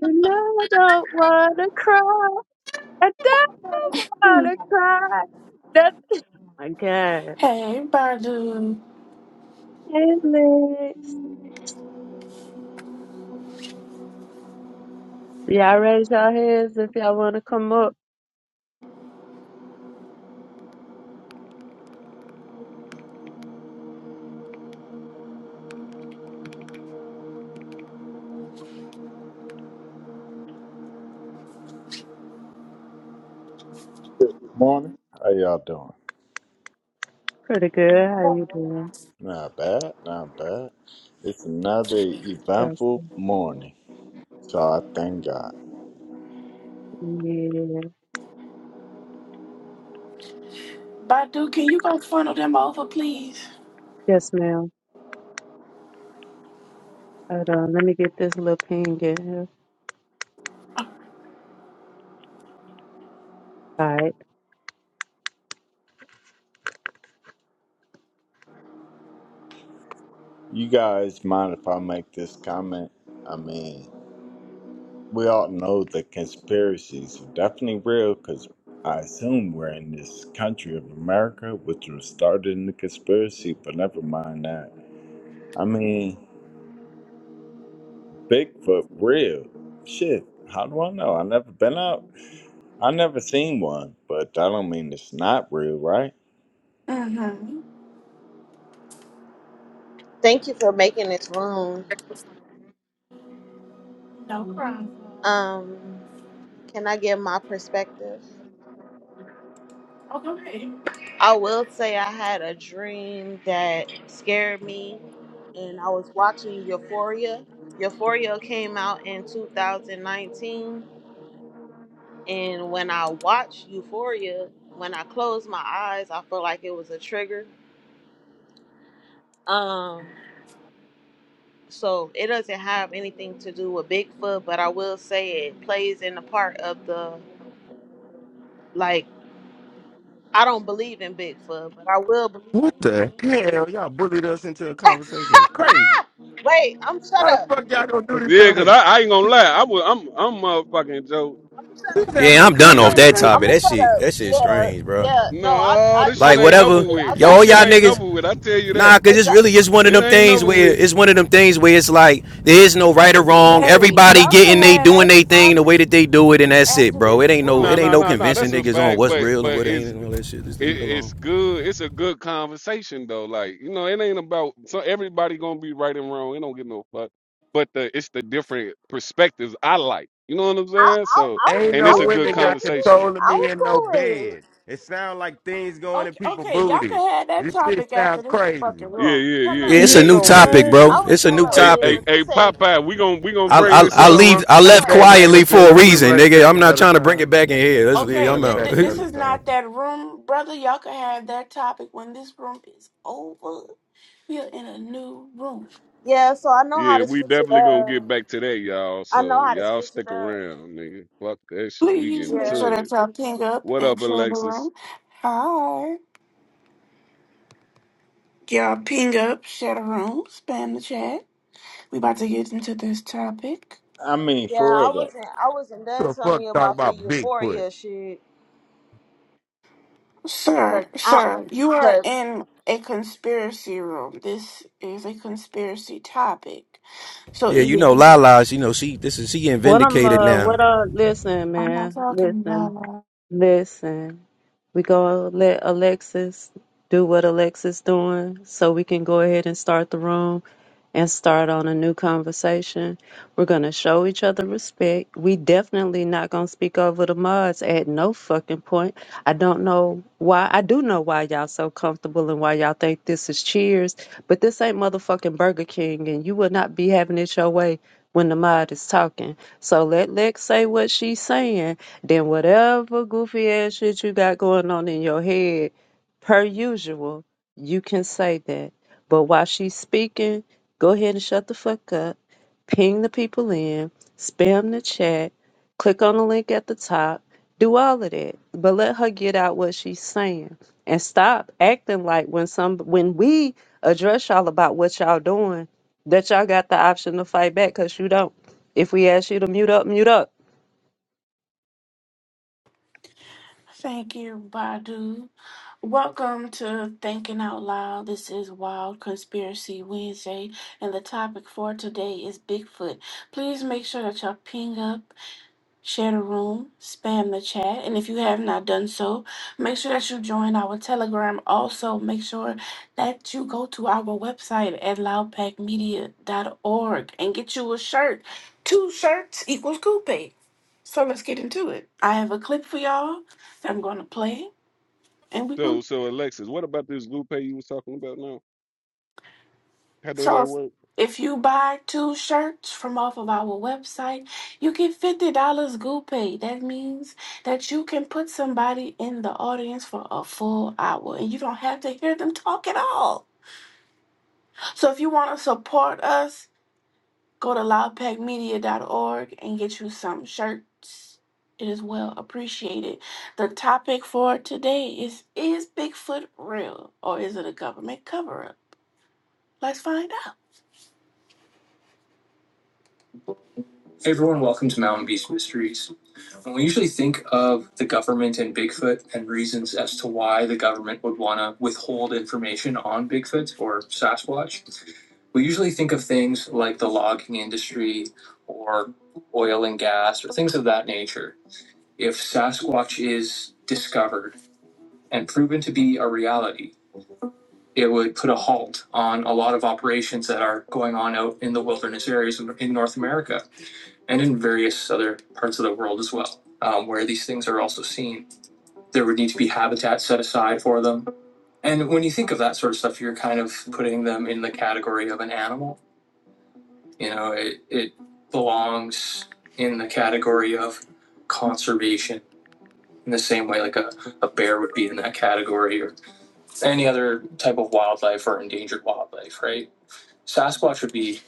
And I don't wanna cry. I don't wanna cry. That's my God. Hey, Badu. Hey, Lex. Y'all raise your hands if y'all wanna come up. Good morning. How y'all doing? Pretty good. How you doing? Not bad, not bad. It's another That's eventful morning, so I thank God. yeah. Badu, can you go funnel them over, please? Yes, ma'am. Hold on. Let me get this little ping in here. All right. You guys mind if I make this comment? I mean, we all know the conspiracies are definitely real because I assume we're in this country of America, which was started in the conspiracy, but never mind that. I mean, Bigfoot real. Shit, how do I know? i never been out. I never seen one, but I don't mean it's not real, right? Mm-hmm. Thank you for making this room. No problem. Um, can I give my perspective? Okay. I will say I had a dream that scared me, and I was watching Euphoria. Euphoria came out in 2019, and when I watched Euphoria, when I closed my eyes, I felt like it was a trigger. Um, so it doesn't have anything to do with Bigfoot, but I will say it plays in the part of the like I don't believe in Bigfoot, but I will believe What in the dreams. hell? Y'all bullied us into a conversation. It's crazy. Wait, I'm shut How the up. fuck y'all gonna do this to Yeah, cause her? I, I ain't gonna lie, I was I'm I'm motherfucking Joe. I'm shut We up. was having Yeah, a I'm done good Go off that ahead, I'm topic. conversation. man. gonna That shut shit, up. that shit Yeah, strange, bro. yeah. No, I, No, I, this I shit Like ain't changed never whatever, it. I with. tried This yo, to shit y'all ain't change niggas. it, never with. I tell you Nah, that. cause but it's y'all- really it's one of It them ain't things never where with. it's one of them things where it's like there is no right or wrong. Hey, Everybody y'all could getting they have doing that they thing the way topic that they do it, and that's it, after bro. It this ain't no it Nah, ain't room. nah, no nah, nah. convincing That's a niggas on fact. what's But real and but what ain't it's and all that shit. Just leave it, it it's alone. good. It's a good conversation though. Like you know, it ain't about so everybody gonna be right and wrong. It don't give no fuck. But the it's the different perspectives I like. You know what I'm I, saying? I, So I was, Ain't and I no it's a was good women cool with got conversation. it. control of I me in no was cool with it. bed. It sound like things going in Okay. people Okay, y'all could booty. have that This shit topic after sound this crazy. fucking Yeah, room. yeah, Yeah, yeah, Hello, it's a yeah, new Nigga, yeah, topic, what? I bro. yeah. was It's a new cool with Hey, hello. it, hey, but topic. hey, this ain't. Popeye, we gon' we gonna I bring I, this We I up. gonna leave I All run it left right. back later, quietly for a Billa. We'll reason, run it nigga. back I'm not another trying to bring it time. back in here. Let's, We'll Okay, run I'm it th- back out. th- this another is time. not that room, brother. Y'all could have that topic when this room is over. We are in a new room. Yeah, so I know how Yeah, to we switch it definitely gonna get up. back to that, y'all. I know So how to y'all switch it stick up. around, nigga. Fuck that shit. We Please getting make Yeah, to sure that it. y'all ping up What up, and share the Alexis? room. Hi. Y'all ping up, share the room, spam the chat. We about to get into this topic. I mean, yeah. for I real though. wasn't, I wasn't Who done the telling fuck you talk about the about Bigfoot? euphoria shit, Sir, cause I, sir, you are cause in a conspiracy room. This is a conspiracy topic. So Yeah, you either know, you- Lala's. You know, she this is she getting What I'm vindicated uh now. what uh listen, I'm not man. talking, Listen. Lala. Listen. We gonna let Alexis do what Alexis doing so we can go ahead and start the room. and start on a new conversation. We're going to show each other respect. We definitely not going to speak over the mods at no fucking point. I don't know why. I do know why y'all so comfortable and why y'all think this is cheers, but this ain't motherfucking Burger King and you will not be having it your way when the mod is talking. So let Lex say what she's saying, then whatever goofy ass shit you got going on in your head, per usual, you can say that. But while she's speaking, Go ahead and shut the fuck up. Ping the people in. Spam the chat. Click on the link at the top. Do all of that, but let her get out what she's saying and stop acting like when some when we address y'all about what y'all doing, that y'all got the option to fight back because you don't. If we ask you to mute up, mute up. Thank you, Badu. Welcome to Thinking Out Loud. This is Wild Conspiracy Wednesday, and the topic for today is Bigfoot. Please make sure that y'all ping up share the room, spam the chat, and if you have not done so, make sure that you join our Telegram. Also, make sure that you go to our website at loudpackmedia.org and get you a shirt. Two shirts equals coupe. So let's get into it. I have a clip for y'all that I'm going to play, and we're going So, to so Alexis, what about this Lupe you was talking about now? How does So that if work? if you buy two shirts from off of our website, you get fifty dollars GoPay. That means that you can put somebody in the audience for a full hour, and you don't have to hear them talk at all. So if you want to support us, go to loudpackmedia.org and get you some shirts. It is well appreciated. The topic for today is: Is Bigfoot real, or is it a government cover-up? Let's find out. Hey, everyone! Welcome to Mountain Beast Mysteries. And we usually think of the government and Bigfoot and reasons as to why the government would want to withhold information on Bigfoot or Sasquatch. We usually think of things like the logging industry or oil and gas or things of that nature. If Sasquatch is discovered and proven to be a reality, it would put a halt on a lot of operations that are going on out in the wilderness areas in North America and in various other parts of the world as well, um, where these things are also seen there would need to be habitat set aside for them. And when you think of that sort of stuff, you're kind of putting them in the category of an animal. You know, it, it belongs in the category of conservation in the same way like a, a bear would be in that category or any other type of wildlife or endangered wildlife, right? Sasquatch would be,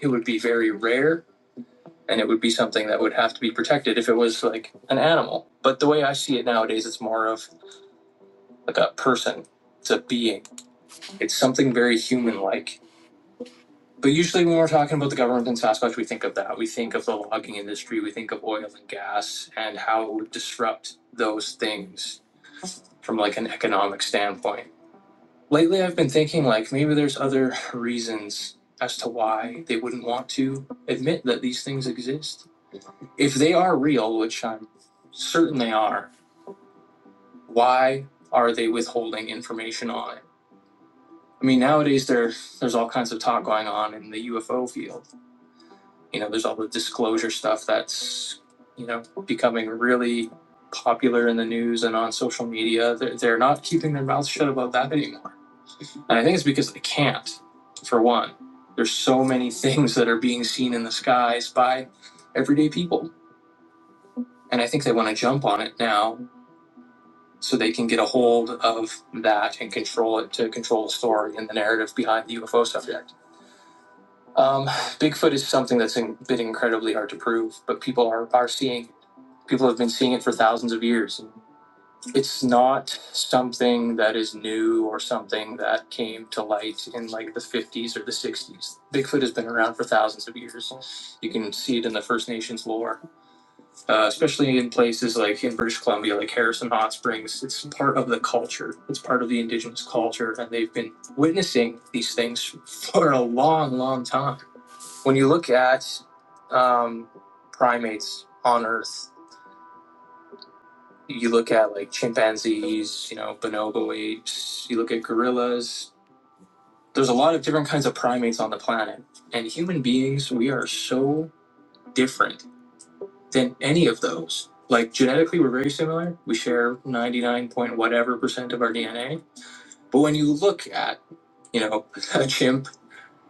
it would be very rare and it would be something that would have to be protected if it was like an animal. But the way I see it nowadays, it's more of like a person, it's a being It's something very human like. But usually, when we're talking about the government in Sasquatch, we think of that. We think of the logging industry, we think of oil and gas, and how it would disrupt those things from like an economic standpoint. Lately, I've been thinking like maybe there's other reasons as to why they wouldn't want to admit that these things exist. If they are real, which I'm certain they are, why are they withholding information on it? I mean, nowadays there there's all kinds of talk going on in the UFO field you know, there's all the disclosure stuff that's, you know, becoming really popular in the news and on social media. They're, they're not keeping their mouths shut about that anymore. And I think it's because they can't, for one. There's so many things that are being seen in the skies by everyday people. And I think they want to jump on it now so they can get a hold of that and control it to control the story and the narrative behind the UFO subject. Um, Bigfoot is something that's in, been incredibly hard to prove, but people are, are seeing. People have been seeing it for thousands of years. It's not something that is new or something that came to light in like the 50s or the 60s. Bigfoot has been around for thousands of years. You can see it in the First Nations lore, uh, especially in places like in British Columbia, like Harrison Hot Springs. It's part of the culture, it's part of the indigenous culture, and they've been witnessing these things for a long, long time when you look at um, primates on Earth, you look at like chimpanzees, you know, bonobo apes, you look at gorillas. There's a lot of different kinds of primates on the planet. And human beings, we are so different than any of those. Like genetically, we're very similar. We share 99 point whatever percent of our DNA. But when you look at, you know, a chimp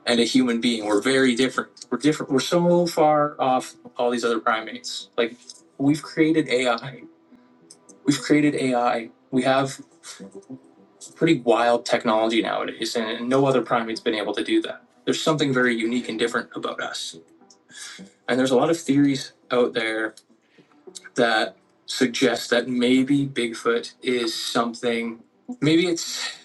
and a human being. We're very different. We're different. We're so far off all these other primates. Like we've created AI. We've created AI. We have pretty wild technology nowadays, and no other primate's been able to do that. There's something very unique and different about us. And there's a lot of theories out there that suggest that maybe Bigfoot is something, maybe it's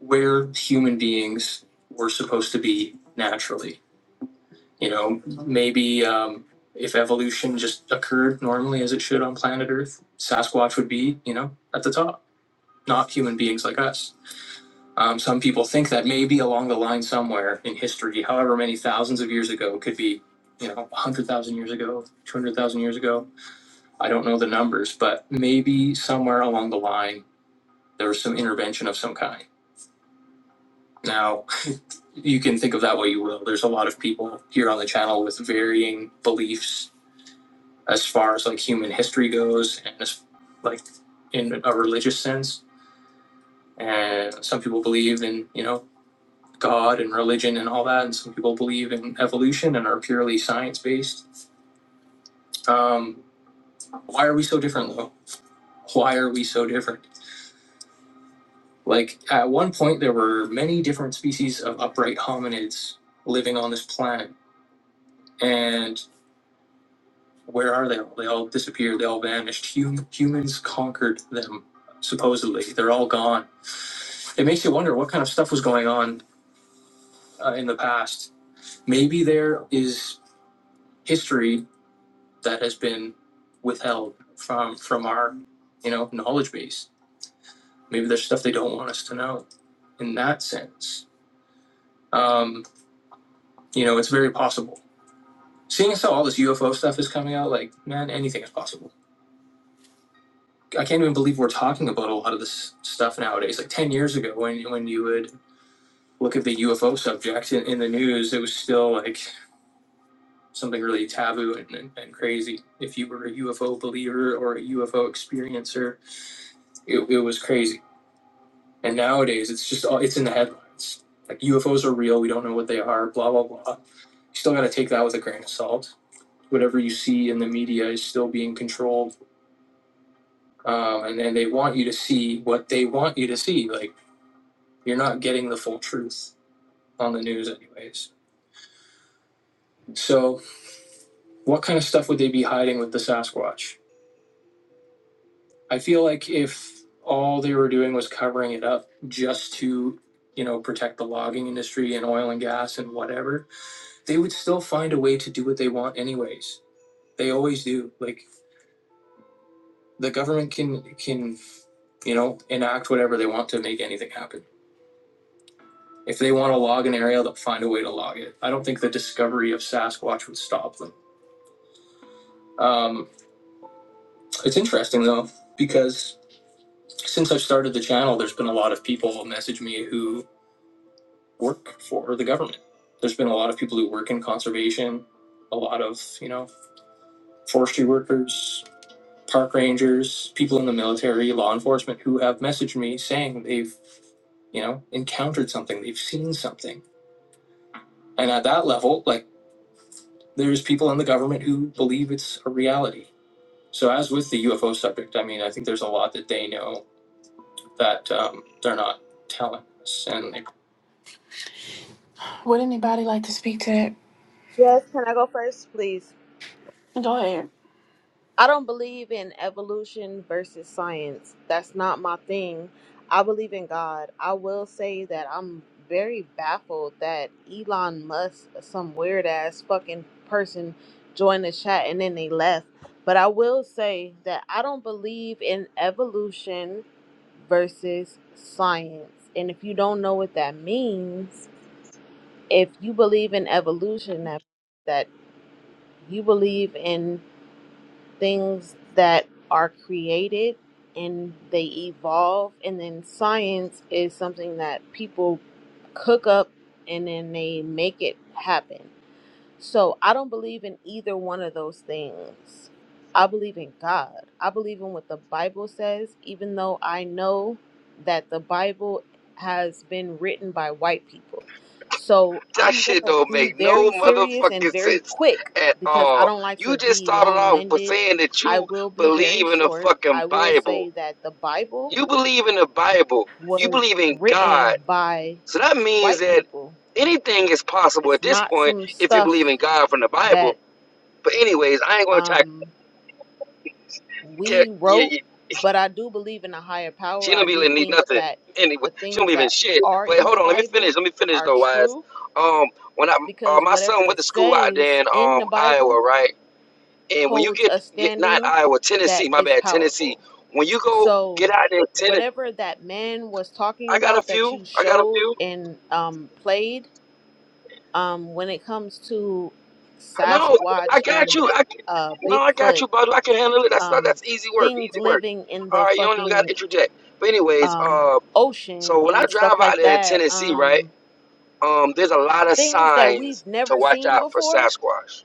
where human beings were supposed to be naturally You know, maybe um, if evolution just occurred normally as it should on planet Earth, Sasquatch would be, you know, at the top, not human beings like us. Um, some people think that maybe along the line somewhere in history, however many thousands of years ago, could be, you know, 100,000 years ago, 200,000 years ago. I don't know the numbers, but maybe somewhere along the line, there was some intervention of some kind. Now, you can think of that way you will. There's a lot of people here on the channel with varying beliefs as far as like human history goes and as like in a religious sense and some people believe in you know god and religion and all that and some people believe in evolution and are purely science based um, why are we so different though why are we so different like at one point there were many different species of upright hominids living on this planet and where are they all they all disappeared they all vanished hum- humans conquered them supposedly they're all gone it makes you wonder what kind of stuff was going on uh, in the past. Maybe there is history that has been withheld from from our, you know, knowledge base. Maybe there's stuff they don't want us to know. In that sense, um, you know, it's very possible. Seeing as how all this UFO stuff is coming out, like man, anything is possible. I can't even believe we're talking about a lot of this stuff nowadays. Like ten years ago, when when you would look at the UFO subject in, in the news, it was still like something really taboo and, and, and crazy. If you were a UFO believer or a UFO experiencer, it, it was crazy. And nowadays, it's just all it's in the headlines. Like UFOs are real. We don't know what they are. Blah blah blah. You still got to take that with a grain of salt. Whatever you see in the media is still being controlled, um, and then they want you to see what they want you to see. Like you're not getting the full truth on the news, anyways. So, what kind of stuff would they be hiding with the Sasquatch? I feel like if all they were doing was covering it up just to, you know, protect the logging industry and oil and gas and whatever, they would still find a way to do what they want anyways. They always do. Like the government can can, you know, enact whatever they want to make anything happen. If they want to log an area, they'll find a way to log it. I don't think the discovery of Sasquatch would stop them. Um, it's interesting though because since I've started the channel, there's been a lot of people who message me who work for the government. There's been a lot of people who work in conservation, a lot of, you know, forestry workers, park rangers, people in the military, law enforcement who have messaged me saying they've, you know, encountered something, they've seen something. And at that level, like, there's people in the government who believe it's a reality. So, as with the UFO subject, I mean, I think there's a lot that they know that um, they're not telling us. And they Would anybody like to speak to yes. Can I go first, please? that? Go ahead. I don't believe in evolution versus science. That's not my thing. I believe in God. I will say that I'm very baffled that Elon Musk, some weird ass fucking person, joined the chat and then they left. But I will say that I don't believe in evolution versus science. And if you don't know what that means, if you believe in evolution, that, that you believe in things that are created and they evolve and then science is something that people cook up and then they make it happen so I don't believe in either one of those things. I believe in God. I believe in what the Bible says, even though I know that the Bible has been written by white people. So That I'm going shit to don't be make no very serious and motherfucking very sense quick at because I all. don't like to You just be started long off with winded. saying that I you will be very believe in the short. I fucking will say Bible. that the Bible You believe in the Bible. You was believe in written God. by So that means white that people. anything is possible at It's this not point some if you stuff believe in God from the Bible. that But anyways, I ain't gonna try. um Yeah, we yeah, wrote, yeah. but I do believe in a higher power. She I don't do believe in think nothing. that Anyway, the she don't things believe in that shit. are But in the hold on, let me finish. Bible Let me finish are though, wise. true Um, when I uh, because my whatever son went it to school out there says in in um the Bible Iowa, right? And when you holds a get, get not standing Iowa, that Tennessee, my is bad, Tennessee. powerful. When you go get So, out there, Tennessee, whatever that man was talking I got a about that few. you I got a showed few. and um, played, um, when it comes to I know. I Sasquatch got and you. I can, uh, no, I got Bigfoot, you, bud. I can handle it. That's not. um, That's easy work. things Easy work. living in the All right, you don't even got to fucking interject. But anyways, um, uh, ocean so when I and drive stuff out like there in that. Tennessee, right? Um, Um, there's a lot of things that we've signs to never watch seen out for before. Sasquatch.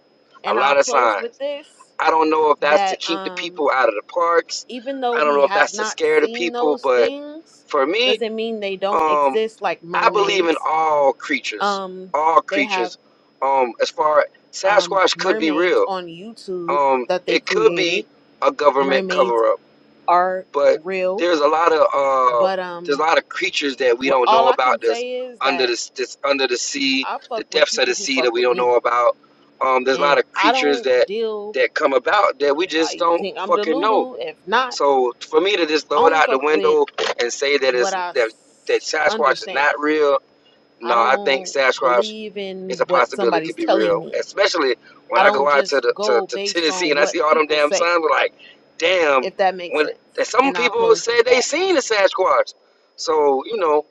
A And I'll lot of close with signs. this I don't know if that's to that keep the um, people out of the parks. even though I don't we know if have that's to not scare the seen people, those but things, for me, doesn't mean they don't Um, exist like I believe in mermaids. all creatures, Um, all they have creatures. Um, as far um, Sasquatch could be mermaids real. on YouTube Um, that they it could be created. a government Mermaids cover up, are but real, there's a lot of uh, but there's a um, lot of creatures that we what don't all know I can about. That's say is under that this, this under the sea, I the fuck with depths of people the who sea that fuck we with don't me know about. Um, there's a lot and of I creatures don't that deal that come about that we if just I don't think I'm fucking know. Delulu. If not, So for me to just I throw it only out the fuck with window and say that what it's I that that s- Sasquatch is not understand. real I no, I think don't Sasquatch believe is in a what possibility. It somebody's could be telling real, me. especially when I I don't go out to just the to, go to based Tennessee on and I see what all them people damn say, signs. I'm like, damn, if that makes when sense. some And I'll people close. say they seen a Sasquatch. So you know,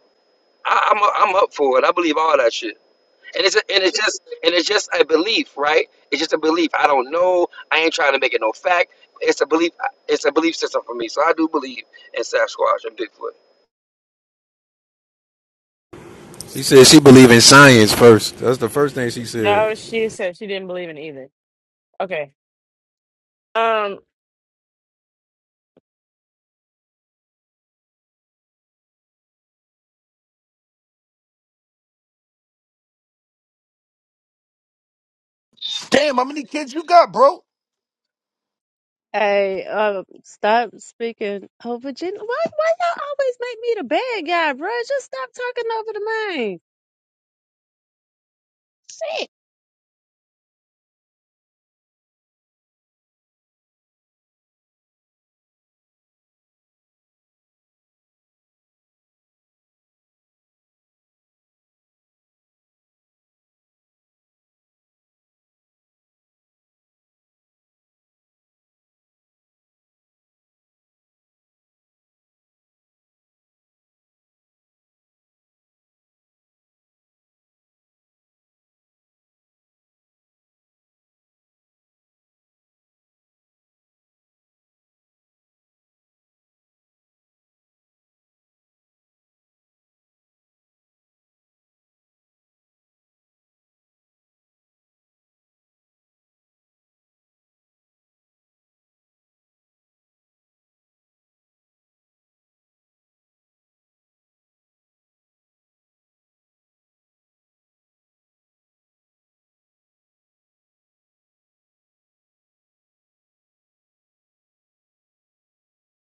I, I'm I'm up for it. I believe all that shit. And it's and it's just and it's just a belief, right? It's just a belief. I don't know. I ain't trying to make it no fact. It's a belief. It's a belief system for me. So I do believe in Sasquatch and Bigfoot. She said she believe in science first. That's the first thing she said. No, she said she didn't believe in either. Okay. Um, Damn, how many kids you got, bro? Hey, um, stop speaking over Virginia. Why, why y'all always make me the bad guy, bruh? Just stop talking over the man.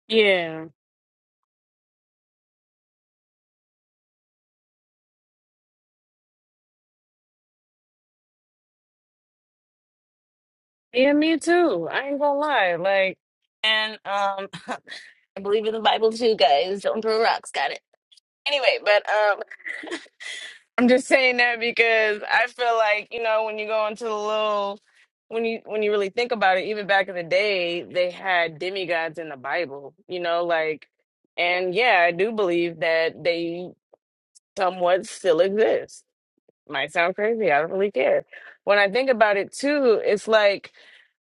yeah. Yeah, me too. I ain't gonna lie. Like, and um, I believe in the Bible too, guys. Don't throw rocks. Got it. Anyway, but um, I'm just saying that because I feel like you know when you go into the little, when you when you really think about it, even back in the day, they had demigods in the Bible. You know, like, and yeah, I do believe that they somewhat still exist might sound crazy. I don't really care. When I think about it too, it's like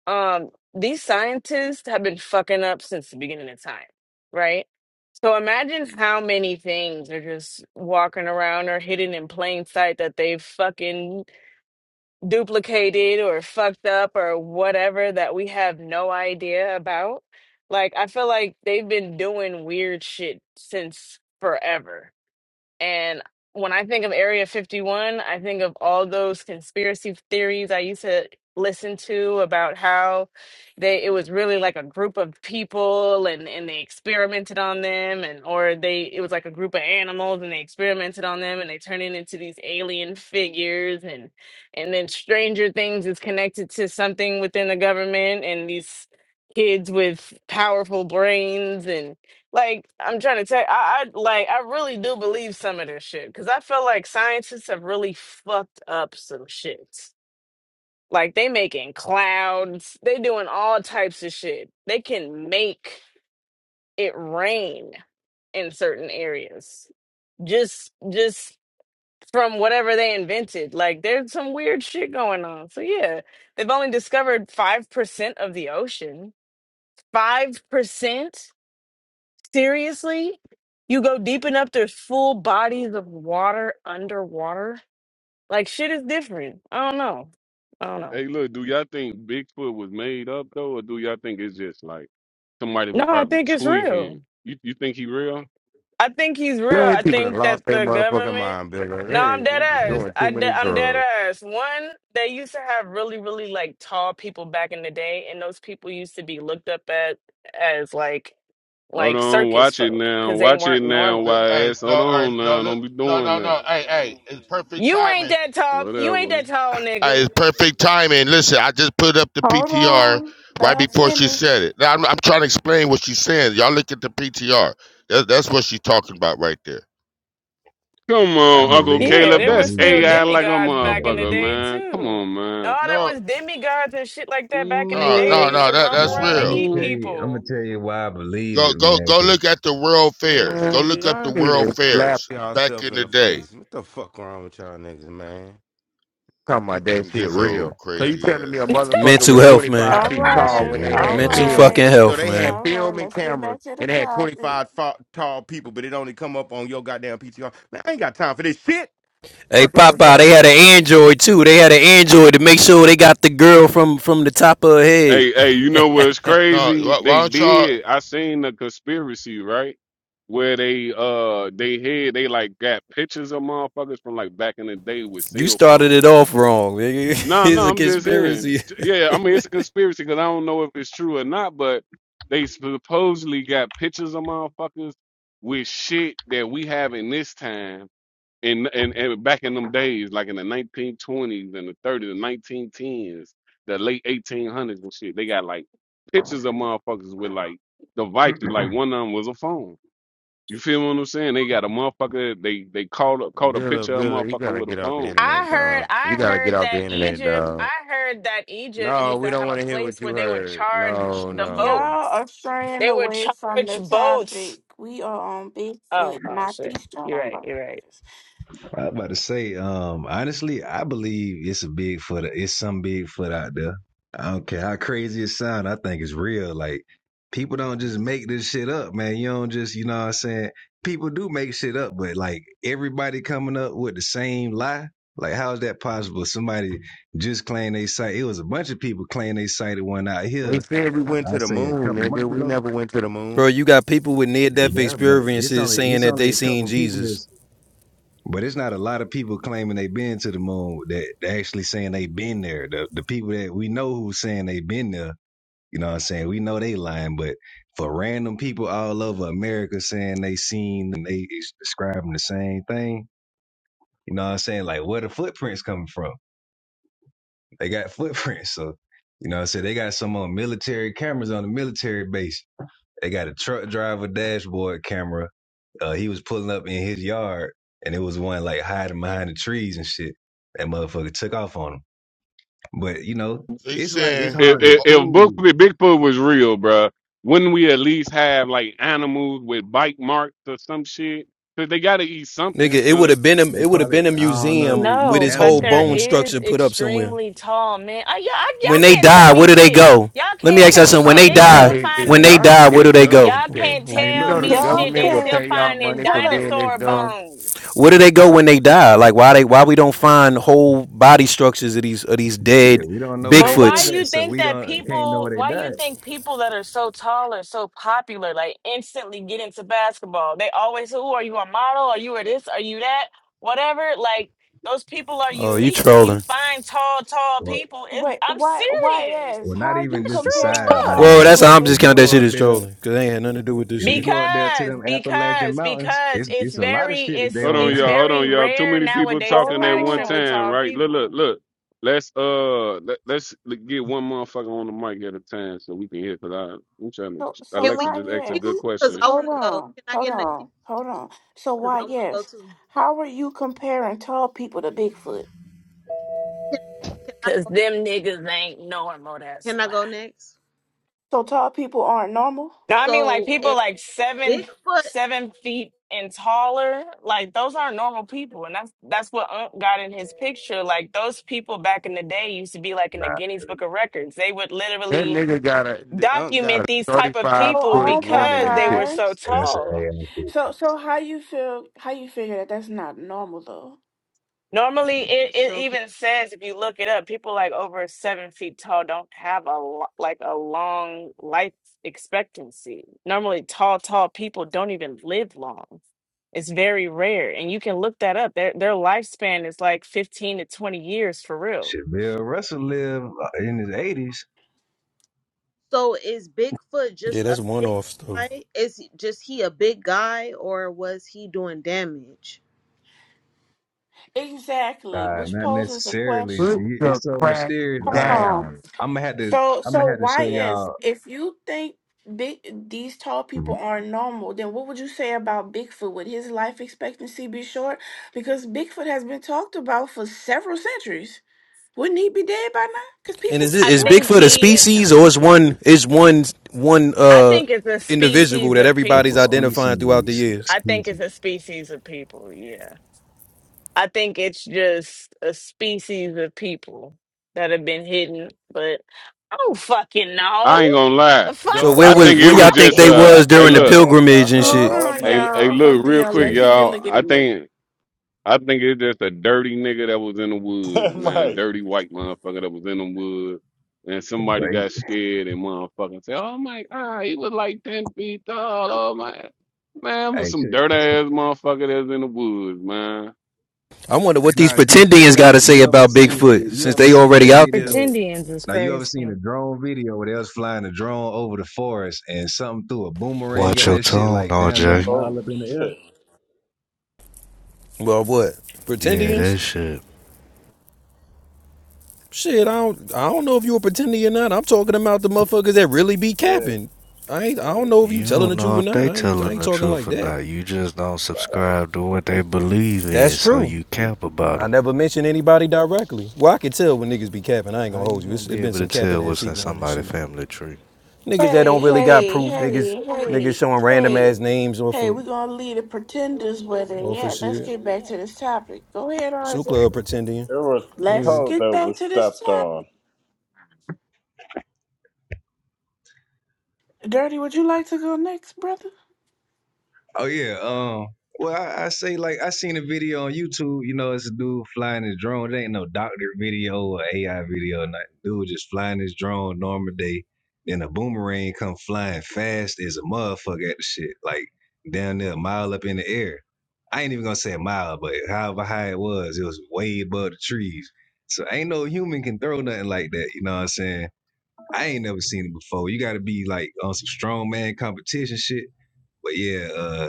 um these scientists have been fucking up since the beginning of time, right? So imagine how many things are just walking around or hidden in plain sight that they've fucking duplicated or fucked up or whatever that we have no idea about. Like I feel like they've been doing weird shit since forever and when I think of Area 51, I think of all those conspiracy theories I used to listen to about how they it was really like a group of people and and they experimented on them and or they it was like a group of animals and they experimented on them and they turned it into these alien figures and and then Stranger Things is connected to something within the government and these kids with powerful brains and. Like I'm trying to tell I, I like I really do believe some of this shit because I feel like scientists have really fucked up some shit. Like they making clouds, they doing all types of shit. They can make it rain in certain areas just just from whatever they invented. Like there's some weird shit going on. So yeah, they've only discovered five percent of the ocean. Five percent. Seriously? You go deep enough, there's full bodies of water underwater. Like shit is different. I don't know. I don't know. Hey, look, do y'all think Bigfoot was made up though, or do y'all think it's just like somebody No, was I probably think it's real. tweaking? You you think he real? I think he's real. There I ain't people that think that lost their the motherfucking government. mind, Billa. No, Hey, I'm dead this is ass. doing too I many de- I'm dead drugs. ass. One, they used to have really, really like tall people back in the day, and those people used to be looked up at as like Hold like on, circus watch it folk now, because they watch it weren't now, Look, normal. hey, YS. no, Hold all right, on no, now, look, don't be no, doing no, that. no, hey, hey, it's perfect You ain't timing. that tall. You ain't Whatever. that tall, Hey, it's nigga. perfect timing. Listen, I just put up the Hold PTR on. Let right her before she said finish. it. Now I'm, I'm trying to explain what she's saying. Y'all look at the PTR. That, that's what she's talking about right there. Come I on, Uncle believe Yeah, I Caleb. there were That's believe still it. AI like a demigods back in the motherfucker, man. day man. Come too. on, No, man. there No, was demigods and shit like that back in the no, day. They no, used Man. no. to That roam that's nah, around and I'm real. gonna eat tell you. I'm gonna people. tell you why I believe Go, it, go, man. go. Cause Look at the world fairs. Go Man, look up y'all the need world to slap fairs back yourself in in the the day. face. What the fuck wrong with y'all niggas, man? Talking Here about that come shit this real. old So you crazy telling me ass a nigga. motherfucker Mental was health, man. 25 I All feet think that shit tall when right. they real. All had Cause Mental film. fucking right. So health, they had man. All right. film and Let's get cameras back to the and they had topic. 25 fa- tall people, but it only come up on your goddamn PTR. Man, I ain't got time for this shit. Hey, Fuck wrong with Papa, y'all? they had an android too. They had an android to make sure they got the girl from from the top of her head. Hey, hey, you know what's No, crazy? why, why They don't y'all? did. I seen the conspiracy, right? Where they uh they had they like got pictures of motherfuckers from like back in the day with you cell started phones. it off wrong. nigga. No, no, it's a I'm just saying. conspiracy, T- Yeah, I mean it's a conspiracy because I don't know if it's true or not, but they supposedly got pictures of motherfuckers with shit that we have in this time and and, and back in them days, like in the 1920s and the 30s the 1910s, the late 1800s and shit. They got like pictures of motherfuckers with like devices, like one of them was a phone. You feel what I'm saying? They got a motherfucker. They they called a, caught a Billa, picture of a Billa, you motherfucker gotta with a get off the phone internet, I heard dog. You I gotta get heard off that the internet, Egypt dog. I heard that Egypt No, used to we don't have a want to hear place what you where they would heard. charge No, the Y'all no. boats. are straying They would away from charge the boats. topic. We are on Oh, Bigfoot, oh not shit. these You're strong right, you're right. motherfuckers. I was about to say, um, honestly, I believe it's a Bigfoot. It's some Bigfoot out there. I don't care how crazy it sounds. I think it's real. Like people don't just make this shit up, man. You don't just, you know what I'm saying? People do make shit up, but like everybody coming up with the same lie. Like how is that possible? Somebody just claimed they sight. It was a bunch of people claiming they sighted one out They here. said we went I to the say a moon, couple nigga. months We ago. never went to the bro. moon. You got people with near death Yeah, but it's experiences only saying it's that only they a seen couple people Jesus. that's but it's not a lot of people claiming they have been to the moon that actually saying they have been there. The the people that we know who's saying they have been there, you know what I'm saying? We know they lying, but for random people all over America saying they seen and they is describing the same thing, you know what I'm saying? Like where the footprints coming from? They got footprints. So, you know what I'm saying? They got some on military cameras on the military base. They got a truck driver dashboard camera. Uh, he was pulling up in his yard, and it was one like hiding behind the trees and shit. That motherfucker took off on him. But you know, They it's like it's saying if hard we to if, oh, if book prove. Bigfoot, Bigfoot was real, bruh, wouldn't we at least have like animals with bite marks or some shit? Cause they gotta eat something. Nigga, it And would let, have been a, They it would have probably been a I don't know. They museum with eat No, his but whole animals, there bone man. is structure put up somewhere. extremely tall men. I, y'all, I- When y'all they can't tell die, where me do they shit. go? Y'all Let me can't ask you tell me something. When All shit. they right, They You y'all know die, still they. need find. when they y'all can die, get where a do they go? government Y'all check. can't Hey, You look, tell know the you me Y'all shit. They government will can't. still pay y'all finding money for Hello. being this dinosaur dumb. bones. Where do they go when they die? Like why they why we don't find whole body structures of these of these dead shit. We don't know where they But why live Bigfoots? at, you so think we that don't can't know people where they why you died. think people that are so tall are so popular, like instantly get into basketball? They always who are you a model? Are you a this? Are you that? Whatever. Like those people are Oh, you unique. So when you trolling. find tall, tall Well, people, it, Wait, I'm why, why, serious. yes? well, How not are you even That's just the true as comparing size, tall fuck. man. Well, Like that's people to how I'm if just you counting Bigfoot? that go shit out as there, trolling because they had nothing to do with this if you shit. go out there to Because, them Appalachian because, mountains, because it's it's it's a lot of very, shit that they it's hold don't. on, it's y'all, hold very on, y'all. Too rare many people nowadays to Hold talking at find one extremely on. time, tall right? Look, look, people. look. Let's uh, let, let's get one motherfucker on the mic at a time so we can hear. Cause I, I'm trying So, to. so Can we Alexa why just asked a get a good queue? yes? Cause question. I Hold want to go. on, Can I hold get in a queue? on, hold on. So Cause why I want to go yes? too. How are you comparing tall people to Bigfoot? Can, can I Cause go? them niggas ain't normal. That's Can I why. go next? So tall people aren't normal. No, I mean like So people if like seven Bigfoot, seven feet and taller. Like those aren't normal people, and that's that's what Unc got in his picture. Like those people back in the day used to be like in nah, the Guinness Book of Records. They would That literally nigga got a the unk got a document these thirty type of five Hold people foot on, woman because in the they were picture. so Popeyes. that's tall. an AI. So, so how you feel? How you figure that that's not normal though? Normally, it, it so even says if you look it up, people like over seven feet tall don't have a lo- like a long life expectancy. Normally, tall, tall people don't even live long. It's very rare, and you can look that up. Their their lifespan is like fifteen to twenty years for real. Shit, Bill Russell lived uh, in his eighties. So is Bigfoot just Yeah, a that's one big off though. guy? Is he- just he a big guy, or was he doing damage? Exactly, Nah, which not poses a necessarily. question. Put It- the It's so crack mysterious. Hold All right, on. down. I'm gonna have to. So, I'm gonna so have to why show is y'all. If you think big these tall people Mhm. are normal, then what would you say about Bigfoot? Would his life expectancy be short? Because Bigfoot has been talked about for several centuries. Wouldn't he be dead by now? Because And people is it I is slept think with Bigfoot a he him. species or is one is one one I uh think it's a individual species that of It's everybody's a people. identifying throughout the species. A years? I think species. it's a species of people. Yeah. I think it's just a species of people that have been hidden, but I don't fucking know. I ain't gonna lie. The fuck So Don't. we where I was think just it where was y'all think just they talking. uh, was That's the hey during the best look, answer I pilgrimage and heard Hold shit? all on, hey, night. hey y'all. Hold look, on, real y'all. quick, Let Say, you deal y'all. get I in there. think I think it's just a dirty nigga that was in the woods, man. like, Dirty white motherfucker that was in the woods. And somebody wait, got scared and motherfucking said, Oh my god, he was like 10 feet tall. Oh my man, it hey, was some check. dirt ass motherfucker that's in the woods, man. I wonder hey, what these Nah, G, check pretendians it got out. to say You ever about seen? did Bigfoot You since ever they seen the already out there. video? Pretendians is Now you ever seen crazy a drone video where they was flying a drone over the forest and something threw a boomerang Watch at your that shit tone, like down there a RJ. mile oh up in the air? shit, Well, what? Yeah, Pretendians? that shit. Shit, I don't. I don't know if you a pretending or not. I'm talking about the motherfuckers that really be that capping. I ain't, I don't know if you You telling don't the truth know or if not. they I ain't, I telling ain't the talking truth like or that. not. You just don't subscribe to what they believe That's in, so true. you cap about I them. never mentioned anybody directly. Well, I can tell when niggas be capping. I ain't gonna How you hold you. gonna It's be it been able to some capping tell ass what's in people on this somebody's shit. family tree? Niggas that Hey, don't really got hey, proof. Niggas, hey, niggas hey, showing random hey. ass names off Hey, for we're gonna leave the pretenders with it. off for Yeah, let's shit. get back to this topic. Go ahead, Sue RJ. club pretendian. everyone was Oh Let's yeah. told get that back was to this stepped on. topic. Dirty, would you like to go next, brother? Oh yeah. Um. Well, I, I say like I seen a video on YouTube. You know, it's a dude flying his drone. It ain't no doctor video or AI video. or Nothing. Dude just flying his drone normal day. Then a boomerang come flying fast as a motherfucker at the shit. Like down there, a mile up in the air. I ain't even gonna say a mile, but however high it was, it was way above the trees. So ain't no human can throw nothing like that. You know what I'm saying? I ain't never seen it before. You got to be like on some strongman competition shit. But yeah, uh,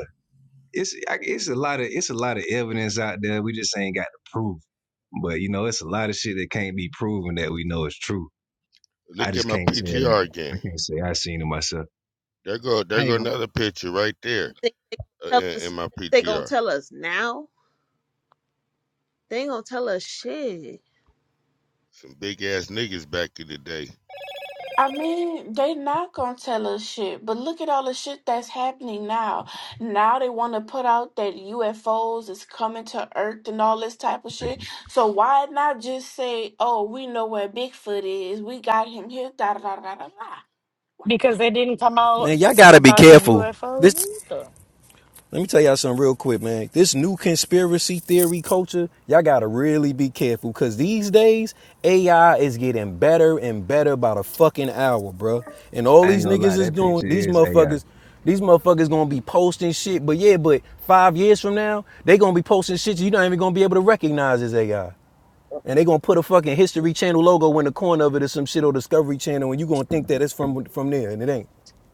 it's I- it's a lot of it's a lot of evidence out there. We just ain't got to prove. it. But you know, it's a lot of shit that can't be proven that we know is true. I look at just my can't say it. Ain't, PTR I again. can't say I seen it myself. There go I there go ain't gonna. another picture right You there think they gonna uh, tell in, in us? my They gonna PTR. tell us now? They ain't gonna tell us shit. Some big ass niggas back in the day. I mean, they not gonna tell us shit, but look at all the shit that's happening now. Now they want to put out that UFOs is coming to Earth and all this type of shit. So why not just say, "Oh, we know where Bigfoot is. We got him here." Da da da da da. da." Why because they didn't come out Man, y'all gotta be about the careful. UFOs This either. let me tell y'all something real quick, man. This new conspiracy theory culture, y'all gotta really be careful. Cause these days, AI is getting better and better by the fucking hour, bro. And all I ain't these gonna lie. niggas is That picture doing, these is AI. motherfuckers, these motherfuckers gonna be posting shit. But yeah, but five years from now, they gonna be posting shit you're not even gonna be able to recognize as AI. And they gonna put a fucking History Channel logo in the corner of it or some shit or Discovery Channel, and you gonna think that it's from from there, and it ain't.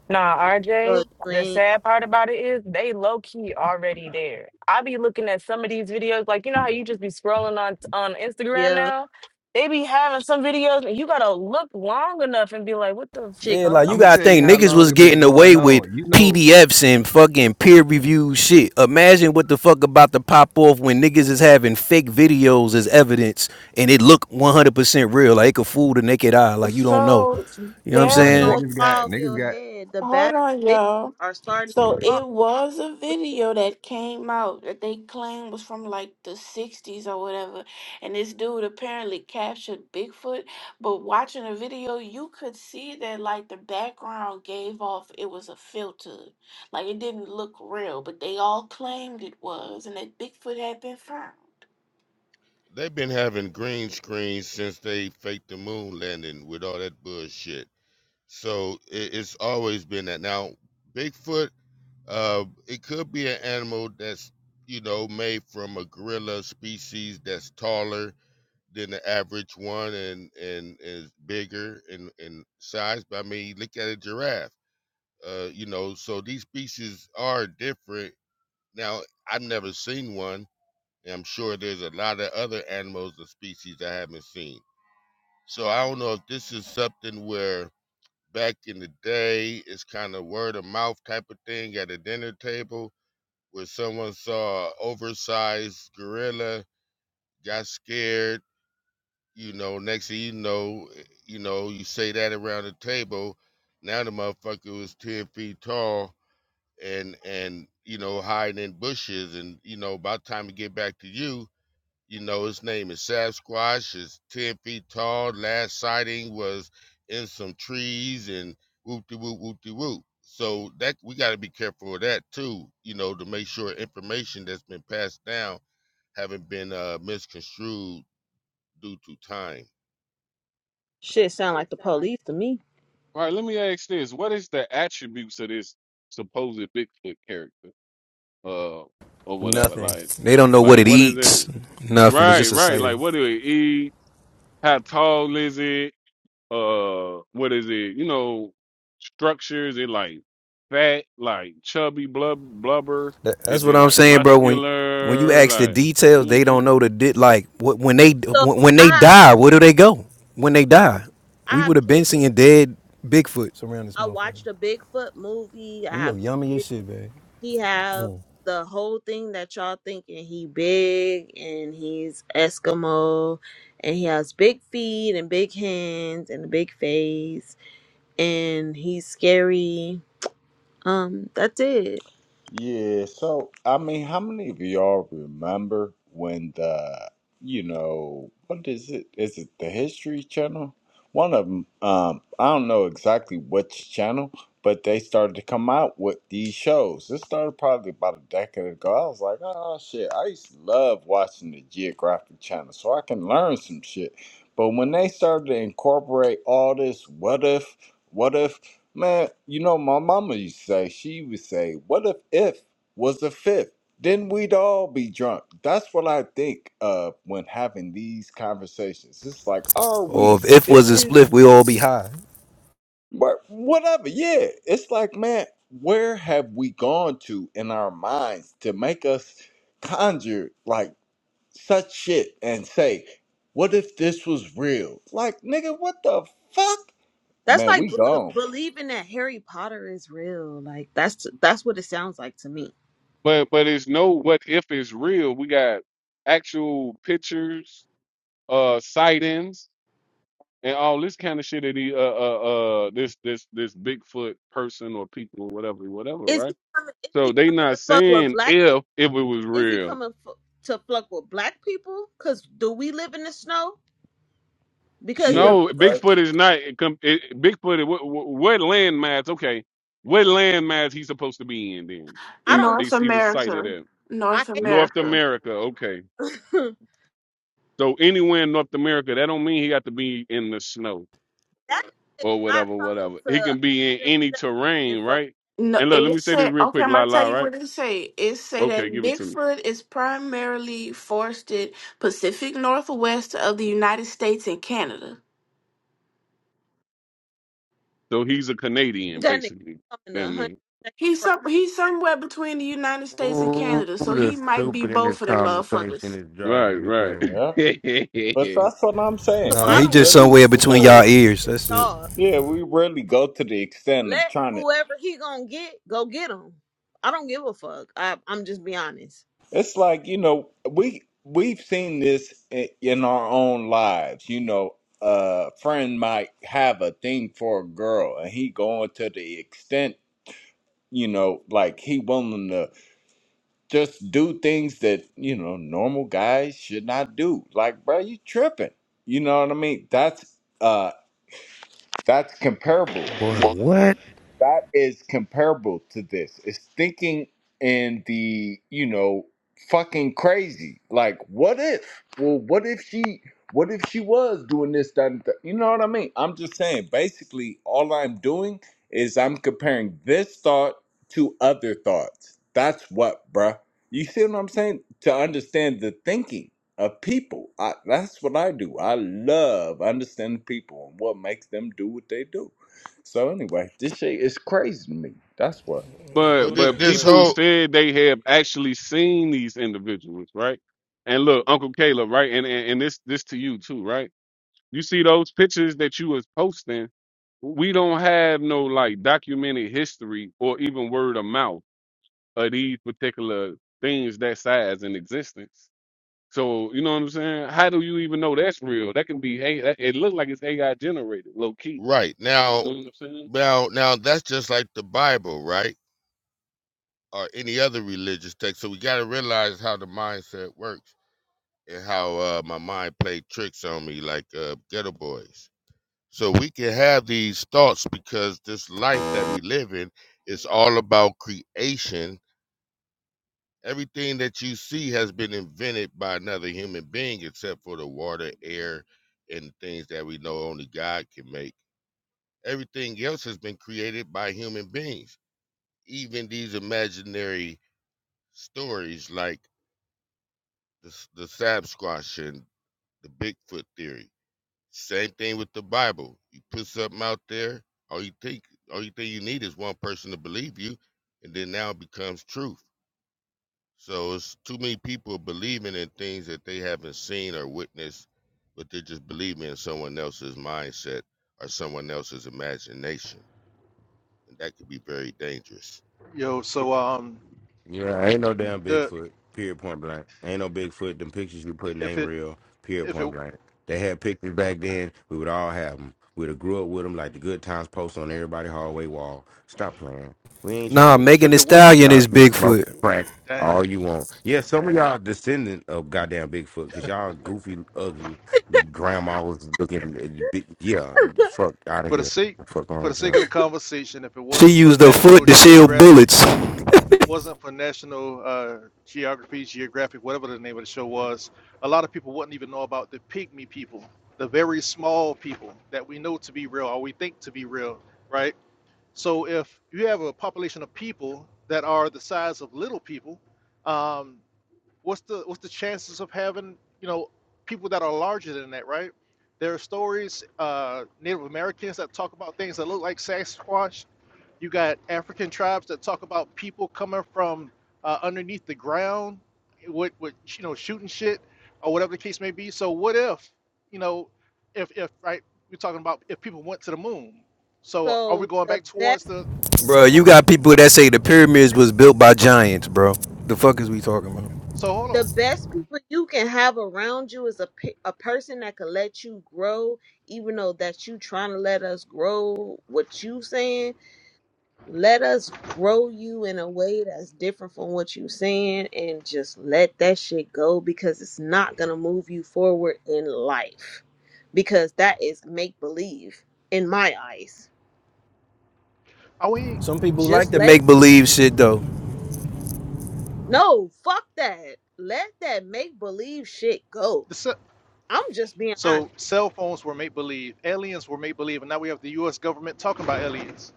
Nah, So RJ, you the ain't- sad part about it is they low key already there. I be looking at some of these videos, like you know how you just be scrolling on on Instagram yeah, now? They be having some videos and you gotta look long enough and be like, what the shit, Yeah, like fuck? I'm you gonna gotta tell you think how this niggas long was it been getting going away with on. You know, PDFs and fucking peer reviewed shit. Imagine what the fuck about to pop off when niggas is having fake videos as evidence and it look 100% real. Like it could fool the naked eye. not? Like you don't know. So You know what I'm bruh, there. shit saying? gonna Wa- niggas fly got over niggas your got. head. The hold bad on, bitches y'all. are starting to yeah. So talk. it was a video that came out that they claimed was from like the 60s or whatever. And this dude apparently captured Bigfoot. But watching the video, you could see that like the background gave off it was a filter. Like it didn't look real, but they all claimed it was and that Bigfoot had been found. They've been having green screens since they faked the moon landing with all that bullshit. So it, it's always been that. Now Bigfoot, uh, it could be an animal that's you know made from a gorilla species that's taller than the average one and and is bigger in in size. But I mean, look at a giraffe Uh, you know, so these species are different. Now, I've never seen one, and I'm sure there's a lot of other animals or species I haven't seen. So I don't know if this is something where back in the day it's kind of word of mouth type of thing at a dinner table where someone saw an oversized gorilla, got scared, you know, next thing you know, you know, you say that around the table. Now the motherfucker was ten feet tall and and you know hiding in bushes and you know by the time we get back to you you know his name is sasquatch is 10 feet tall last sighting was in some trees and whoop de whoop whoop de whoop so that we got to be careful of that too you know to make sure information that's been passed down haven't been uh, misconstrued due to time Shit sound like the police to me. All right, let me ask this. What is the attributes of this supposed Bigfoot character? Uh or whatever. Nothing. Like They don't know what like it what is it? eats. Nothing. It's Right, just right. exciting. Like what do it eat? How tall is it? uh what is it you know structures it like fat like chubby blub blubber That- That's is what it I'm like saying, bro. When when you muscular ask the like you details, know what they I'm don't saying? know the di- like wh- when they So when when they I have die, where kids. do they go? When they huh? die, we I have would have been kids. seeing dead Bigfoots around this I motherfucker. watched a Bigfoot movie. I You have look yummy kids. as shit, man. he have Mm. the whole thing that y'all thinking he big and he's Eskimo and he has big feet and big hands and a big face and he's scary. Um, that's it. Yeah, so I mean, how many of y'all remember when the, you know, what is it? Is it the History Channel? One of them, um, I don't know exactly which channel, but they started to come out with these shows. This started probably about a decade ago. I was like, oh shit, I used to love watching the Geographic Channel, so I can learn some shit. But when they started to incorporate all this, what if, what if? Man, you know, my mama used to say, she would say, What if if was a fifth? Then we'd all be drunk. That's what I think of when having these conversations. It's like, are Or we if if was a serious? spliff, we all be high. But whatever, yeah. It's like, man, where have we gone to in our minds to make us conjure like such shit and say, What if this was real? Like, nigga, what the fuck? That's Man, like we b- gone. believing that Harry Potter is real. Like that's that's what it sounds like to me. but but it's no what if it's real we got actual pictures uh sightings and all this kind of shit of the uh uh uh this this this bigfoot person or people or whatever whatever Is he right coming? Is so he they coming not to fuck with saying black people? if if it was is he real coming f- to fuck with black people? Cause do we live in the snow? Because the Shit, No, right? Bigfoot is not. It, com- it, Bigfoot. What, what, what landmass? Okay, what landmass he supposed to be in? Then I they don't they North he was sighted America. at I North hate North America. America. Okay, that so anywhere in North America, that don't mean he got to be in the snow nigga is or not whatever, coming whatever. to He a can be in hundred any and terrain, fuck right? No, And look, let it me say this said real okay. quick, I'm la gonna tell la, you right? what it say. It say Okay, that give it to me. Bigfoot is primarily forested Pacific Northwest of the United States and Canada. So he's a Canadian, that nigga basically. coming to Damn a hundred. near. and He's fuck. some, he's somewhere between the United States and Oh, Canada, so the he might be stupid in this both of them conversation motherfuckers. is driving me Right, crazy. Yeah. right. But that's what I'm So saying. Nah, I We he don't just give really, somewhere between a fuck y'all well, ears. That's at it. all. yeah, we really go to the extent of Let trying to. whoever he gonna get go get him. I don't give a fuck. I, I'm just be honest. It's like you know, we we've seen this i- in our own lives. You know, a friend might have a thing for a girl, and he going to the extent, you know, like he willing to just do things that you know normal guys should not do. Like, bro, you tripping? You know what I mean? That's uh, that's comparable. Boy, what? that is comparable to this. It's thinking in the, you know, fucking crazy. Like, what if? Well, what if she what if she was doing this, that, and that? You know what I mean? I'm just saying, basically, all I'm doing is I'm comparing this thought to other thoughts. That's what, bruh. You see what I'm saying? To understand the thinking of people. I, that's what I do. I love understanding people and what makes them do what they do. So anyway, this shit is crazy to me. That's what. well But Well, this, that but this people well, whole said they have actually seen these individuals, right? And look, Uncle Caleb, right? And and, and this this to you too, right? You see those pictures that you was posting. We don't have no like documented history or even word of mouth of these particular things that size in existence. So you know what I'm saying? How do you even know that's real? That can be A- I, that- it looks like it's AI generated, low key. right now You know what I'm saying? now now that's just like the bible right or any other religious text. So we got to realize how the mindset works and how uh, my mind played tricks on me, like uh, Ghetto Boys. So we can have these thoughts because this life that we live in is all about creation. Everything that you see has been invented by another human being, except for the water, air, and things that we know only God can make. Everything else has been created by human beings. Even these imaginary stories like the s- the Sasquatch and the Bigfoot theory. Same thing with the Bible. You put something out there, all you think all you think you need is one person to believe you, and then now it becomes truth. So it's too many people believing in things that they haven't seen or witnessed, but they're just believing in someone else's mindset or someone else's imagination. And that could be very dangerous. Yo, so um, Yeah, ain't no damn the Bigfoot. Period. Point blank. Ain't no Bigfoot. Them pictures you putting if ain't it real. Period. if Point it blank. They had pictures back then. We would all have them. We'd have grew up with them like the good times post on everybody hallway wall. Stop playing. We ain't trying Nah, to hear this Megan if Thee it shit. what Stallion Y'all is keep smoking Bigfoot. crack damn all you want. Yeah, some of y'all descendant of goddamn Bigfoot because y'all goofy, ugly grandma was looking. at big- Yeah, fuck out of for the here. sake Fuck for the on, sake of the child. conversation, if it She wasn't for used her foot National to shield Geographic, bullets. if it wasn't for National uh, Geography, Geographic, whatever the name of the show was, a lot of people wouldn't even know about the pygmy people, the very small people that we know to be real or we think to be real, right? So if you have a population of people that are the size of little people, um, what's the what's the chances of having you know people that are larger than that right there are stories uh native americans that talk about things that look like sasquatch you got african tribes that talk about people coming from uh, underneath the ground with with you know shooting shit or whatever the case may be so what if you know if if right we're talking about if people went to the moon so are we So going the back towards best the Bro, for are, you you. got people that say the pyramids was built by giants, bro. The fuck is we talking about? so hold the on best people you can have around you is a, pe- a person that can let you grow even though that you trying to let us grow what you saying let us grow you in a way that's different from what you saying and just let that shit go because it's not gonna move you forward in life because that is make believe in my eyes are we Some people like just to let it make believe shit though. no fuck that let that make believe shit go the? i'm just being So honest cell phones were make believe, aliens were make believe, and now we have the U.S. government talking about aliens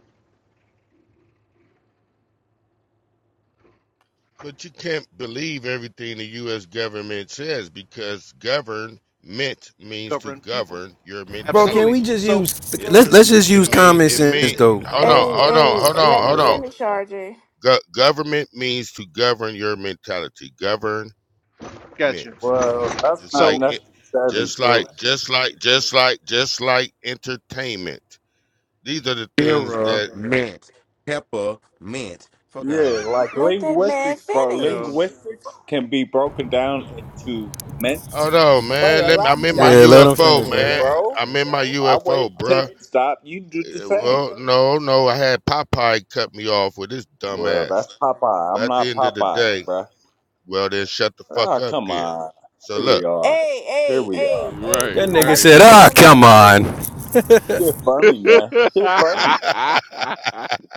But you can't believe everything the U.S. government says because govern meant means to governing people. govern your Bro, can Absolutely. we mentality. just So use It's, Bro, let's can let's we just just it use use mean it common let, sense mean though. hold on Oh, Hey, hold on hey, hold uh let on him hold Yeah. on. finish, RJ. Go- government means to govern your mentality. Govern meant gotcha. Well, that's just not So like it, necessarily just like true. just like just like just like entertainment. These are the things Era that mint. Pepper mint. Peppermint. Fuck out of Yeah, here. like Let that man linguistics, bro. uh, finish. Linguistics can be broken down into many Hold meanings. on, Wait, man. Let me. allow I'm me. in my I'm yeah, let him UFO, finish, speaking, bro. man. bro. I'm in my I UFO, waited till bruh. you stop. You do the Eh, same. Well, no, no, I had Popeye cut me off with his dumb Well, ass. that's Popeye. But I'm at the not end of the Popeye, day, bruh. well, then shut the fuck Ah, up come then. on. So Here look, we are. Hey, Here hey, we are. hey, hey. That We're not nigga about to said, be "Ah, oh, doing that up come Right, in on." here. right. Shit funny, yeah, man. Shit funny.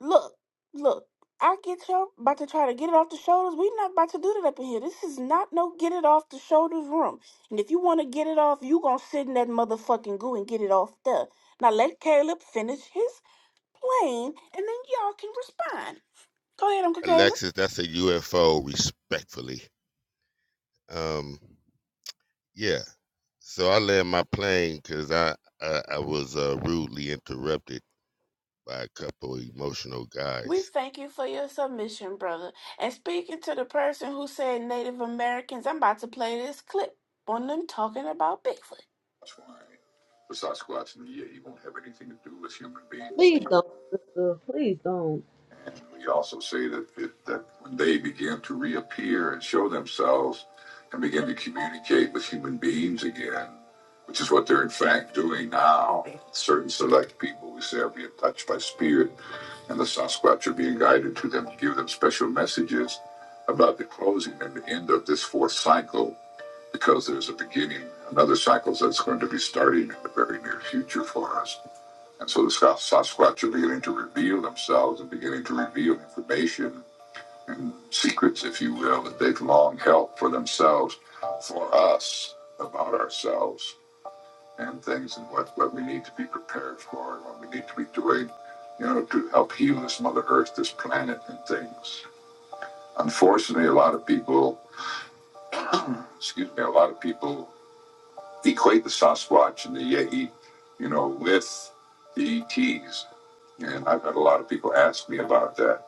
Look, look, I get y'all about to try to get it off the shoulders. we not about to do that up in here. This is not no get it off the shoulders room. And if you want to get it off, you going to sit in that motherfucking goo and get it off there. Now let Caleb finish his plane and then y'all can respond. Go ahead, Uncle Caleb. Alexis, that's a UFO, respectfully. Um, yeah. So I land my plane because I, I I was uh, rudely interrupted by a couple emotional We guys. thank you for your submission, brother. And speaking to the person who said Native Americans, I'm about to play this clip on them talking about Bigfoot. That's why the Sasquatch and the Yeti won't have anything to do with human beings. Please don't, sister. Please don't. And we also say that, it, that when they begin to reappear and show themselves and begin to communicate with human beings again, which is what they're in fact doing now, certain select people, we say, are being touched by spirit and the Sasquatch are being guided to them to give them special messages about the closing and the end of this fourth cycle because there's a beginning, another cycle that's going to be starting in the very near future for us. And so the Sasquatch are beginning to reveal themselves and beginning to reveal information and secrets, if you will, that they've long held for themselves, for us, about ourselves and things and what, what we need to be prepared for and what we need to be doing, you know, to help heal this Mother Earth, this planet, and things. Unfortunately, a lot of people, excuse me, a lot of people equate the Sasquatch and the Yeti, you know, with the ETs. And I've had a lot of people ask me about that.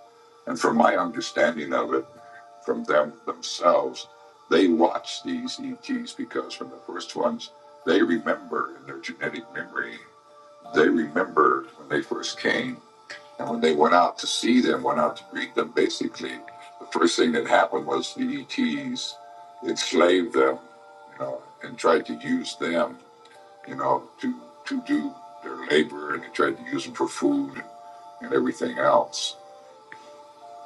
And from my understanding of it, from them themselves, they watch these ETs because from the first ones, they remember in their genetic memory They remembered when they first came, and when they went out to see them, went out to greet them, basically, the first thing that happened was the ETs enslaved them, you know, and tried to use them, you know, to, to do their labor, and they tried to use them for food and everything else.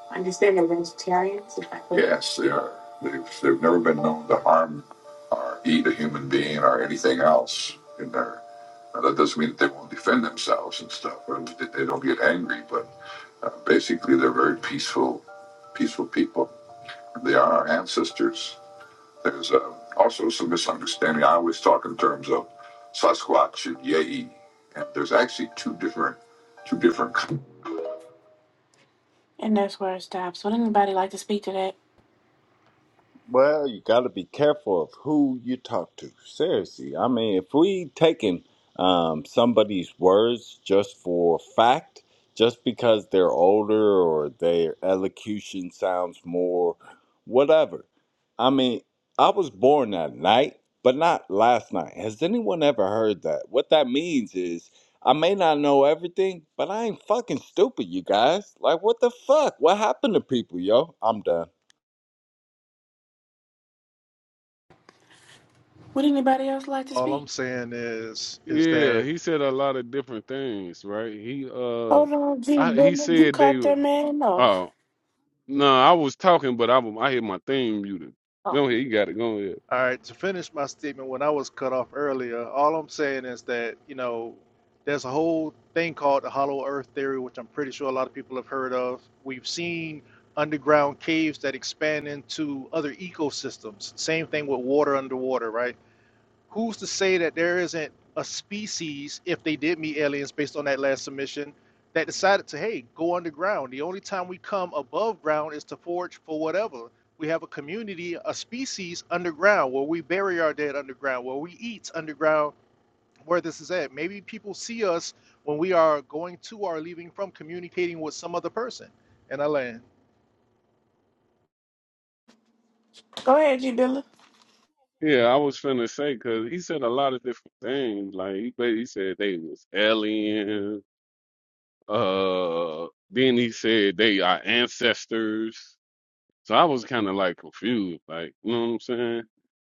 I understand they're vegetarians. Yes, they are. They've, they've never been known to harm or eat a human being or anything else in their. Now, that doesn't mean that they won't defend themselves and stuff, or that they don't get angry, but uh, basically they're very peaceful, peaceful people. They are our ancestors. There's uh, also some misunderstanding. I always talk in terms of Sasquatch and Yei, and there's actually two different, two different. And that's where it stops. Would anybody like to speak to that? Well, you got to be careful of who you talk to. Seriously, I mean, if we taking um, somebody's words just for fact, just because they're older or their elocution sounds more, whatever. I mean, I was born that night, but not last night. Has anyone ever heard that? What that means is I may not know everything, but I ain't fucking stupid, you guys. Like, what the fuck? What happened to people, yo? I'm done. Would anybody else like to all speak? I'm saying is is that he said a lot of different things, right? He uh, Hold on, G I, he Dilla. You said they cut that were. man off. Oh no, I was talking, but I was- I had my thing muted. Oh. Go ahead, you got it. Go ahead. all right. To finish my statement, when I was cut off earlier, all I'm saying is that you know there's a whole thing called the hollow earth theory, which I'm pretty sure a lot of people have heard of. We've seen underground caves that expand into other ecosystems. Same thing with water underwater, right? who's to say that there isn't a species, if they did meet aliens based on that last submission, that decided to, hey, go underground. The only time we come above ground is to forage for whatever. We have a community, a species underground where we bury our dead underground, where we eat underground, where this is at. Maybe people see us when we are going to or leaving from communicating with some other person in our land. Go ahead, G Dilla. Yeah, I was finna say because he said a lot of different things. Like he ba- he said they was aliens. Uh, then he said they are ancestors. So I was kind of like confused. Like you know what I'm saying?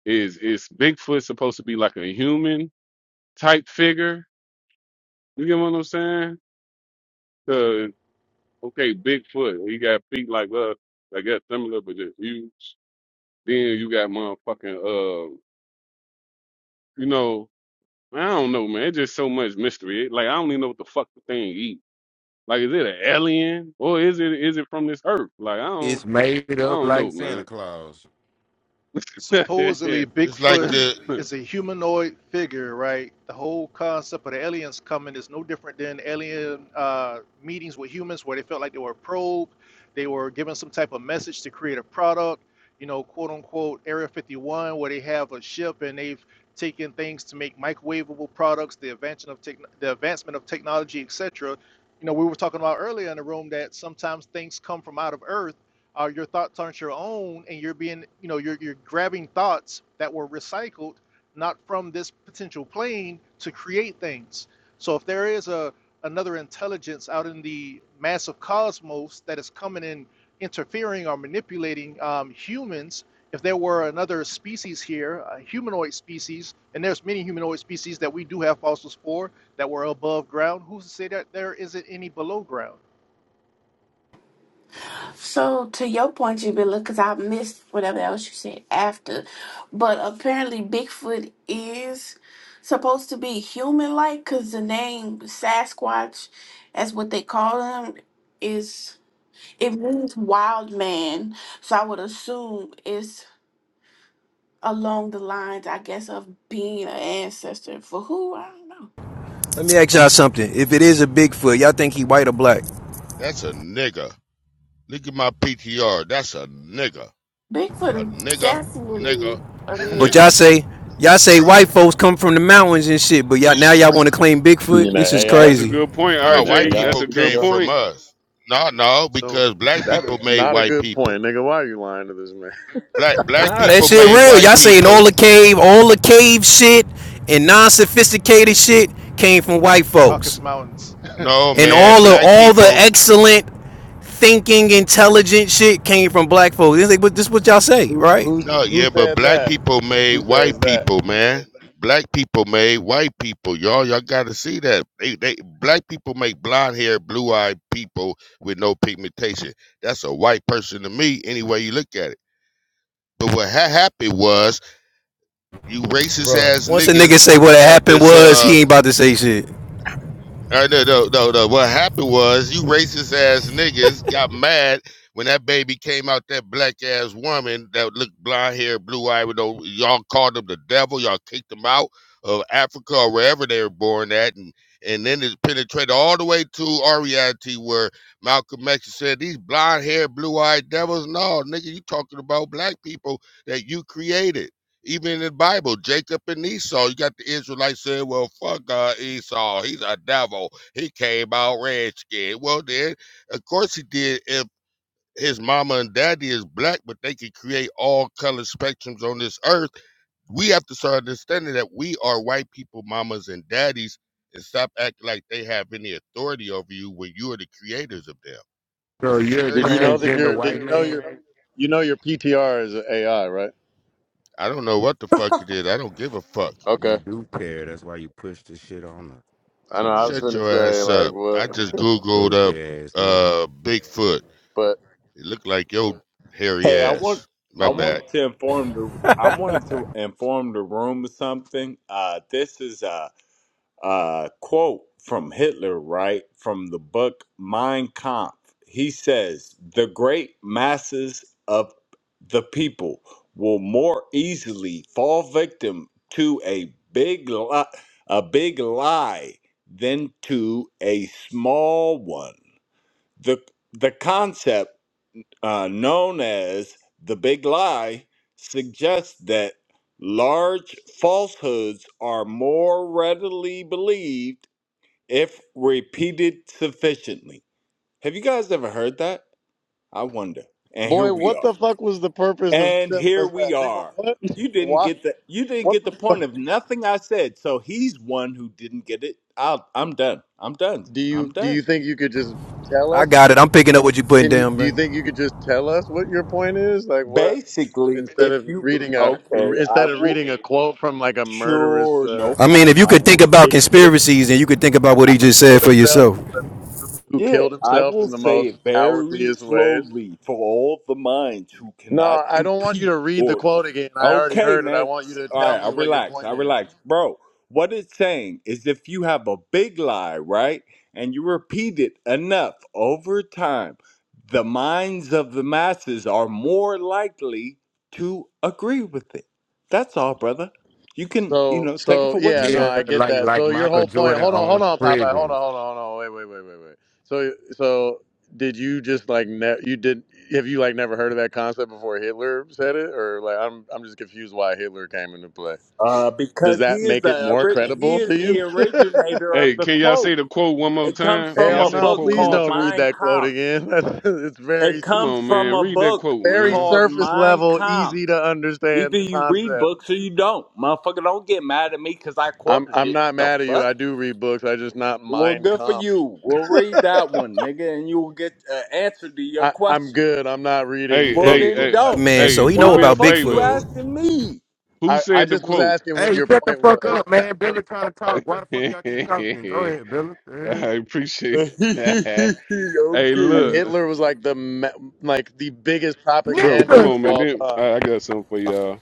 Is is Bigfoot supposed to be like a human? type figure. You get what I'm saying? The okay, Bigfoot. He got feet like us, like that similar, but just huge. Then you got motherfucking uh, you know, I don't know, man. It's just so much mystery. It, like I don't even know what the fuck the thing eat. Like is it an alien or is it is it from this earth? Like I don't It's made I up don't like know, Santa man. Claus. supposedly It's like Bigfoot the is a humanoid figure, right? The whole concept of the aliens coming is no different than alien uh, meetings with humans where they felt like they were probed, they were given some type of message to create a product, you know, quote unquote Area 51, where they have a ship and they've taken things to make microwavable products, the invention of techn the advancement of technology, etc. You know, we were talking about earlier in the room that sometimes things come from out of Earth uh, your thoughts aren't your own and you're being you know you're, you're grabbing thoughts that were recycled not from this potential plane to create things so if there is a another intelligence out in the massive cosmos that is coming in interfering or manipulating um, humans if there were another species here a humanoid species and there's many humanoid species that we do have fossils for that were above ground who's to say that there isn't any below ground So, to your point, G Dilla, because I missed whatever else you said after, but apparently Bigfoot is supposed to be human like because the name Sasquatch, as what they call him, is it means wild man. So, I would assume it's along the lines, I guess, of being an ancestor for who? I don't know. Let me ask y'all something. If it is a Bigfoot, y'all think he white or black? that's a nigga. Look at my PTR. That's a nigga. A Bigfoot is nigga, definitely nigga, a But nigga. y'all nigga. say y'all say white folks come from the mountains and shit, but y'all now y'all want to claim You mean Bigfoot? This that is AI? That's You a crazy. good point, No, mean the white RJ. AI That's people a good came PTR? from point. us. No, no, so because black That people is made not a white good people. point, nigga. Why are you lying to this man? Black black Nah, that people shit made real. white Y'all saying people. all the cave, all the cave shit and non-sophisticated shit came from white the folks. caucasus mountains No, And man, all the black all the people. excellent thinking, intelligent shit came from black folks. This, is this what y'all say, Who right? who No, who yeah, but said black that? people made Who says white that? people, man. Black people made white people, y'all. Y'all gotta see that. They, they black people make blonde hair, blue eyed people with no pigmentation. That's a white person to me, any way you look at it. But what ha- happened was you racist bro. ass Once a nigga niggas say what had happened this. was, uh. he ain't about to say shit. Uh, no, no, no, no. What happened was you racist ass niggas got mad when that baby came out. That black ass woman that looked blonde hair, blue eye, with no y'all called them the devil. Y'all kicked them out of Africa or wherever they were born at, and and then it penetrated all the way to our reality where Malcolm X said these blonde hair, blue eyed devils. No, nigga, you talking about black people that you created. Even in the Bible, Jacob and Esau, you got the Israelites saying, well, fuck uh, Esau. He's a devil. He came out redskin. Well, then, of course he did if his mama and daddy is black, but they can create all color spectrums on this earth. We have to start understanding that we are white people, mamas and daddies, and stop acting like they have any authority over you when you are the creators of them. So It's you're a very Did Did you you know simple. that know that transgender your So did white there's you know you're your man? saying you know your PTR is AI, right? I don't know what the fuck it is. I don't give a fuck. You Okay. do care. That's why you push the shit on us. I know But I was Shut whatever. gonna your say ass like up. I what just Googled up Stupid ass nigga. uh Bigfoot. but It looked like your hairy Hey, I want ass. My I bad. mm. wanted to inform the I wanted to inform the room of something. Uh, this is a, a quote from Hitler, right from the book Mein Kampf. He says, "The great masses of the people will more easily fall victim to a big li- a big lie than to a small one." The the concept uh, known as the big lie suggests that large falsehoods are more readily believed if repeated sufficiently. Have you guys ever heard that? I wonder. And here boy, we what the are. fuck was the purpose of And telling here us that? we Nigga, are. what? You didn't Why get the you didn't what get the the point fuck? of nothing I said. So he's one who didn't get it. I'll, I'm done. I'm done. Do I'm you do you done. think you could just tell I us? got it. I'm picking up what you putting Can you, down, do you bro. think you could just tell us what your point is? Like what Basically, instead if of you reading a okay, I instead of will reading a quote from like a murderous Sure, no uh, I mean, if problem. you I could think will. about dictator conspiracies, who, then you could think about what he who just killed said for himself yourself. in the, who, who Yeah, killed I himself will in the say most it very cowardliest ways? slowly for all the minds who cannot No, I don't want you compete. to read the Or quote again. I already okay, heard it. I man. want you s- to All tell right, me I what your relax. I point is. relax, bro. What it's saying is, if you have a big lie, right, and you repeat it enough over time, the minds of the masses are more likely to agree with it. That's all, brother. You can, you So know, take it so for what you yeah, no, Yeah, want. I get like that. like So your Michael whole point Jordan hold on, hold owns on, Popeye, hold prisons. on, hold on, hold on, wait, wait, wait, wait, wait. So so did you just like ne- you did have you like never heard of that concept before Hitler said it? Or like I'm I'm just confused why Hitler came into play. Uh, Does because he that is make it the more ori- he credible to is you? the originator of Hey, the can y'all say quote. the quote one more It comes time? Can from y'all Hell a say the no, book quote one please more called don't time? read Mein that quote Kampf. again. That's, it's It very Come comes on, from man. a Read that book quote, very man. called surface Mein level, Kampf. easy to understand Either you read concept. books or you don't. Motherfucker, don't get mad at me because I I'm quoted I'm it. not What the mad at you. I fuck? do read books. I just not Well, mind good for comp. you. We'll read that one, nigga, and you will get an answer to your I, I'm question. good. I'm not reading Hey, Well, But any hey, then book hey, by don't. man, Hitler, hey, so he do know Why brother. the me a about fuck you Bigfoot. favor. asking me? Who I, I said the just was quote? asking Hey, what your shut the point fuck was, up, man. Billy trying to talk. Why the fuck y'all I keep talking? Go ahead, Billy. Yeah. appreciate that. Hey, and okay. look, Hitler was like the me- like the biggest bro, come propagandist of Nigga, on, man. all Then time. I, I got something for y'all.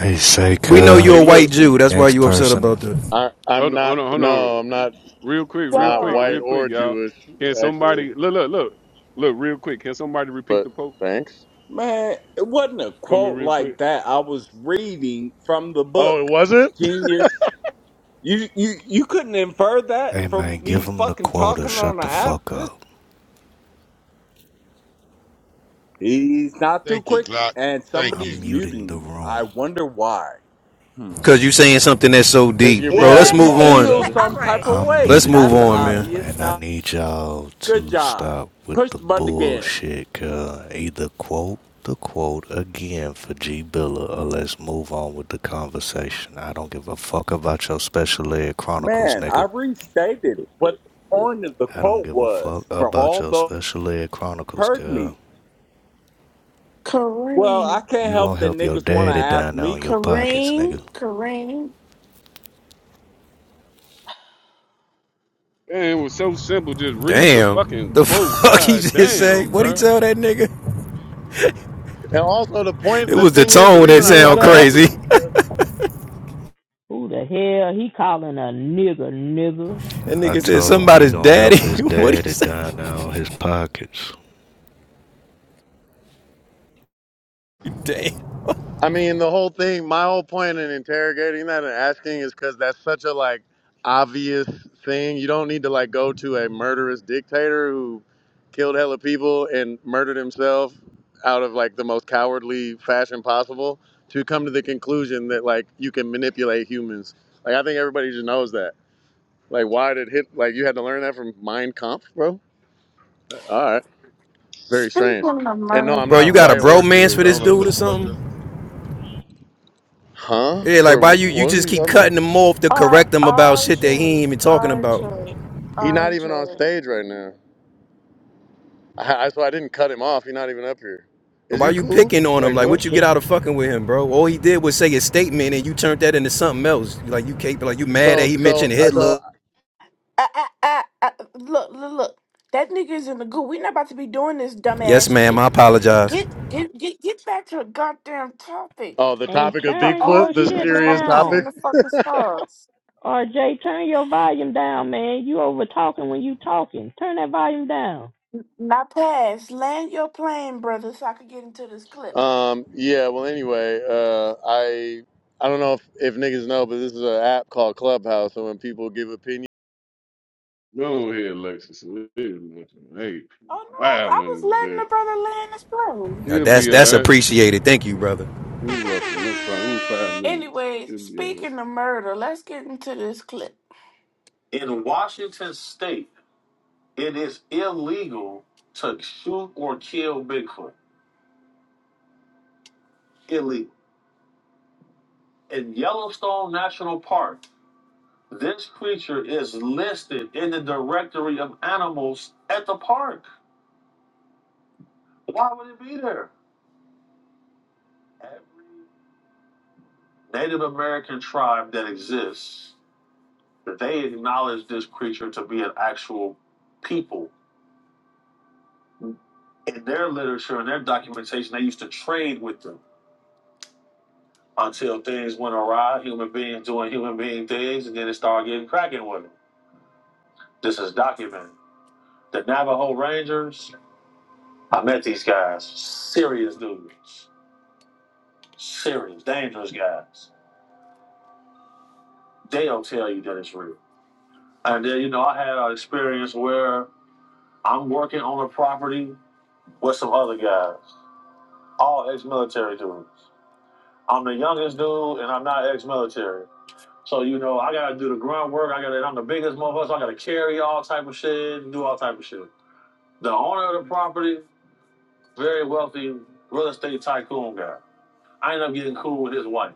Hey, say, We know Hey, you're girl. a white look, Jew. That's why Next you upset person. about that. I, I'm hold on, hold not. on, hold on. No, I'm not. Real quick, real Not quick, So, white real quick, or y'all. Jewish, Can actually. somebody look, look, look, look, real quick? Can somebody repeat But the quote thanks. Man, it wasn't a for me, quote real quick? like that. I was reading from the book. Oh, it wasn't. Genius. You you you couldn't infer that Hey, man, from give me them the fucking quota. talking on Shut the the app. fuck This up. he's not too Thank you, quick, Glock. and Thank I'm you. somebody's muting muting the me. I room. wonder why. Hmm. Cause you saying something that's so Because deep, you're bro. being Well, Let's you move annoying, hey, feel hey, on. brother. all some type right. of I'm way. Let's muting move the That's on, man. room obvious. and I Now, need y'all good to job. stop with Push the the button again. bullshit, cuz. Either quote the quote again for G Biller or let's move on with the conversation. I don't give a fuck about your special ed chronicles, Man, I nigga. restated what the point of the I don't quote give a was fuck for about all your those special ed who chronicles, heard cuz. me. Well, I Kareem, can't You help gonna that help your niggas want to daddy ask down there me on your pockets, Kareem, nigga. Kareem. Man, it was so simple. Just read the Damn, fucking the quote. fuck he God just say? damn, What he bro. tell that nigga? And also the point, It the was the thing is, the tone that reason I sound brought that nigger. up is crazy. because Who the hell he calling a nigger, nigger? That I nigga said told him he somebody's gonna daddy. help his what do you daddy say? down there on his pockets. Damn. I mean, the whole thing, my whole point in interrogating that and asking is because that's such a like obvious thing. You don't need to like go to a murderous dictator who killed hella people and murdered himself out of like the most cowardly fashion possible to come to the conclusion that like you can manipulate humans. Like I think everybody just knows that. Like why did hit like you had to learn that from Mein Kampf, bro? All right, very speak strange. of And no, I'm Bro, not you America. got a white or bromance Jewish. for I this don't know who dude the or fuck that something? is. Huh? Yeah, like For why wh- you you what are just you keep talking about? cutting him off to R- correct him about shit that he ain't RJ, even talking about? RJ, He not even on RJ. stage right now. I, I, so I didn't cut him off. He not even up here. Or Is why you you cool? picking on him? Like Like what? what you get out of fucking with him, bro? All he did was say his statement and you turned that into something else. Like you can't like you mad that So he so mentioned uh, so. Hitler. I, I, I, I, look, look, look. That nigga's in the goo. We're not about to be doing this Yes, dumbass ma'am, shit. I apologize. Get, get, get, get back to the goddamn topic. Oh, the And topic of For turn all Bigfoot, your the you shit niggas serious gonna be seeing topic. down. the fucking stars. RJ, turn your volume down, man. You over talking when you talking. Turn that volume down. Now pass. Land your plane, brother, so I could get into this clip. Um. Yeah. Well. Anyway. Uh. I. I don't know if, if niggas know, but this is an app called Clubhouse. So when people give opinions. Go ahead, Alexis. Hey, Oh no, I I was wilding letting today. the brother land his plane. Now He'll that's be that's all right. appreciated. Thank you, brother. You're welcome. No problem. Five minutes. Anyways, He'll be all right. speaking of murder, let's get into this clip. In Washington state, it is illegal to shoot or kill Bigfoot. Illegal. In Yellowstone National Park, this creature is listed in the directory of animals at the park. Why would it be there? Every Native American tribe that exists that they acknowledge this creature to be an actual people. In their literature and their documentation, they used to trade with them until things went awry, human beings doing human being things, and then it started getting cracking with them. This is documented. The Navajo Rangers, I met these guys. Serious dudes. Serious, dangerous guys. They'll tell you that it's real. And then, you know, I had an experience where I'm working on a property with some other guys, all ex military dudes. I'm the youngest dude, and I'm not ex-military. So you know, I gotta do the grunt work. I gotta. I'm the biggest motherfucker. So I gotta carry all type of shit, and do all type of shit. The owner of the property, very wealthy real estate tycoon guy. I end up getting cool with his wife.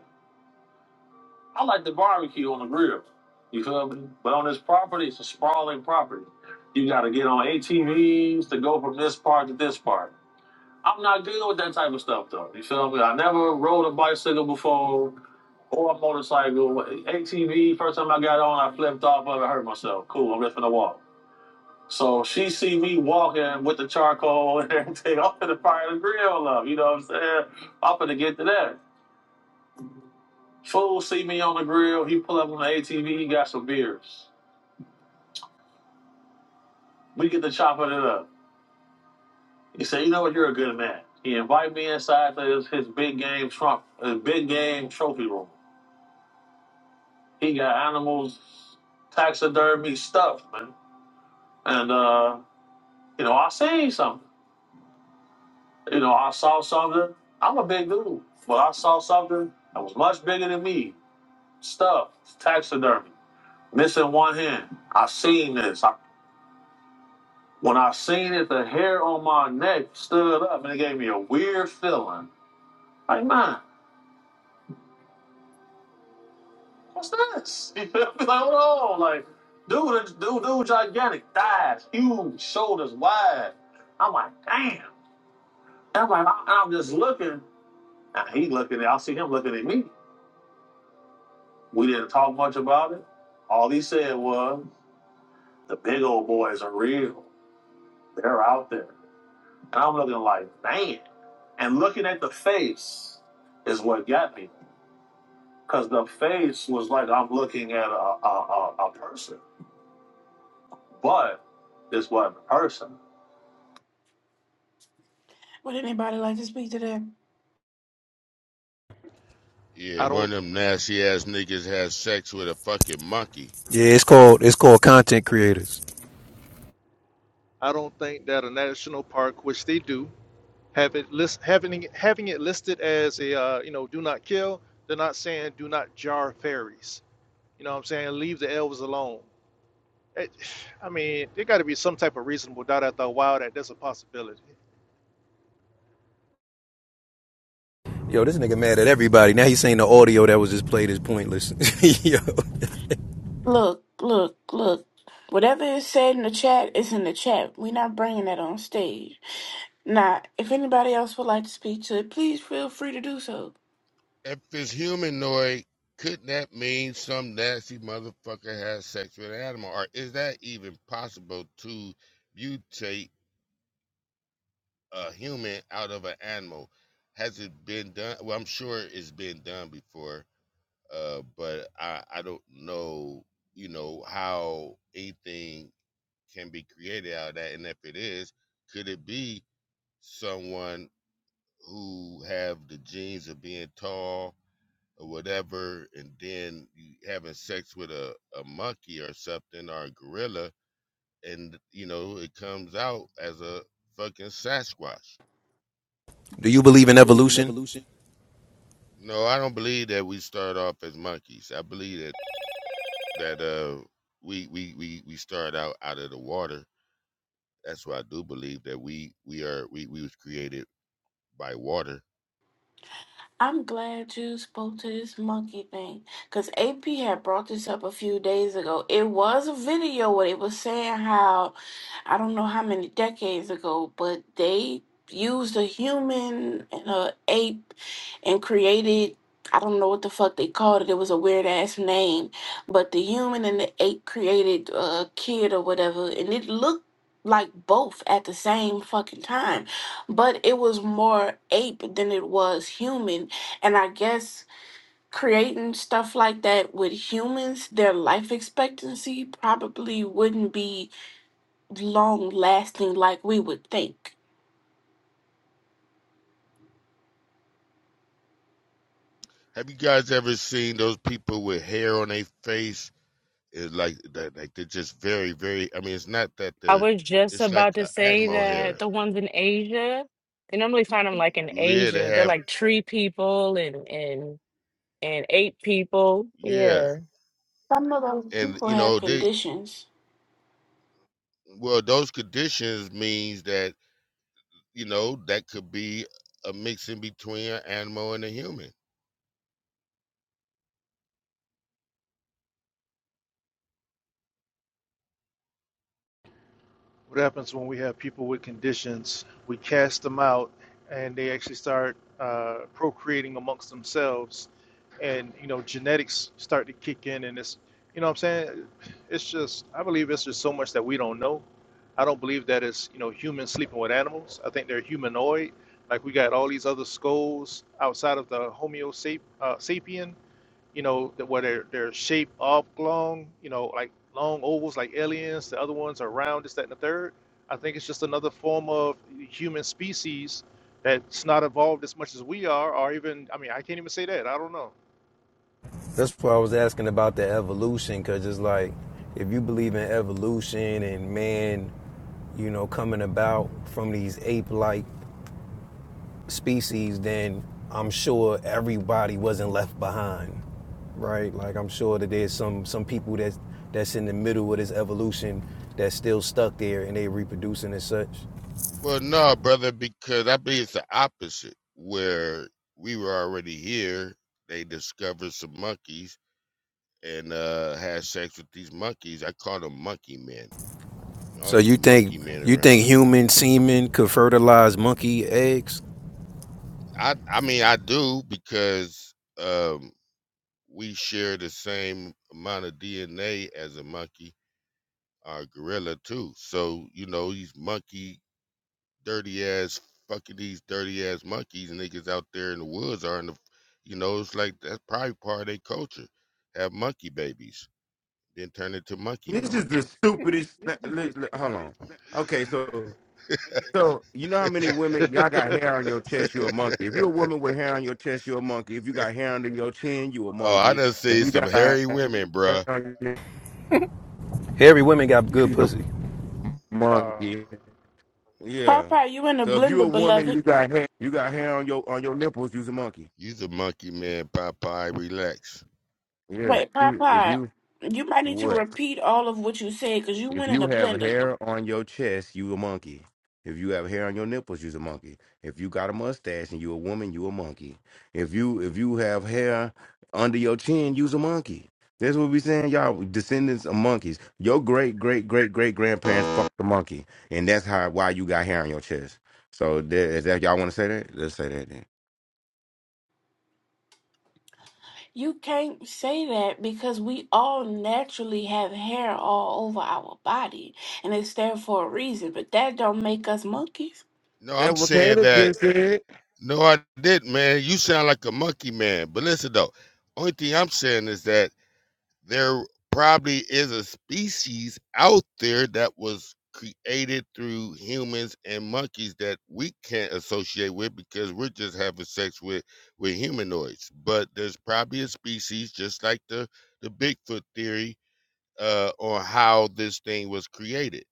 I like the barbecue on the grill. You feel me? But on this property, it's a sprawling property. You gotta get on ATVs to go from this part to this part. I'm not good with that type of stuff though. You feel me? I never rode a bicycle before or a motorcycle. ATV, first time I got on, I flipped off of it, hurt myself. Cool, I'm just gonna walk. So she see me walking with the charcoal and everything. I'm gonna fire the grill up, you know what I'm saying? I'm gonna get to that. Fool see me on the grill, he pull up on the ATV, he got some beers. We get to chopping it up. He said, you know what, you're a good man. He invite me inside to his, his big game trump, his big game trophy room. He got animals, taxidermy stuff, man. And uh, you know, I seen something. You know, I saw something. I'm a big dude, but I saw something that was much bigger than me. Stuff, taxidermy, missing one hand. I seen this. I, when I seen it, the hair on my neck stood up, and it gave me a weird feeling. Like, man, what's this? You feel me? Like, hold on, like. Dude, dude, dude, gigantic, thighs, huge, shoulders wide. I'm like, damn. I'm like, I- I'm just looking. And he looking at, I see him looking at me. We didn't talk much about it. All he said was, the big old boys are real. They're out there. And I'm looking like, man. And looking at the face is what got me. Because the face was like I'm looking at a, a, a, a person. But this wasn't a person. Would anybody like to speak to that? Yeah, i one don't of them nasty ass niggas has sex with a fucking monkey. Yeah, it's called it's called content creators. I don't think that a national park, which they do, have it list having having it listed as a uh, you know do not kill. They're not saying do not jar fairies. You know what I'm saying? Leave the elves alone. It, I mean, there got to be some type of reasonable doubt after a while that there's a possibility. Yo, this nigga mad at everybody. Now he's saying the audio that was just played is pointless. Yo. Look, look, look. Whatever is said in the chat is in the chat. We're not bringing that on stage. Now, if anybody else would like to speak to it, please feel free to do so. If it's humanoid, couldn't that mean some nasty motherfucker has sex with an animal? Or is that even possible to mutate a human out of an animal? Has it been done? Well, I'm sure it's been done before uh, but I, I don't know, you know, how anything can be created out of that. And if it is, could it be someone who have the genes of being tall or whatever, and then you having sex with a, a monkey or something or a gorilla, and you know, it comes out as a fucking Sasquatch. Do you Do believe in you believe in evolution? evolution? No, I don't believe that we start off as monkeys. I believe that that uh we we we we started out out of the water. That's why I do believe that we we are we we was created by water. I'm glad you spoke to this monkey thing because AP had brought this up a few days ago. It was a video where it was saying how, I don't know how many decades ago, but they used a human and a ape and created, I don't know what the fuck they called it. It was a weird ass name, but the human and the ape created a kid or whatever, and it looked like both at the same fucking time but it was more ape than it was human and I guess creating stuff like that with humans, their life expectancy probably wouldn't be long lasting like we would think. Have you guys ever seen those people with hair on their face? It's like that like they're just very very. I mean, it's not that I they're. was just It's like about to uh, say animal that hair. the ones in Asia, they normally find them like in Yeah, they Asia. They're have. like tree people and and and ape people. Yeah, Yeah. Some of those and people you have know they. conditions. Well, those conditions means that you know that could be a mix in between an animal and a human What happens when we have people with conditions? We cast them out, and they actually start uh, procreating amongst themselves, and you know genetics start to kick in, and it's you know what I'm saying it's just I believe it's just so much that we don't know. I don't believe that it's you know humans sleeping with animals. I think they're humanoid. Like we got all these other skulls outside of the Homo sap- uh, sapien you know, that where they're they're shaped oblong, you know, like long ovals like aliens, the other ones are round, this, that, and the third. I think it's just another form of human species that's not evolved as much as we are, or even I mean, I can't even say that. I don't That's why I was asking about the evolution, because it's like if you believe in evolution and man, you know, coming about from these ape like species, then I'm sure everybody wasn't left behind, right? Like I'm sure that there's some some people that's that's in the middle of this evolution that's still stuck there and they reproducing and such. Well, no, brother, because I believe it's the opposite. Where we were already here, they discovered some monkeys and uh had sex with these monkeys. I call them monkey men. All So these you think monkey men you around think here. human semen could fertilize monkey eggs? I I mean I do because um we share the same amount of DNA as a monkey, or a gorilla too. So you know these monkey dirty ass fucking these dirty ass monkeys niggas out there in the woods are in the you know it's like that's probably part of their culture have monkey babies then turn into monkey This men is the stupidest. thi- li- li- Hold on. Okay, so So you know how many women y'all got know. hair on your chest, you're a monkey. If you're a woman with hair on your chest, you're a monkey. If you got hair under your chin, you a oh i monkey. done If seen you some got hair hairy women bruh on your Hairy women got good you're pussy. a Uh monkey. Yeah. Popeye, you in the So if you're a blender, woman, you beloved. got hair you got hair on your on your nipples, you's a monkey. you's a monkey man popeye relax Yeah. Wait, You if Popeye, you you might need to what? repeat all of what you said because you If went in you the have blender. hair on your chest, you a monkey. If you have hair on your nipples, you's a monkey. If you got a mustache and you a woman, you a monkey. If you if you have hair under your chin, you's a monkey. That's what we saying, y'all. Descendants of monkeys. Your great great great great grandparents fucked the monkey, and that's how why you got hair on your chest. So that, is that y'all want to say that? Let's say that then. You can't say that because we all naturally have hair all over our body, and it's there for a reason. But that don't make us monkeys. no Yeah, i'm what saying Kayla that just said. no i didn't man you sound like a monkey man but listen though only thing i'm saying is that there probably is a species out there that was created through humans and monkeys that we can't associate with because we're just having sex with with humanoids but there's probably a species just like the the bigfoot theory uh on how this thing was created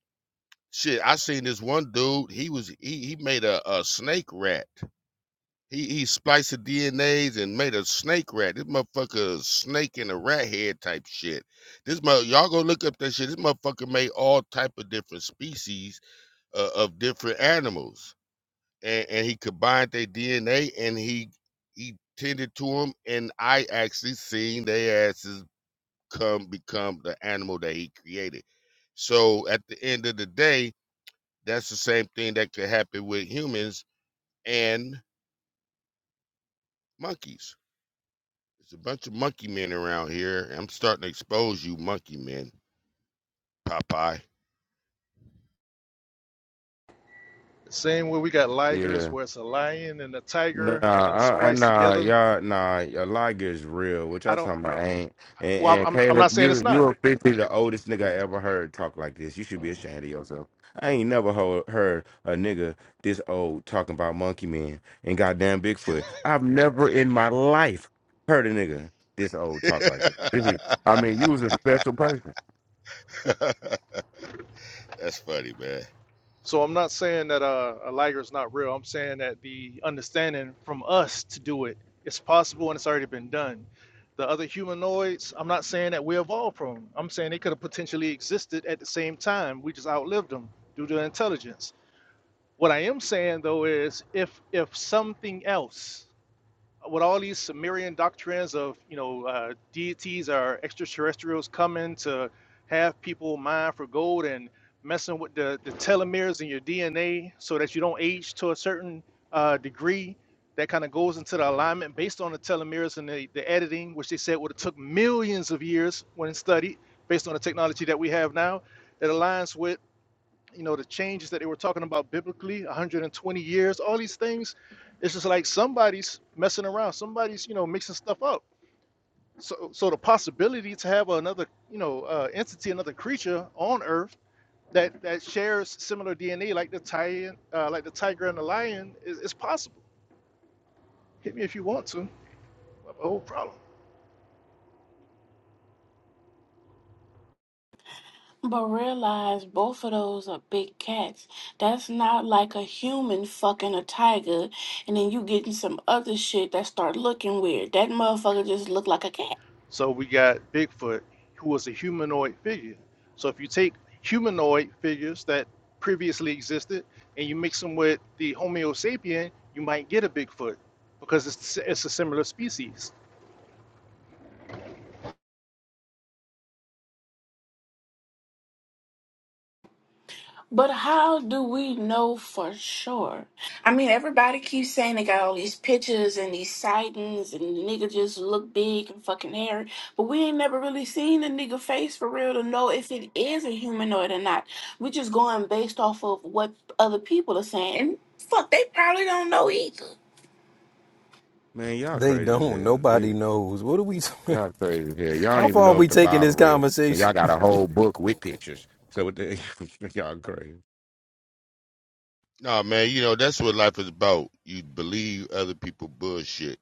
shit i seen this one dude he was he, he made a, a snake rat he he spliced the DNAs and made a snake rat. This motherfucker a snake in a rat head type shit. This mother y'all go look up that shit. This motherfucker made all type of different species uh, of different animals, and, and he combined their DNA and he he tended to them. And I actually seen their asses come become the animal that he created. So at the end of the day, that's the same thing that could happen with humans and monkeys There's a bunch of monkey men around here. I'm starting to expose you, monkey men, Popeye. same way we got Yeah. ligers where it's a lion and a Nah, tiger uh, I, I spliced nah, together. y'all, nah, a lie gets real. What y'all I don't talking about? Ain't and, well, I'm, and I'm I'm Caleb, not saying it's you not. you officially the oldest nigga I ever heard talk like this. You should be ashamed of yourself. I ain't never ho- heard a nigga this old talking about monkey man and goddamn Bigfoot. I've never in my life heard a nigga this old talk like that. This is- I mean, you was a special person, that's funny, man. So I'm not saying that uh, a liger is not real. I'm saying that the understanding from us to do it, it's possible and it's already been done. The other humanoids, I'm not saying that we evolved from. 'em. I'm saying they could have potentially existed at the same time. We just outlived them due to intelligence. What I am saying though is, if if something else with all these Sumerian doctrines of you know uh, deities or extraterrestrials coming to have people mine for gold and messing with the, the telomeres in your DNA so that you don't age to a certain uh, degree. That kind of goes into the alignment based on the telomeres and the, the editing, which they said would have took millions of years when studied, based on the technology that we have now. That aligns with you know the changes that they were talking about biblically 120 years all these things it's just like somebody's messing around somebody's you know mixing stuff up so so the possibility to have another you know uh, entity another creature on earth that that shares similar dna like the tiger uh, like the tiger and the lion is, is possible hit me if you want to I have a whole problem But realize both of those are big cats. That's not like a human fucking a tiger, and then you getting some other shit that start looking weird. That motherfucker just looked like a cat. So we got Bigfoot, who was a humanoid figure. So if you take humanoid figures that previously existed and you mix them with the Homo sapien, you might get a Bigfoot because it's it's a similar species. But how do we know for sure? I mean, everybody keeps saying they got all these pictures and these sightings, and the nigga just look big and fucking hairy. But we ain't never really seen the nigga face for real to know if it is a humanoid or not. We just going based off of what other people are saying. And fuck, they probably don't know either. man. Y'all They crazy as don't. hell. Yeah. Nobody knows. What are we? Y'all crazy as hell. Y'all don't How even far are know if we the taking Bible this real. And conversation? y'all got a whole book with pictures. So what the, y'all crazy. No, man, you know, that's what life is about. You believe other people bullshit.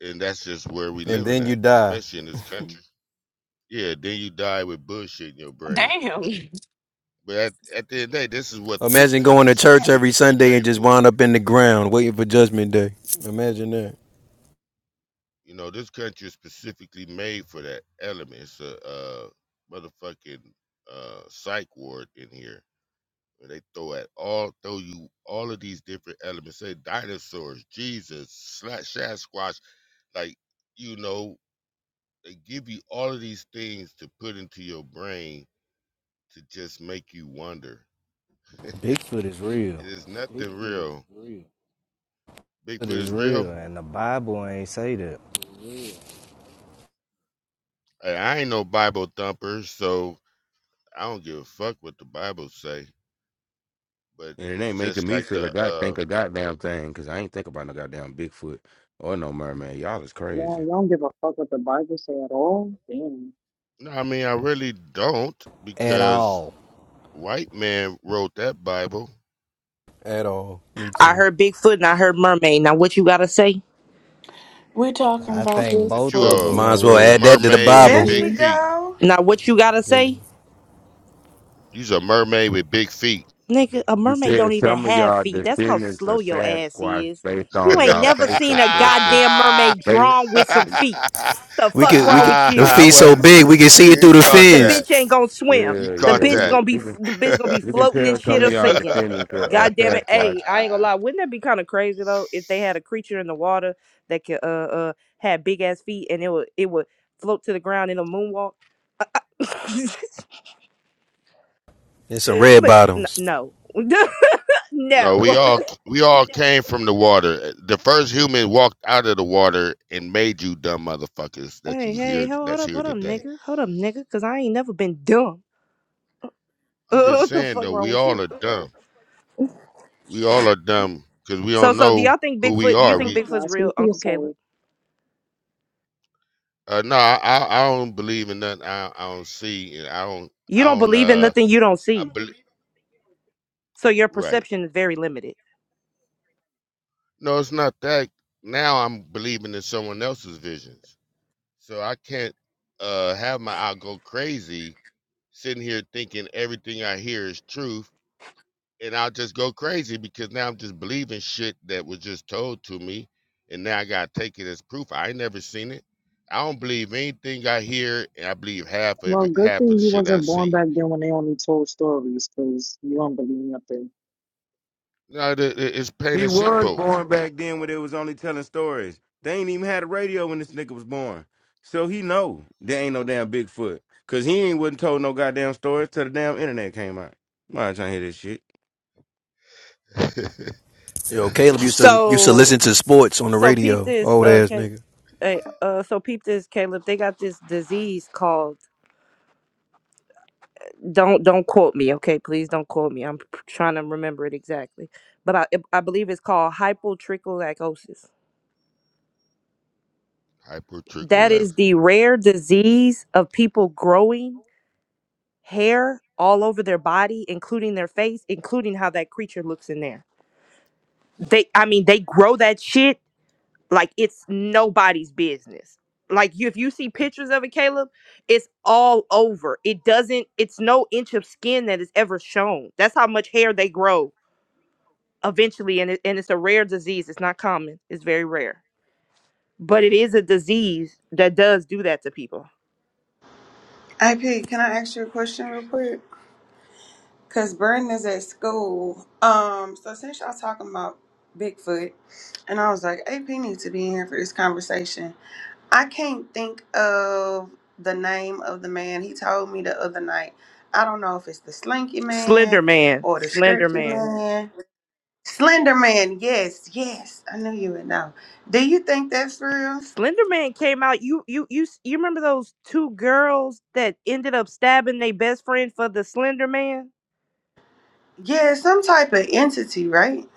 And that's just where we And living then you at, die. especially in this country. Yeah, then you die with bullshit in your brain. Damn. But at, at the end of the day, this is what this Imagine going country to is church every specifically Sunday and made just for. wind up in the ground waiting for Judgment Day. Imagine that. You know, this country is specifically made for that element. It's a uh, motherfucking uh, psych ward in here And they throw at all throw you all of these different elements. Say dinosaurs, Jesus, Sla- Sasquatch, like you know, they give you all of these things to put into your brain to just make you wonder. Bigfoot is real. It is nothing Bigfoot is real. real. It Bigfoot is is real. real, and the Bible ain't say that It is real. And the Bible. Hey, I ain't no Bible thumper, so I don't give a fuck what the Bible say. But And it it's ain't making just me like feel the a god uh think a goddamn thing because I ain't think about no goddamn Bigfoot or no mermaid. Y'all is Yeah, crazy. you don't give a fuck what the Bible say at all. Damn. no, I mean I really don't at because. all. White man wrote that Bible. At all. Me I too. heard Bigfoot and I heard mermaid. Now what you gotta say? We're talking I about think That you both of a them Bigfoot, Might are as well a real. add that to the mermaid with There Bible. big she Oprah, feet. go. Now what you gotta They- say? You's a mermaid with big feet. Nigga, a You mermaid don't said even some of have y'all feet. That's how descendants slow are your ass Sasquatch is. based You on ain't y'all never seen facial a structure. goddamn mermaid Ba- drawn with some feet. The we fuck could. We wrong could. with The you? Ah, I feet so was. big we can see it You through the caught The that. bitch fins. ain't gonna swim. You yeah, The yeah, caught we bitch that. can gonna we be can the bitch gonna be we can floating and tell shit some or of y'all sinking. descendants are uh, God damn it. Sasquatch Hey, I ain't gonna Ah. lie. Wouldn't that be kind of crazy though if they had a creature in the water that could uh uh had big ass feet and it would it would float to the ground in a moonwalk? And some red Like, n- bottoms. no. no, we no. all we all came from the water. The first human walked out of the water and made you dumb motherfuckers that Hey, you hey, hear hold that's up, here hold up, today. nigga. Hold up, nigga, because I ain't never been dumb. I'm Uh, just what the saying fuck though, wrong we with all you? are dumb. We all are dumb because we So, don't so do know y'all think who we Bigfoot, do you are. Uh, think We Nah, Bigfoot's real, speak for Uncle Caleb? yourself. uh, no, I, I I don't believe in nothing. I, I don't see, and I don't You I don't don't believe in uh nothing you don't I see. believe So your right. perception is very limited. No, it's not that. Now I'm believing in someone else's visions, so I can't uh have my I go crazy sitting here thinking everything I hear is truth and I'll just go crazy because now I'm just believing shit that was just told to me, and now I gotta take it as proof. I ain't never seen it. I don't believe anything I hear, and I believe half of Well, it, good half of thing the you shit I wasn't born see. back then when they only told stories, 'cause you don't believe nothing. No, the, the- it's plain He and was simple. born back then when they was only telling stories. They ain't even had a radio when this nigga was born. So he know there ain't no damn Bigfoot. Cause he ain't wasn't told no goddamn stories till the damn internet came out. I'm not trying to hear this shit. Yo, Caleb used to used to listen So, to sports on the so peep radio. this, Old uh, ass Ca- nigga. hey, uh, so peep this, Caleb. They got this disease called, don't, don't quote me, okay? Please don't quote me. I'm trying to remember it exactly. But I, I believe it's called hypotrichosis That Hypertricholas. is the rare disease of people growing hair all over their body, including their face, including how that creature looks in there. They, I mean, they grow that shit like it's nobody's business. Like you, if you see pictures of it, Caleb, it's all over. It doesn't. It's no inch of skin that is ever shown. That's how much hair they grow eventually, and it, and it's a rare disease. It's not common. It's very rare, but it is a disease that does do that to people. AP, can I ask you a question real quick? Cause Burton is at school. Um, so since y'all talking about Bigfoot, and I was like, AP needs to be in here for this conversation. I can't think of the name of the man he told me the other night. I don't know if it's the Slinky Man Slender Man, or the Slender Stretchy Man, Man. Slender Man, yes, yes. I knew you would know. Do you think that's real? Slender Man came out. You you you s- you remember those two girls that ended up stabbing their best friend for the Slender Man? Yeah, some type of entity, right?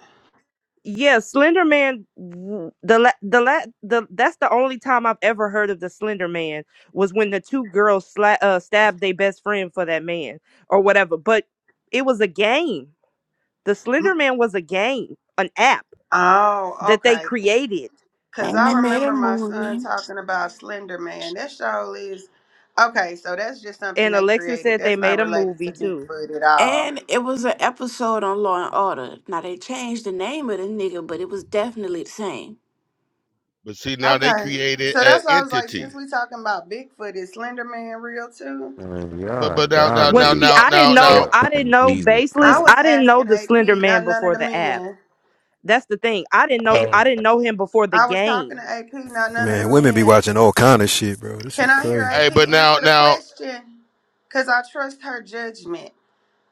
Yeah, Slender Man. w- The la- the la- the that's the only time I've ever heard of the Slender Man was when the two girls sla- uh, stabbed their best friend for that man or whatever. But it was a game. The Mm, Slender Man was a game, an app Oh, that they okay. created, Cause and I they made a remember my son movie. talking about Slender Man. That show is okay. So that's just something and they Alexa created. said they That's not made a related to movie too. Bigfoot at all. And it was an episode on Law and Order. Now they changed the name of the nigga, but it was definitely the same. But see, now they Okay. created So an that's why I was like, entity. since we talking about Bigfoot, is Slender Man real too? Man, But y'all, but now y'all now Well, now need see, now I didn't now know. now. help I didn't from know Jesus I baseless. Christ. was I didn't know asking the AP, Slender Man not none of before the the app. men. That's the thing. I didn't know. But I Um, didn't know him before the I was talking game. to AP, not none of Man, the women be men. watching all kind of shit, bro. This Can shit I hear crazy. AP hey, but now answer the now question? Cause I trust her judgment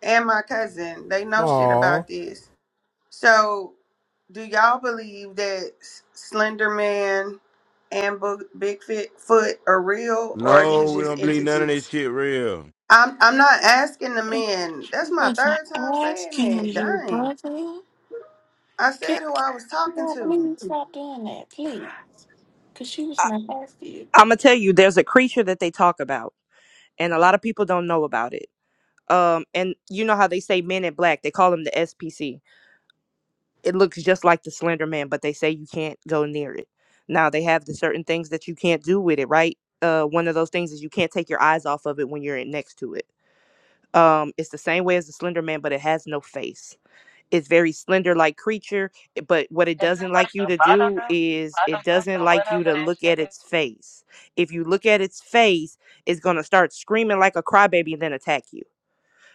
and my cousin. They know shit Aw. about this. So, do y'all believe that S- Slender Man and Bo- Bigfoot Foot are real, or are No, these we just don't believe none of this entities? shit real. I'm I'm not asking the He men. That's my wasn't third time saying asking that. you, Dang, brother. I Can, said who I was can talking y'all to, please stop doing that, please? Because she was not asking you. I'm gonna tell you, there's a creature that they talk about, and a lot of people don't know about it. Um, and you know how they say Men in Black? They call them the SPC. It looks just like the Slender Man, but they say you can't go near it. Now they have the certain things that you can't do with it, right? Uh, one of those things is you can't take your eyes off of it when you're in- next to it. Um, it's the same way as the Slender Man, but it has no face it's very slender like creature eh, but what it doesn't like you to do is it doesn't like you to look at its face if you look at its face it's going to start screaming like a crybaby and then attack you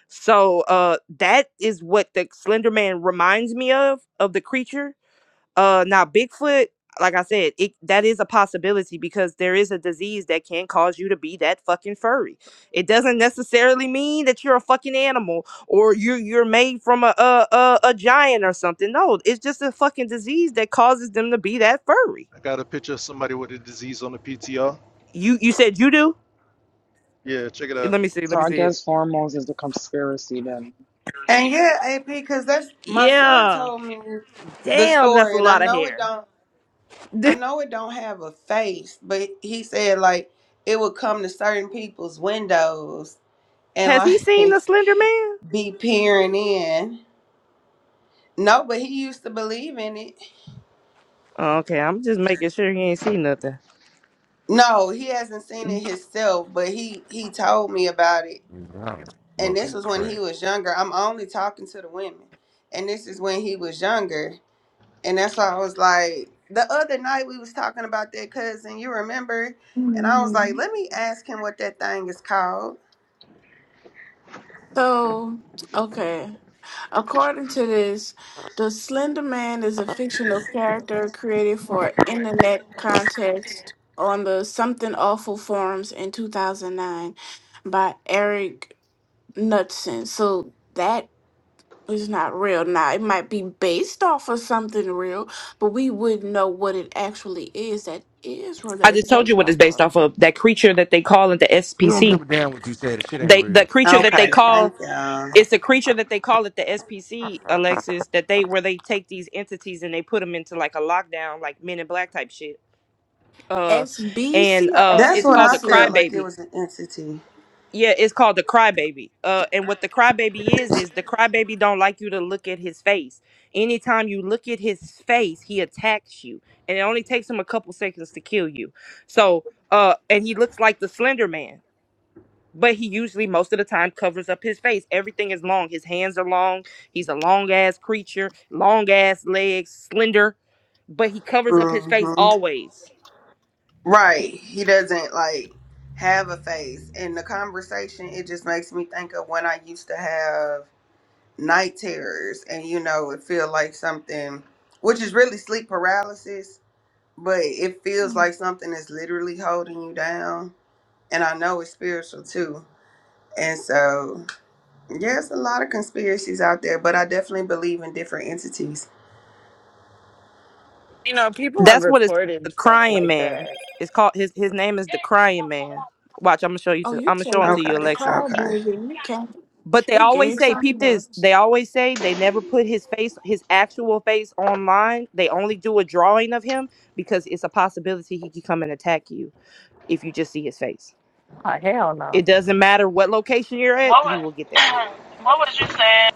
so uh that is what the slender man reminds me of of the creature uh, now Bigfoot, like I said, it that is a possibility because there is a disease that can cause you to be that fucking furry. It doesn't necessarily mean that you're a fucking animal or you're you're made from a a a, a giant or something. No, it's just a fucking disease that causes them to be that furry. I got a picture of somebody with a disease on the PTR. You you said you do? Yeah, check it out. Let me see. Let So me I see it. guess hormones is the conspiracy then. and yeah, AP, because that's my son Yeah. told me the Damn, that's a story, and I lot of know it hair. don't. I know it don't have a face, but he said like it would come to certain people's windows, and Has he like seen the Slender Man? be peering in. No, but he used to believe in it. Oh, Okay, I'm just making sure he ain't seen nothing. No, he hasn't seen it himself, but he he told me about it. Y'all And this smoking was when he crack. was younger. I'm only talking to the women. And this is when he was younger. And that's why I was like, the other night we was talking about that cousin, you remember? And I was like, Mhm. let me ask him what that thing is called. So, okay. According to this, the Slender Man is a fictional character created for internet contest on the Something Awful forums in 2009 by Eric Knudsen. So that is not real. Now, it might be based off of something real, but we wouldn't know what it actually is that is real I that is just told you based what off it's based of. off of. That creature that they call it the We don't SPC. give a damn what you say. The shit ain't They the real. creature that they Okay, thank call you. it's a creature that they call it the SPC, Alexis. That they where they take these entities and they put them into like a lockdown, like Men in Black type shit. Uh, SBC and or uh, That's it's what called I a felt SPC? like it crybaby. was an entity. Yeah, it's called the crybaby. Uh, and what the crybaby is is the crybaby don't like you to look at his face. Anytime you look at his face, he attacks you, and it only takes him a couple seconds to kill you. So, uh, and he looks like the Slender Man, but he usually most of the time covers up his face. Everything is long. His hands are long. He's a long ass creature, long ass legs, slender, but he covers up his face hmm always. Right. He doesn't like have a face. And the conversation, it just makes me think of when I used to have night terrors and you know, it feel like something which is really sleep paralysis, but it feels like something is literally holding you down. And I know it's spiritual too. And so yeah, it's a lot of conspiracies out there, but I definitely believe in different entities. You know, people have That's what it's the reported stuff crying like man. that. It's called his his name is the crying man. Watch, I'm gonna show you Oh, to you I'm gonna say show him the, to you, Okay. the Alexis. Okay. crybaby. and the cat. But they It always gave say, peep something this. else. They always say they never put his face, his actual face online. They only do a drawing of him because it's a possibility he could come and attack you if you just see his face. Oh, hell no. It doesn't matter what location you're at, What he will get there. was what was you saying?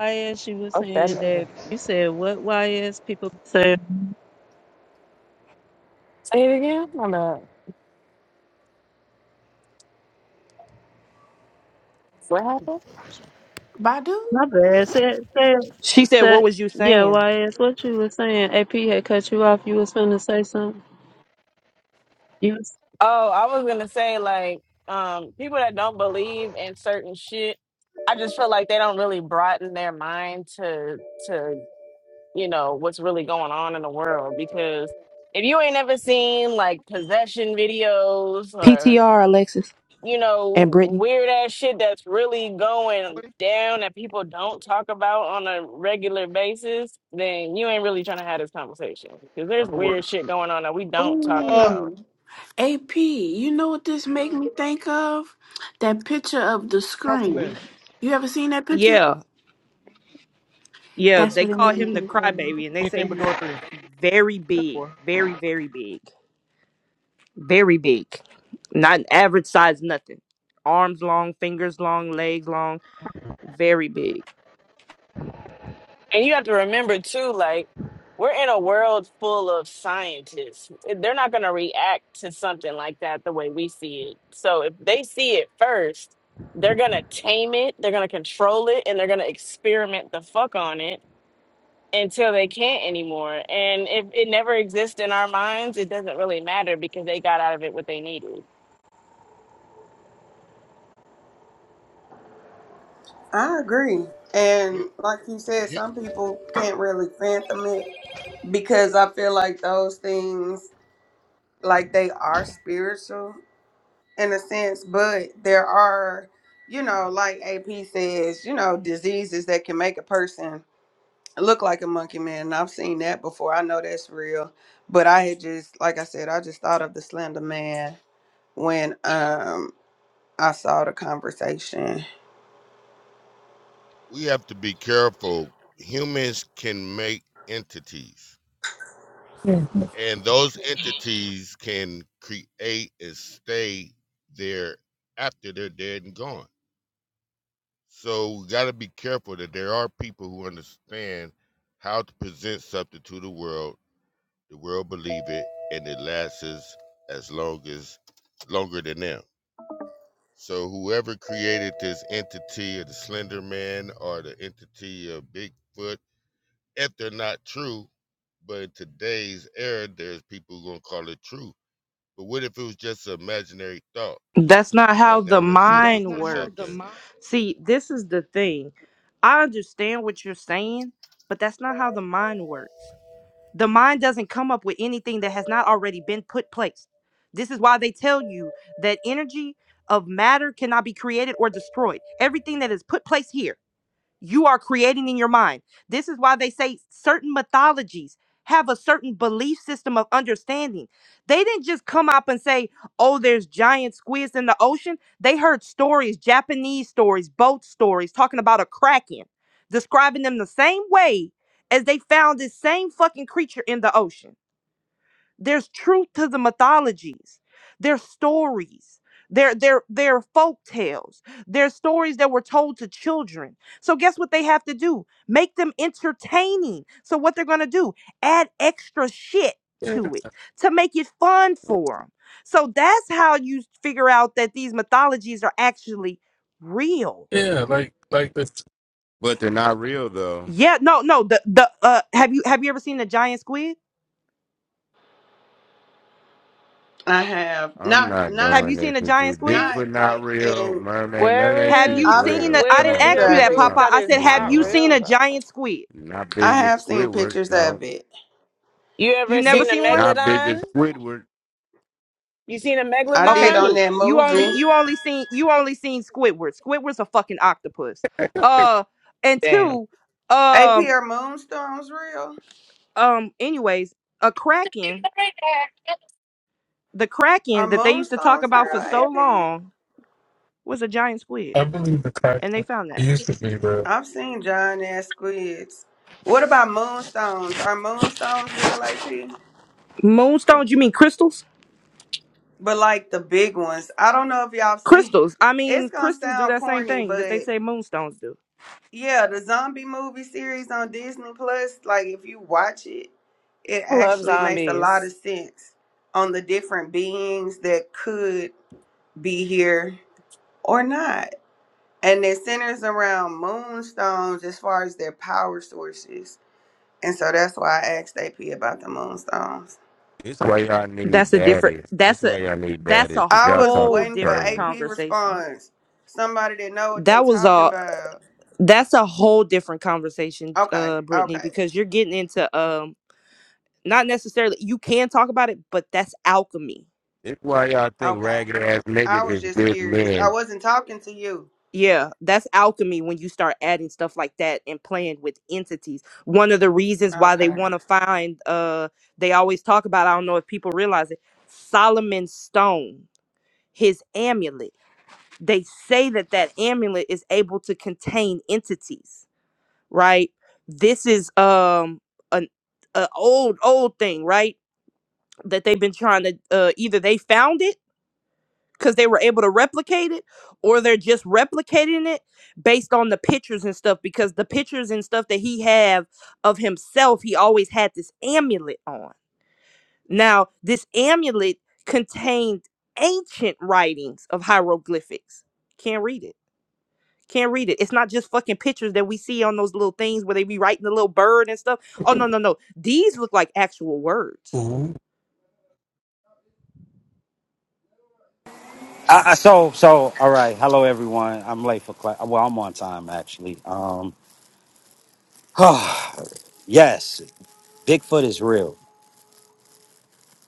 YS, she was Oh, that saying later. that you said what YS people say. Say it again? On the what happened? Badu? My bad. Said said She said, "What said was you yeah. saying?" YS, what you were saying? AP had cut you off. You was finna say something. You Oh, I was gonna say like um people that don't believe in certain shit, I just feel like they don't really broaden their mind to to you know what's really going on in the world because if you ain't ever seen like possession videos PTR, Alexis you and know, Brittany. weird ass shit that's really going down that people don't talk about on a regular basis, then you ain't really trying to have this conversation because there's No weird words. shit going on that we don't talk Uh, about. Ooh. AP, you know what this make me think of? That picture of the drop them in. screen. You ever seen that picture? Yeah, yeah. That's They what it call make me him the think of. crybaby, and they say Anything but he's door three. very Ten big, four. very, very big, very big. Not an average size, nothing. Arms long, fingers long, legs long, very big. And you have to remember too, like, we're in a world full of scientists. Eh, They're not going to react to something like that the way we see it. So if they see it first, they're going to tame it, they're going to control it, and they're going to experiment the fuck on it until they can't anymore. And if it never exists in our minds, it doesn't really matter because they got out of it what they needed. I agree. And like you said, some people can't really fathom it because I feel like those things like they are spiritual in a sense, but there are, you know, like AP says, you know, diseases that can make a person look like a monkey man. And I've seen that before. I know that's real. But I had just like I said, I just thought of the slender man when um I saw the conversation. we have to be careful. Humans can make entities and those entities can create and stay there after they're dead and gone. So we got to be careful that there are people who understand how to present something to the world. The world believe it, and it lasts as as long as longer than them. So whoever created this entity of the Slender Man or the entity of Bigfoot, if they're not true, but in today's era, there's people who gonna call it true But what if it was just an imaginary thought? That's not Uh, how now the we're searching That's mind for not how the something. works. mind See, this is the thing. I understand what you're saying, but that's not how the mind works. The mind doesn't come up with anything that has not already been put place. This is why they tell you that energy of matter cannot be created or destroyed. Everything that is put place here you are creating in your mind. This is why they say certain mythologies have a certain belief system of understanding. They didn't just come up and say, oh, there's giant squids in the ocean. They heard stories, Japanese stories, boat stories, talking about a kraken, describing them the same way as they found this same fucking creature in the ocean. There's truth to the mythologies. There's stories. They're, they're, they're folk tales. They're stories that were told to children. So, guess what they have to do? Make them entertaining. So, what they're going to do? Add extra shit yeah, to it to make it fun for them. So, that's how you figure out that these mythologies are actually real. yeah, like like this. But they're not real though. Yeah, no, no. The the uh, have you have you ever seen a giant squid? I have I'm not not Have not doing you this seen a with giant you. squid? not Bigfoot not like real. in Mermaid, none of that Have Where shit is you is I've uh, seen a, real. seen I Come didn't where is pictures on, ask your you of bro. that, it. proof Papa. Stop. that I it's said, You ain't have not doing you that. seen real a though? giant squid? Not I big as have seen Squidward. pictures of No. You You ever never seen it. a seen one? Not big megalodon? as Squidward. You seen a I Okay, did megalodon? on cool. that You only movie. you only seen you only seen Squidward. Squidward's a fucking octopus. Uh and Damn. two, AP um are moonstones real? um anyways, a kraken, the Are kraken that they used to talk moonstones about real, for so AP? long was a giant squid. I believe the And they classic found it that. used to be the I've seen giant ass squids. What about moonstones? Are moonstones real, AP? Moonstones, you mean crystals? But like the big ones. I don't know if y'all seen. Crystals. I It's mean gonna crystals do sound that same corny, thing that but they say moonstones do. yeah, the zombie movie series on Disney Plus, like if you watch it, it I love actually makes a lot zombies. of sense on the different beings that could be here or not and it centers around moonstones as far as their power sources. And so that's why I asked AP about the moonstones. This why y'all need That's a different. daddies. This That's a why y'all need that's daddies. a Cause I y'all was whole talking waiting for different AP crazy. conversation. response. Somebody that know what they That was talking a about. that's a whole different conversation, Okay, uh, Brittany, okay, because you're getting into um not necessarily you can talk about it, but that's alchemy. This why y'all think okay. ragged ass I niggas was is just good curious. I men. wasn't talking to you. Yeah, that's alchemy when you start adding stuff like that and playing with entities. One of the reasons why they Okay. want to find uh they always talk about I don't know if people realize it, Solomon's stone, his amulet. they say that that amulet is able to contain entities right this is um an, a old old thing right that they've been trying to uh, either they found it because they were able to replicate it or they're just replicating it based on the pictures and stuff because the pictures and stuff that he have of himself he always had this amulet on now this amulet contained ancient writings of hieroglyphics can't read it Can't read it. It's not just fucking pictures that we see on those little things where they be writing the little bird and stuff. Oh no, no, no. These look like actual words. ooh, I, I, so so all right. Hello everyone. I'm late for class. Well, I'm on time actually. Um, yes, Bigfoot is real.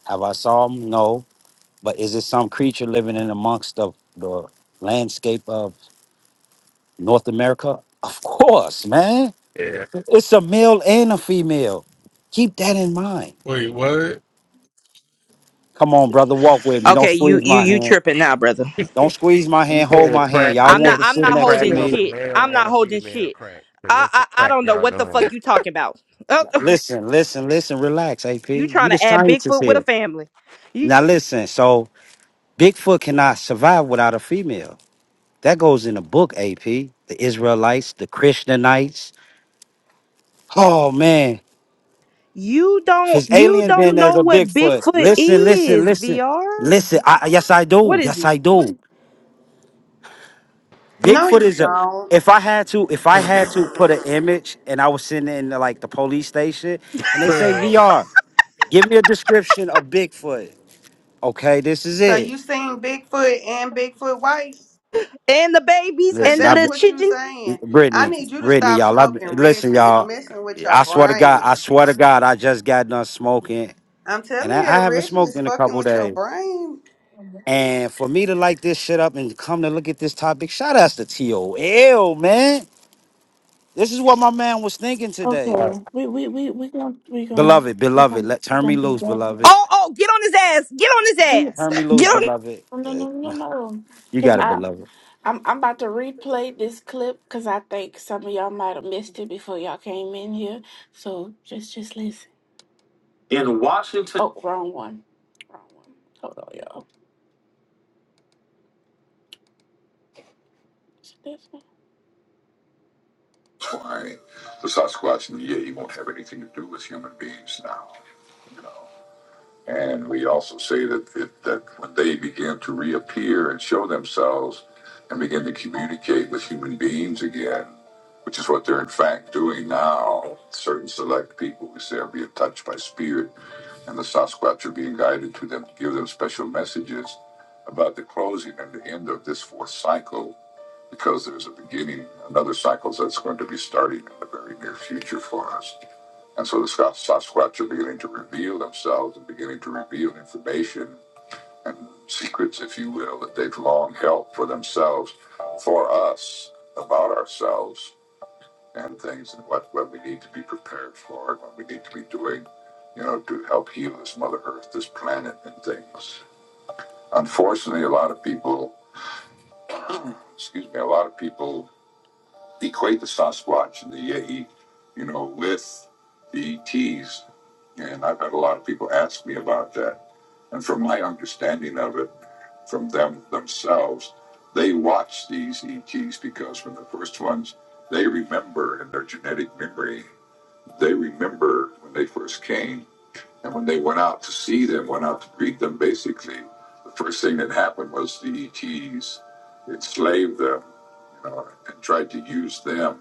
Have I saw him? No. But is it some creature living in amongst the, the landscape of North America? Of course, man. yeah. It's a male and a female. Keep that in mind. Wait, what? Come on, brother. Walk with me. Don't Okay, you squeeze you my you hand. tripping now, brother. Don't squeeze my He hand. Hold said the my hand. crack. Y'all He I'm want not to said I'm sit not the next to crack holding Yeah, was me. a shit. male I'm and not a holding female shit. crack. Cause I that's the I, I crack don't know y'all what the doing. fuck you talking about. Oh, Listen, listen, listen. Relax, AP. you You trying the to add scientist Bigfoot with here. a family. You Now listen, so Bigfoot cannot survive without a female. That goes in the book, AP. The Israelites, the Christianites. Oh man, you if don't it's you aliens, then don't there's know a what Bigfoot. Bigfoot Listen, listen, is, listen, VR. listen. I, yes, I do. What is Yes, he? I do. No, Bigfoot you is a. don't. If I had to, if I had to put an image, and I was sitting in like the police station, and they say fam. VR, give me a description of Bigfoot. Okay, this is So it. you seen Bigfoot and Bigfoot wife? And the babies Cause and Listen, the I've that's little what you children. saying. I Brittany, need you to Brittany, stop y'all. I, smoking listen, Reggie. It's y'all. messing with your I swear to God, I brain. swear to God, I just got done smoking, I'm and telling I, you I that haven't Reggie smoked is in a fucking couple with your days. brain. And for me to light this shit up and come to look at this topic, shout outs to TOL, man. This is what my man was thinking today. Okay. We we we we gonna we gonna Beloved, we beloved, gonna let we turn me gonna do loose, that. beloved. Oh, oh, get on his ass. Get on his We no ass. Turn me Get loose, on. beloved. no no no Uh, no. You Cause got it, I beloved. I'm I'm about to replay this clip because I think some of y'all might have missed it before y'all came in here. So just just listen. In Washington. Oh, wrong one. Wrong one. Hold on, y'all. Is it this one? why the Sasquatch and the Yeti won't have anything to do with human beings now. You know, and we also say that that, that when they begin to reappear and show themselves and begin to communicate with human beings again, which is what they're in fact doing now. Certain select people who say are being touched by spirit, and the Sasquatch are being guided to them to give them special messages about the closing and the end of this fourth cycle because there's a beginning, another cycle that's going to be starting in the very near future for us. And so the Sas- Sasquatch are beginning to reveal themselves and beginning to reveal information and secrets, if you will, that they've long held for themselves, for us, about ourselves and things and what, what we need to be prepared for and what we need to be doing, you know, to help heal this Mother Earth, this planet and things. Unfortunately, a lot of people, excuse me, a lot of people equate the Sasquatch and the Yeti, you know, with the ETs. And I've had a lot of people ask me about that. And from my understanding of it, from them themselves, they watch these ETs because when the first ones, they remember in their genetic memory, they remember when they first came. And when they went out to see them, went out to greet them, basically, the first thing that happened was the ETs enslaved them, you know, and tried to use them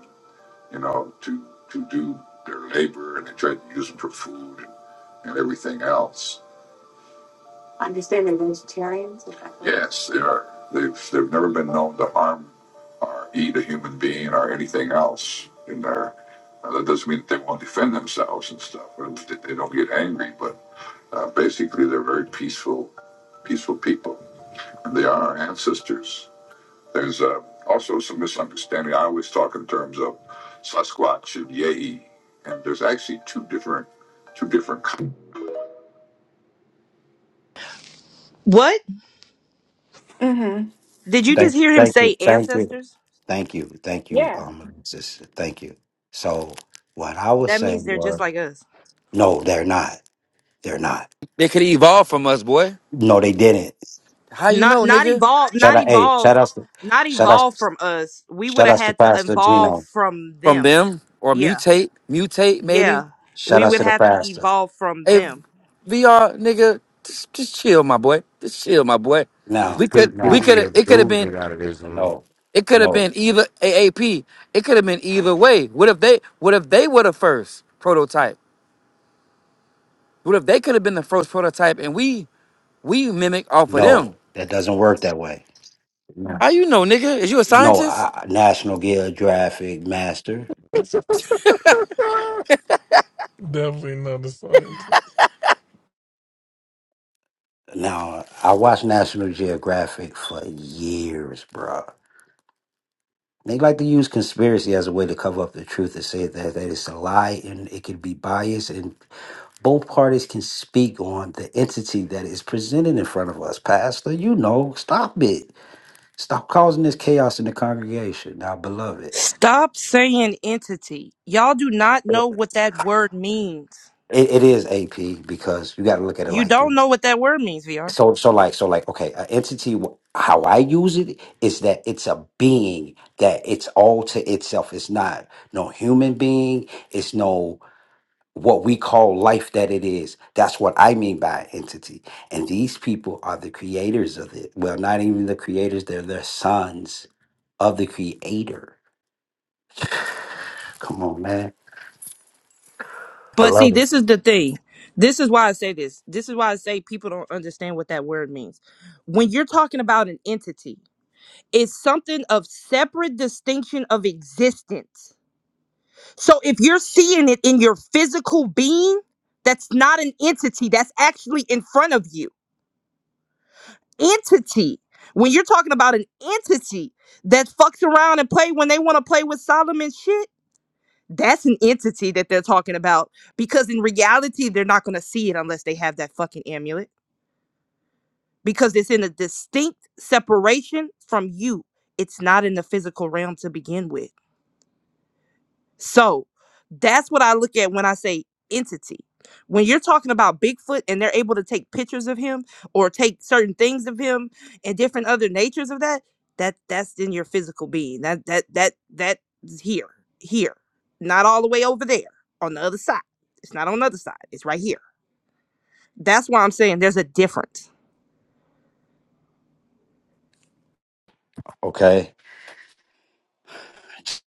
you know, to to do their labor, and they tried to use them for food and, and everything else. I understand they're vegetarians. is that correct? Yes, they are. They've they've never been known to harm or eat a human being or anything else in there, Now, that doesn't mean that they won't defend themselves and stuff. Or that they don't get angry, but uh, basically they're very peaceful, peaceful people. And they are our ancestors. There's uh, also some misunderstanding. I always talk in terms of Sasquatch and Yei, and there's actually two different, two different. What? hmm Did you just Thank, hear him thank you, say thank you, ancestors? thank you, thank you, Yeah. um, sister. Thank you. So, what I was That means saying they're just was, like us. no, they're not. They're not. They could evolve from us, boy. No, they didn't. How you Not know, not nigga? evolved, Shout not out, hey, evolved, shout outs to, not shout outs, evolved from us. We would shout have outs to had to Pastor evolve Gino. from from them. them or Yeah. mutate, mutate maybe. Yeah. Shout We outs would to the have to pastor. evolve from Hey, them. VR nigga, just, just chill, my boy. Just chill, my boy. This We No, could, we no, could, stupidity have. is it could have been, oozing out of this room. no, it could have no, been either AAP. It could have been either way. What if they, what if they were the first prototype? What if they could have been the first prototype and we, we mimic off of no. them? That doesn't work that way. No, How you know, nigga? Is you a no scientist? I, National Geographic Master. Definitely not a scientist. Now, I watched National Geographic for years, bro. They like to use conspiracy as a way to cover up the truth and say that, that it's a lie and it could be biased and. both parties can speak on the entity that is presented in front of us. Pastor, you know, stop it. Stop causing this chaos in the congregation. Now, beloved, Stop saying entity. Y'all do not it, know what that word means. it is AP because you got to look at it You like don't this. know what that word means, VR. So, so like, so like, okay, an entity. wh- How I use it is that it's a being that it's all to itself. It's not no human being. It's no. what we call life that it is. That's what I mean by entity. And these people are the creators of it. Well, not even the creators, they're the sons of the creator. Come on, man. I But see, love it. this is the thing. This is why I say this. This is why I say people don't understand what that word means. When you're talking about an entity, it's something of separate distinction of existence. So if you're seeing it in your physical being, that's not an entity, that's actually in front of you. Entity. When you're talking about an entity that fucks around and play when they want to play with Solomon shit, That's an entity that they're talking about because in reality, they're not going to see it unless they have that fucking amulet because it's in a distinct separation from you. It's not in the physical realm to begin with. So that's what I look at when I say entity. When you're talking about Bigfoot and they're able to take pictures of him or take certain things of him and different other natures of that, that that's in your physical being. That that that that is here, here, not all the way over there on the other side. It's not on the other side. It's right here. That's why I'm saying there's a difference. Okay.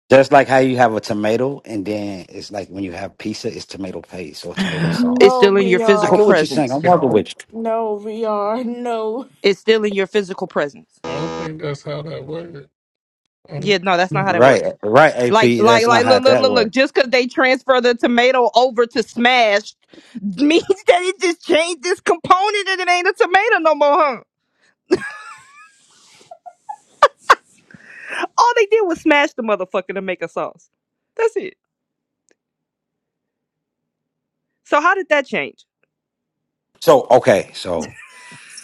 Just like how you have a tomato, and then it's like when you have pizza, it's tomato paste or tomato It's No sauce. still in your I physical get VR. what you're saying. I'm presence. walking Yo. with you. No VR. No. It's still in your physical presence. I don't think that's how that works. Um, Yeah, no, that's not how that Right, works. right, Like, AP. That's like, not like, how look, look, that look, look. works. Just because they transfer the tomato over to smash means that it just changed this component and it ain't a tomato no more, huh? All they did was smash the motherfucker to make a sauce. That's it. So how did that change? So, okay, so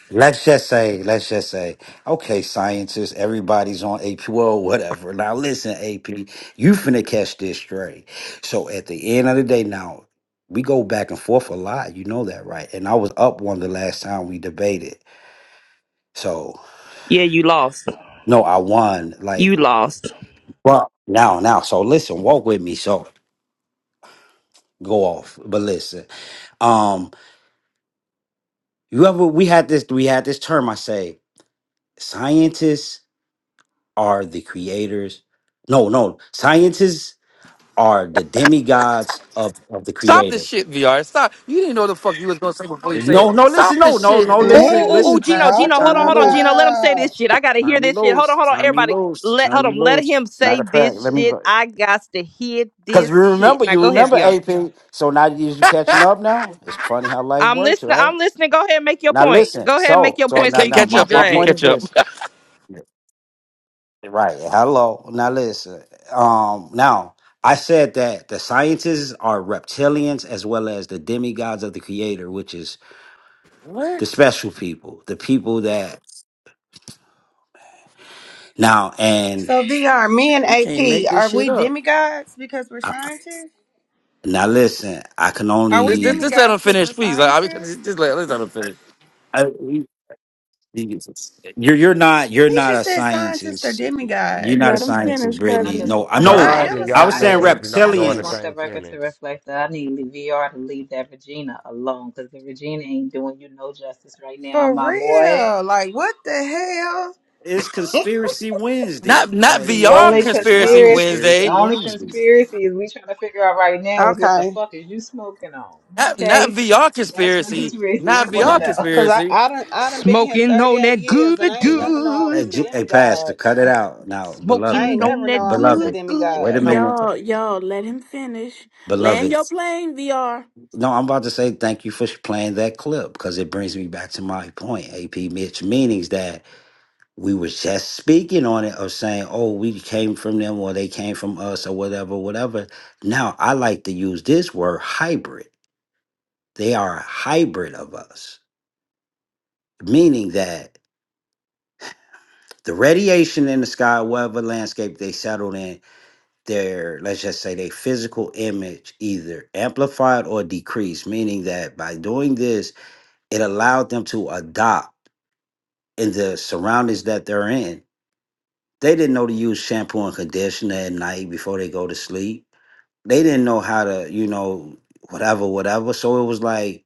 Let's just say, let's just say, okay, scientists, everybody's on AP, well, whatever. Now, listen, AP, you finna catch this straight. So, at the end of the day, now, we go back and forth a lot. You know that, right? And I was up one the last time we debated. So, Yeah, you lost. no, I won. Like, You lost. well, now, now. So, listen, walk with me. So, go off. But listen, um, you ever, we had this, we had this term, I say, scientists are the creators. No, no, scientists are the demigods of, of the Stop this creator. shit, VR. Stop. You didn't know the fuck you was gonna say before you say it. No, no, listen, Stop no, this no, no, shit. Oh, What oh, listen, are oh, oh, listen, you Gino, Pastor, Gino, talking hold turn on, me hold on, loose, Gino. Let him say about? this shit. I gotta turn hear me this shit. Hold on, loose, hold on, turn me everybody. loose, Let hold turn me on. Let loose. him say Matter of fact, this let me, shit. I got to hear because you this shit. remember, Now you go ahead, remember Br. AP. So now you you catching up now? It's funny how life I'm works, listening. right? I'm listening. Go ahead and make your Now point. listen, Go ahead and make so, your C- so point so now, c- you now, can catch my, get up, my AP. point dragged. is Catch up. this. Right. Hello. Now listen. Um now I said that the scientists are reptilians as well as the demigods of the creator, which is What? the special people, the people that now and So VR, me and We can't make AP, this are shit we up. demigods because we're I- scientists? now listen, I can Are we Let's just, just only let him demigods because finish, we're please. Like, I mean, scientists? just, just let, let's let them finish. I, you're you're not you're He not just a said scientists are scientist. You're demigods. not a Let him scientist, finish, I Brittany. just, Kevin. No, I'm I just, I no. I God am and a just, I y'all was I saying just, names scientist. do I not go in just the want reptilians. the same record to sentence. reflect that I need VR to leave that Regina alone because the Regina ain't doing you no justice right now, For my boy. real. Like what the It's hell? conspiracy Not Wednesday. not Like The I'm VR only just it's conspiracy wild conspiracy, conspiracy Wednesday. only Wednesday. conspiracy is we trying to figure out right now is what the okay. fuck is you smoking on? Not not Okay, VR that's the conspiracy. conspiracy Not we want to VR Man. know. Cause I, conspiracy. I done I done been here Smoking on 38 that years and I good, ain't never know I Hey, good. was a G- hey, Pastor, demigod. cut it out now, I beloved. Smoking ain't Thank- on never know that I was a good, beloved, good. wait a demigod. No, but minute, Y'all, y'all, let him finish. Land beloved. your plane, VR. No, I'm about to say thank you for sh- playing that clip because it brings me back to my point, AP Mitch, meanings that we were just speaking on it of saying, oh, we came from them or they came from us or whatever, whatever. Now, I like to use this word hybrid. They are a hybrid of us, meaning that the radiation in the sky, whatever landscape they settled in, their let's just say their physical image either amplified or decreased meaning that by doing this it allowed them to adopt in the surroundings that they're in they didn't know to use shampoo and conditioner at night before they go to sleep they didn't know how to you know whatever whatever so it was like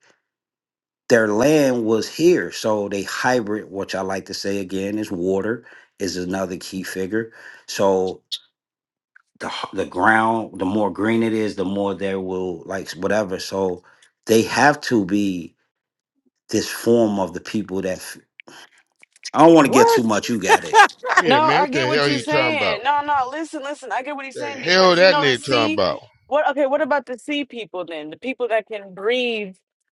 their land was here so they hybrid which i like to say again is water is another key figure so the h- the ground, the more green it is, the more there will like whatever. So they have to be this form of the people that f- I don't want to get too What? much. You got it. Yeah, No, man, I what get the what hell you're you talking saying. about? No, no, listen, listen. I get what he's The saying hell because you that know the nigga talking sea. about? What? Okay, what about the sea people then? The people that can breathe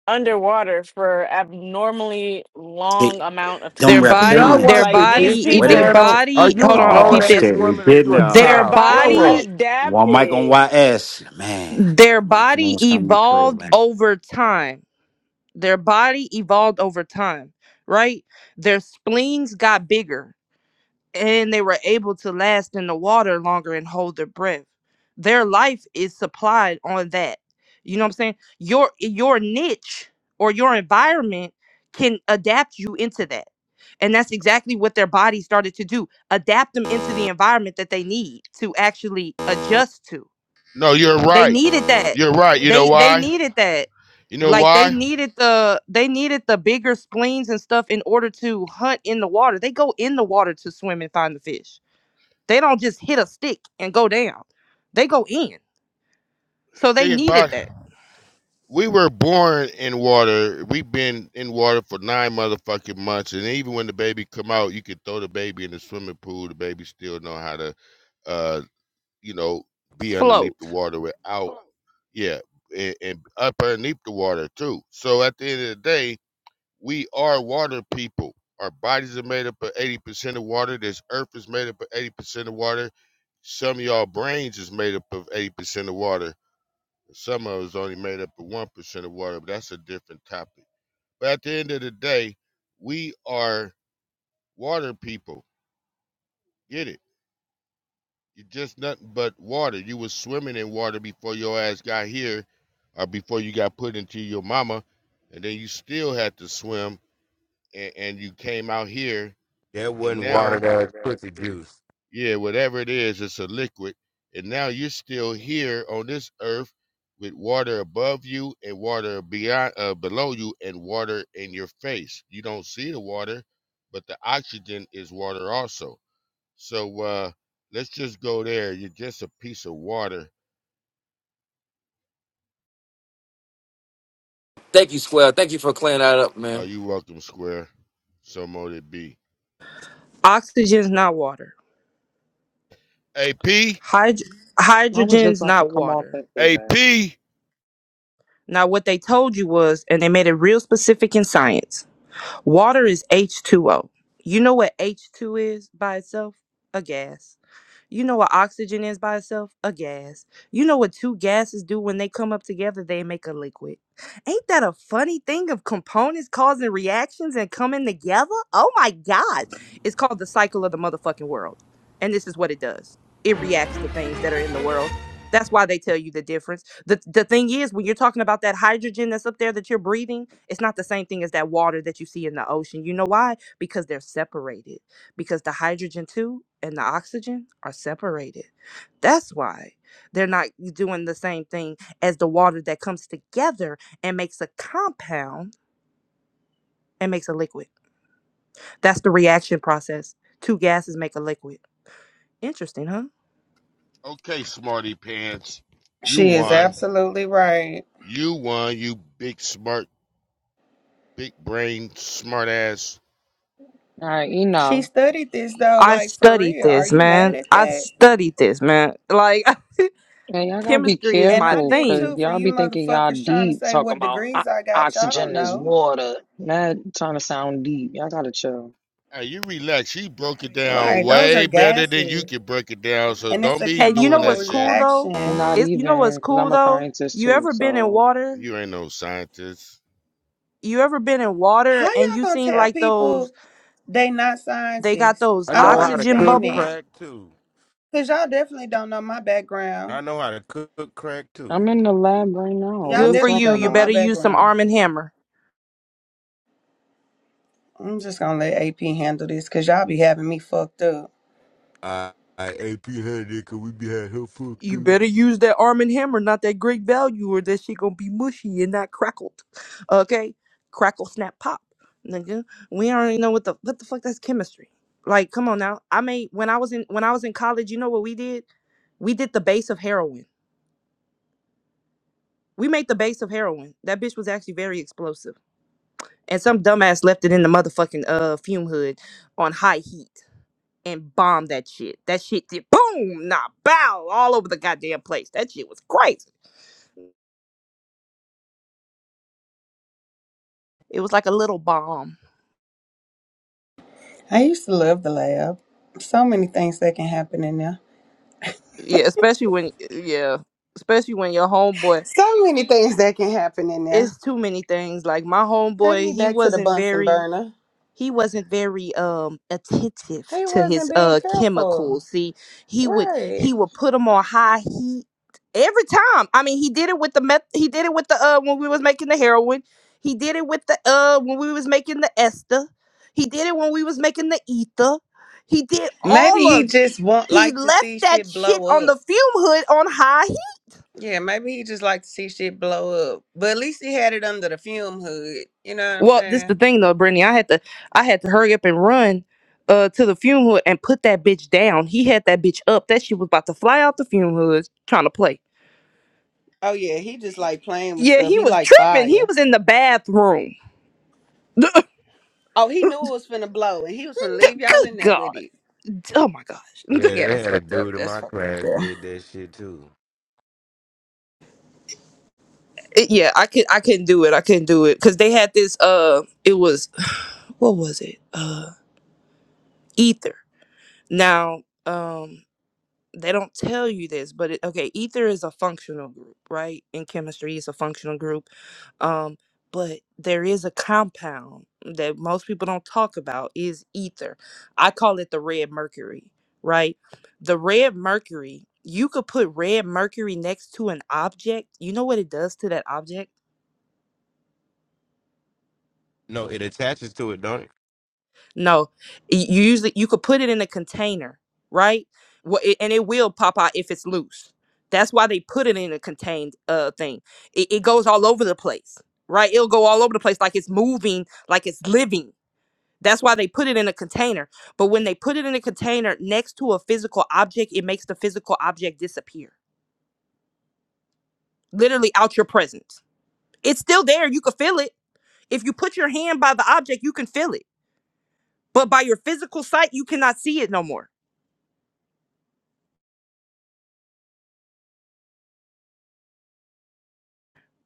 underwater for abnormally long It- amount of them their Do time. body, y'all their watch reptilians. the Like these body, e, Disney Wait a their people, minute. ch- Channel? Are body. you Hold a on, hold on. Oh grown Peep ass this. shit, we woman? Are did you a now. Their their child? Grow bodies up. body, One mic on adapted. YS, man. their My dream body was coming through, evolved over time. Their body evolved over time, right? Their spleens got bigger and they were able to last in the water longer and hold their breath. Their life is supplied on that. You know what I'm saying? Your your niche or your environment can adapt you into that. And that's exactly what their body started to do. Adapt them into the environment that they need to actually adjust to No, you're they right. needed that. You're right. You know They they why? needed that. You know Like they why? needed the they needed the bigger spleens and stuff in order to hunt in the water. They go in the water to swim and find the fish. They don't just hit a stick and go down. They go in. So they Think needed about it. that. we were born in water. We've been in water for nine motherfucking months, and even when the baby come out, you could throw the baby in the swimming pool. The baby still know how to uh, you know, be underneath Float. the water without, yeah, and, and up underneath the water too. So at the end of the day, we are water people. Our bodies are made up of 80% of water. This earth is made up of 80% of water. Some of y'all brains is made up of 80% of water. Some of us only made up of 1% of water, but that's a different topic. But at the end of the day, we are water people. Get it? You're just nothing but water. You was swimming in water before your ass got here, or before you got put into your mama, and then you still had to swim, and, and you came out here, That and wasn't Yeah, now, watered ass water that is. pussy juice. yeah, whatever it is, it's a liquid, and now you're still here on this earth with water above you and water beyond, uh, below you, and water in your face. You don't see the water, but the oxygen is water also. So uh, let's just go there. You're just a piece of water. Thank you, Square. Thank you for clearing that up, man. Are you welcome, Square? So mote it be. Oxygen's not water. AP, Hyd- I was just hydrogen's about to not come off water. that statement. AP. Now what they told you was, and they made it real specific in science. Water is H2O. You know what H2 is by itself? A gas. You know what oxygen is by itself? A gas. You know what two gases do when they come up together? They make a liquid. Ain't that a funny thing of components causing reactions and coming together? Oh my God. It's called the cycle of the motherfucking world. And this is what it does it reacts to things that are in the world. That's why they tell you the difference. The, the thing is, when you're talking about that hydrogen that's up there that you're breathing, it's not the same thing as that water that you see in the ocean. You know why? Because they're separated because the hydrogen two and the oxygen are separated. That's why they're not doing the same thing as the water that comes together and makes a compound and makes a liquid. That's the reaction process. Two gases make a liquid. Interesting, huh? Okay, smarty pants. You She is won. absolutely right. You won. You big smart, big brain, smart ass. All right, She enough. studied this though, I like for studied real. Are this, you mad man. at I that? studied this, man. Like And y'all gotta be chemistry is And my I careful, did 'cause too thing. for y'all you be thinking y'all motherfuckers trying to deep say talking what about o- degrees I got. Y'all don't oxygen is know. water. Not trying to sound deep. Y'all gotta chill. Hey, you relax. She broke it down Right. Those are way better than you gases. can break it down. So And it's don't a be And you doing know chemical that what's shit. cool though? reaction. Not Is you know what's even, 'cause cool I'm a though? scientist You too, ever been in so. water You ain't no scientist. you ever been in How water and y'all you gonna seen tell like people those they not they got scientists? those I I don't know how to oxygen understand cook that. bubbles crack too. Cause y'all definitely don't know my background. I know how to cook crack too. I'm in the lab right now. Y'all What are good you for definitely you talking don't you know my better about? use some background. arm and hammer I'm just gonna let AP handle this because y'all be having me fucked up. I AP had it cause we be had her fucked you too. better use that arm and hammer not that great value or that shit gonna be mushy and not crackled okay crackle snap pop nigga we already know what the what the fuck that's chemistry like come on now i made when i was in when i was in college you know what we did we did the base of heroin we made the base of heroin that bitch was actually very explosive and some dumbass left it in the motherfucking uh fume hood on high heat and bombed that shit. That shit did boom, nah, bow, all over the goddamn place. That shit was crazy. It was like a little bomb. I used to love the lab. So many things that can happen in there. Yeah, especially when yeah, especially when your homeboy. So many things that can happen in there. It's too many things. Like my Take homeboy, me he back to the wasn't Bunsen very. burner. he wasn't very um attentive He to wasn't his being uh careful. chemicals see he would Right. he would put them on high heat every time i mean he did it with the meth he did it with the uh when we was making the heroin he did it with the uh when we was making the ester he did it when we was making the ether he did all Maybe he of it just won't he like to left see that shit shit blow on the up. fume hood on high Yeah, maybe he just like to see shit blow up. But at least he had it under the fume hood. You know what I'm Well, this the saying? thing though, Brittany. I had to I had to hurry up and run uh to the fume hood and put that bitch down. He had that bitch up. That shit was about to fly out the fume hood trying to play. Oh yeah, he just like playing with Yeah, stuff. he He was like tripping. He fire. was in the bathroom. Oh, he knew it was finna blow and he was finna D- leave y'all in Good there with God. it. Oh my gosh. Yeah, Yeah, they that's had a fucked up. dude in That's my fucked class up. did that shit too. It- yeah, I could I couldn't do it. I couldn't do it. Cause they had this uh it was what was it? Uh ether. Now, um they don't tell you this, but it, okay, ether is a functional group, right? In chemistry, it's a functional group. Um, but there is a compound that most people don't talk about is ether. I call it the red mercury, right? The red mercury, you could put red mercury next to an object. You know what it does to that object? No, it attaches to it, don't it? No, y- you usually you could put it in a container, right? Well, it, and it will pop out if it's loose. That's why they put it in a contained uh thing. It, it goes all over the place, right? It'll go all over the place like it's moving, like it's living. That's why they put it in a container. But when they put it in a container next to a physical object, it makes the physical object disappear, literally out your presence. It's still there. You can feel it. If you put your hand by the object, you can feel it. But by your physical sight, you cannot see it no more.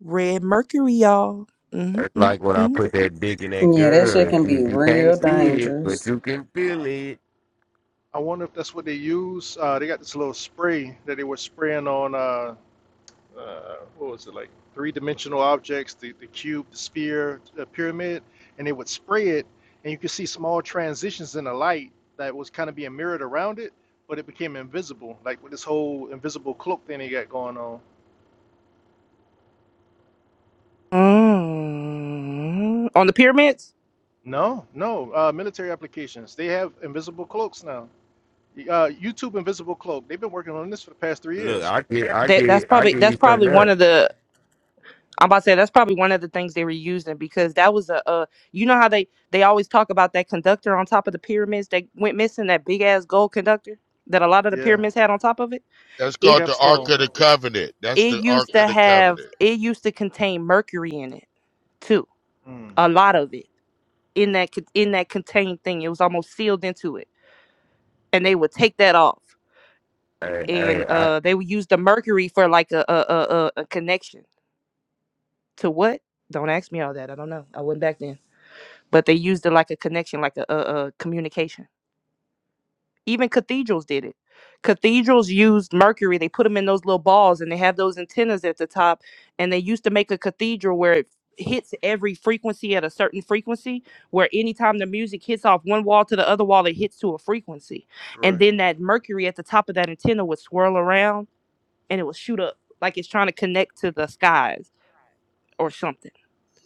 Red Mercury, y'all. It's Mm-hmm, like when I mm-hmm. put that dick in that Yeah, that shit girl. can be You, you can't real see it, but dangerous. you can feel it. I wonder if that's what they use. Uh, they got this little spray that they were spraying on uh uh, what was it like three dimensional objects, the, the cube, the sphere, the pyramid, and they would spray it, and you could see small transitions in the light that was kind of being mirrored around it, but it became invisible, like with this whole invisible cloak thing they got going on. Mm. On the pyramids, No, no, uh, military applications. They have invisible cloaks now. Uh, YouTube Invisible Cloak. They've been working on this for the past three Look, years. I get, I that that's get, I probably give that's you something probably one else. of the I'm about to say that's probably one of the things they were using because that was a, a you know how they they always talk about that conductor on top of the pyramids that went missing that big ass gold conductor that a lot of the Yeah, pyramids had on top of it. That's the It called the Ark capstone. of the Covenant. That's it the Ark used of to the have Covenant. it used to contain mercury in it too, Mm, a lot of it in that con- in that contained thing. It was almost sealed into it, and they would take that off. Hey, and hey, I, uh they would use the mercury for like a a, a a a connection to what don't ask me all that i don't know i wasn't back then but they used it like a connection like a, a, a communication even cathedrals did it cathedrals used mercury they put them in those little balls and they have those antennas at the top and they used to make a cathedral where it hits every frequency at a certain frequency where anytime the music hits off one wall to the other wall it hits to a frequency and correct. then that mercury at the top of that antenna would swirl around and it will shoot up like it's trying to connect to the skies or something.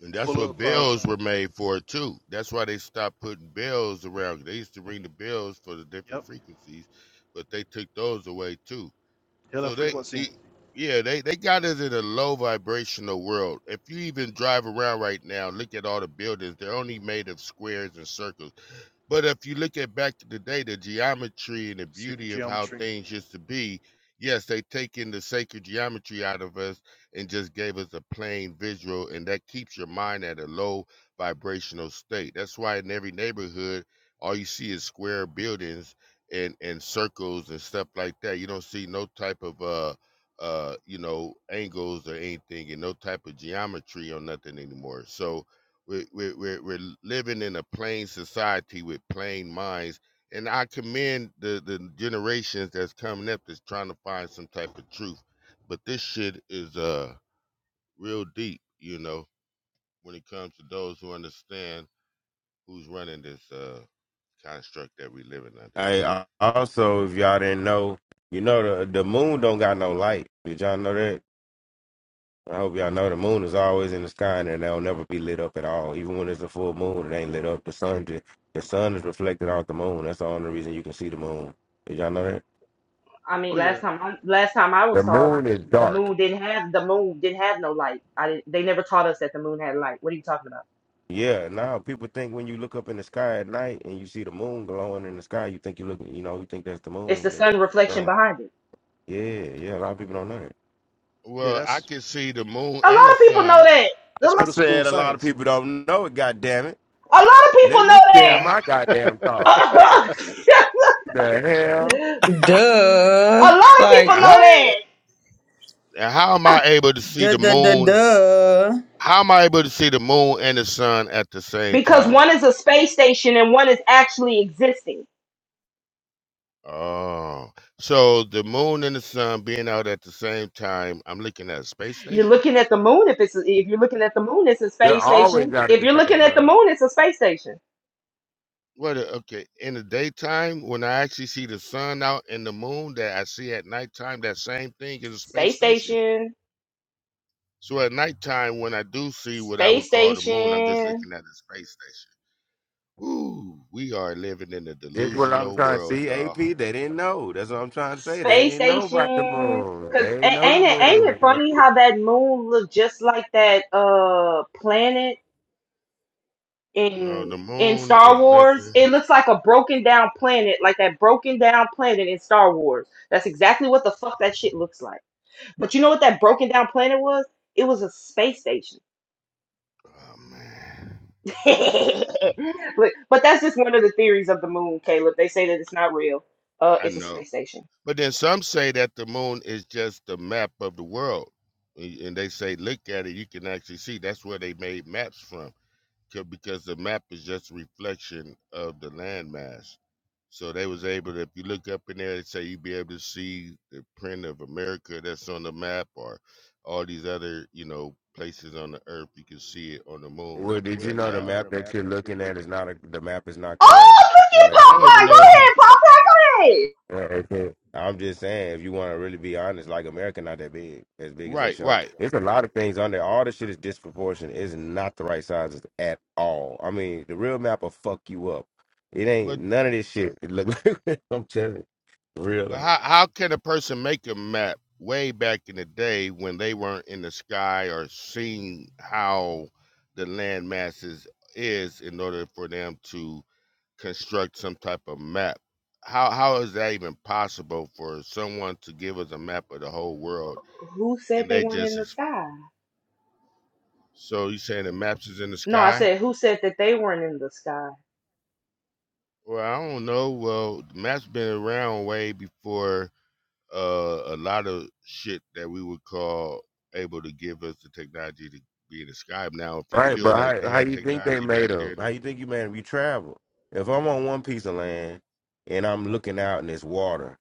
And that's Full what of, uh, bells were made for too. That's why they stopped putting bells around. They used to ring the bells for the different yep, frequencies, but they took those away too. hidden So they, frequency, y- yeah, they they got us in a low vibrational world. If you even drive around right now, look at all the buildings. They're only made of squares and circles. But if you look at back to the day, the geometry and the secret beauty of how geometry. things used to be, yes, they taken the sacred geometry out of us and just gave us a plain visual, and that keeps your mind at a low vibrational state. That's why in every neighborhood, all you see is square buildings and and circles and stuff like that. You don't see no type of uh uh you know angles or anything and no type of geometry or nothing anymore. So we're we're we're, we're living in a plain society with plain minds. And I commend the the generations that's coming up that's trying to find some type of truth. But this shit is uh real deep, you know, when it comes to those who understand who's running this uh construct that we living under. hey, I, also, if y'all didn't know, you know the the moon don't got no light. Did y'all know that? I hope y'all know the moon is always in the sky and they'll never be lit up at all. Even when it's a full moon, it ain't lit up. The sun, ju- the sun is reflected off the moon. That's the only reason you can see the moon. Did y'all know that? I mean, Oh yeah, last time I, last time I was The saw it, moon is the dark. moon didn't have the moon didn't have no light. I didn't- they never taught us that the moon had light. What are you talking about? Yeah. Now people think when you look up in the sky at night and you see the moon glowing in the sky, you think you look, you know, you think that's the It's the moon. sun reflection behind it. Yeah, yeah, a lot of people don't know that. Yeah, Well, I that's can see the moon A and lot the of people know sun. that. A that's I lo- middle school said a lot of science. people don't know it, goddamn it. a lot of people Let me know share Now, how, my goddamn that. a thoughts. The hell? Duh. lot of Like people know how, that what? how am I able to see Duh, the duh, duh, moon? duh. How am I able to see the moon and the sun at the same because time? one is a space station and one is actually existing. Oh, so the moon and the sun being out at the same time, I'm looking at a space You're station. looking at the moon. If it's if you're looking at the moon, it's a They're space always station. out at If the you're same looking at the time. moon, it's a space station. What? a- Okay, in the daytime, when I actually see the sun out and the moon that I see at nighttime, that same thing is a space Space station. station. So at nighttime, when I do see what I would Space call the moon, I'm just station. looking at a space station. Ooh, we are living in a That's what I'm delusional trying to world, see, AP. y'all. They didn't know. That's what I'm trying to say. They Space didn't know about the station. moon. They Cause didn't a- know the ain't it ain't it moon. funny how that moon looked just like that uh planet No, in the in moon Star is Wars? nothing. It looks like a broken down planet, like that broken down planet in Star Wars. That's exactly what the fuck that shit looks like. But you know what that broken down planet was? It was a space station. Oh man, But but that's just one of the theories of the moon, Caleb. They say that it's not real. Uh, I it's a know. space station. But then some say that the moon is just the map of the world, A- and they say look at it, you can actually see. That's where they made maps from, 'cause- because the map is just a reflection of the landmass. So they was able to, if you look up in there, they say you'd be able to see the print of America that's on the map or all these other, you know, places on the earth. You can see it on the moon. Well, 'cause Well, did you That's did know you the how. know map the that map you're that you're looking at is looking not a, the map is not correct? Oh, look The at map I you don't even Popeye. Go look. know. ahead, Popeye. Go ahead. Yeah, it's a- I'm just saying, if you want to really be honest, like America not that big, as big as they Right, show. right. It's a lot of things on there. All the shit is disproportionate. It's not the right sizes at all. I mean, the real map will fuck you up. It ain't But none of this shit. It look, I'm telling you, real. but life. Yeah. how how can a person make a map way back in the day when they weren't in the sky or seeing how the land masses is in order for them to construct some type of map. How how is that even possible for someone to give us a map of the whole world Who said and they they weren't just in the ex- sky? so you saying the maps is in the No, I sky? said who said that they weren't in the sky. Well, I don't know. Well, the maps been around way before uh, a lot of shit that we would call able to give us the technology to be in the sky. Now, if you Right, feel but like they how, how had you think they technology back made there them? in the How you think you made them? You travel. If I'm on one piece of land and I'm looking out and it's water,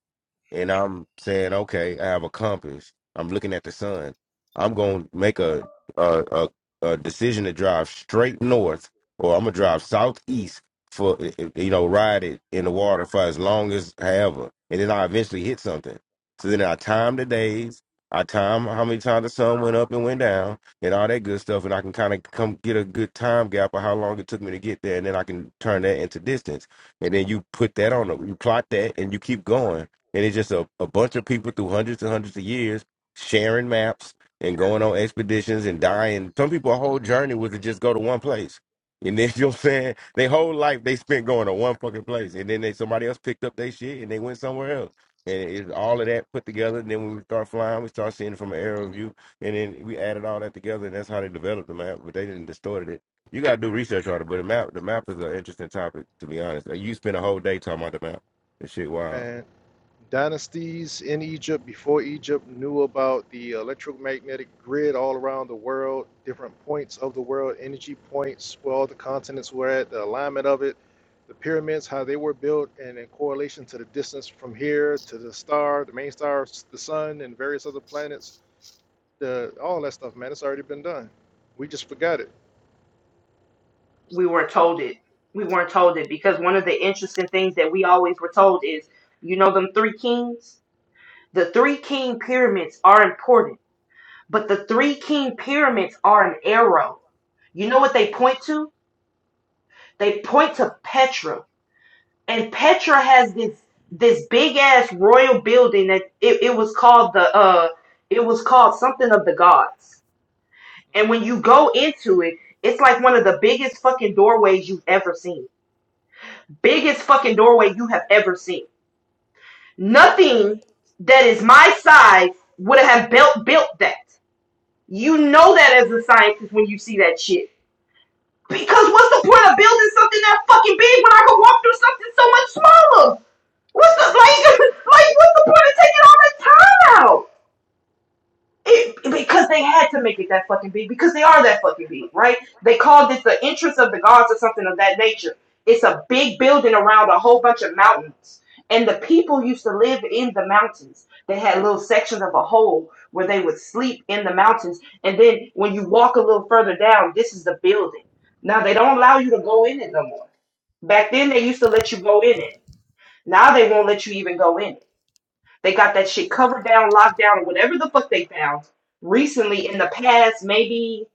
and I'm saying, okay, I have a compass. I'm looking at the sun. I'm going to make a, a a a decision to drive straight north, or I'm gonna drive southeast for eh, eh, you know ride it in the water for as long as however, and then I eventually hit something. So then I time the days. I time how many times the sun went up and went down and all that good stuff, and I can kind of come get a good time gap of how long it took me to get there, and then I can turn that into distance, and then you put that on, the- you plot that, and you keep going and it's just a, a bunch of people through hundreds and hundreds of years sharing maps and going on expeditions and dying. Some people a whole journey was to just go to one place. And then you know what I'm saying? Their whole life they spent going to one fucking place. And then they somebody else picked up their shit and they went somewhere else. And it's all of that put together. And then when we start flying, we start seeing it from an aerial view. And then we added all that together and that's how they developed the map, but they didn't distort it. You gotta do research on it, but the map the map is an interesting topic to be honest. Like, You spend a whole day talking about the map. That shit wild. Man, dynasties in Egypt before Egypt knew about the electromagnetic grid all around the world, different points of the world, energy points, where all the continents were at, the alignment of it, the pyramids, how they were built, and in correlation to the distance from here to the star, the main star, s- the sun, and various other planets. The all that stuff, man, it's already been done. We just forgot it. We weren't told it. We weren't told it because one of the interesting things that we always were told is, you know, them three kings. The three king pyramids are important, but the three king pyramids are an arrow. You know what they point to? They point to Petra. and Petra has this this big ass royal building that it, it was called the uh it was called something of the gods. And when you go into it, it's like one of the biggest fucking doorways you've ever seen. Biggest fucking doorway you have ever seen. Nothing that is my size would have built built that. You know that as a scientist when you see that shit. Because what's the point of building something that fucking big when I can walk through something so much smaller? What's the like? Like, what's the point of taking all that time out? It, because they had to make it that fucking big because they are that fucking big, right? They called it the entrance of the gods or something of that nature. It's a big building around a whole bunch of mountains, and the people used to live in the mountains. They had little sections of a hole where they would sleep in the mountains, and then when you walk a little further down, this is the building. Now they don't allow you to go in it no more. Back then they used to let you go in it. Now they won't let you even go in it they got that shit covered down, locked down, or whatever the fuck they found recently in the past maybe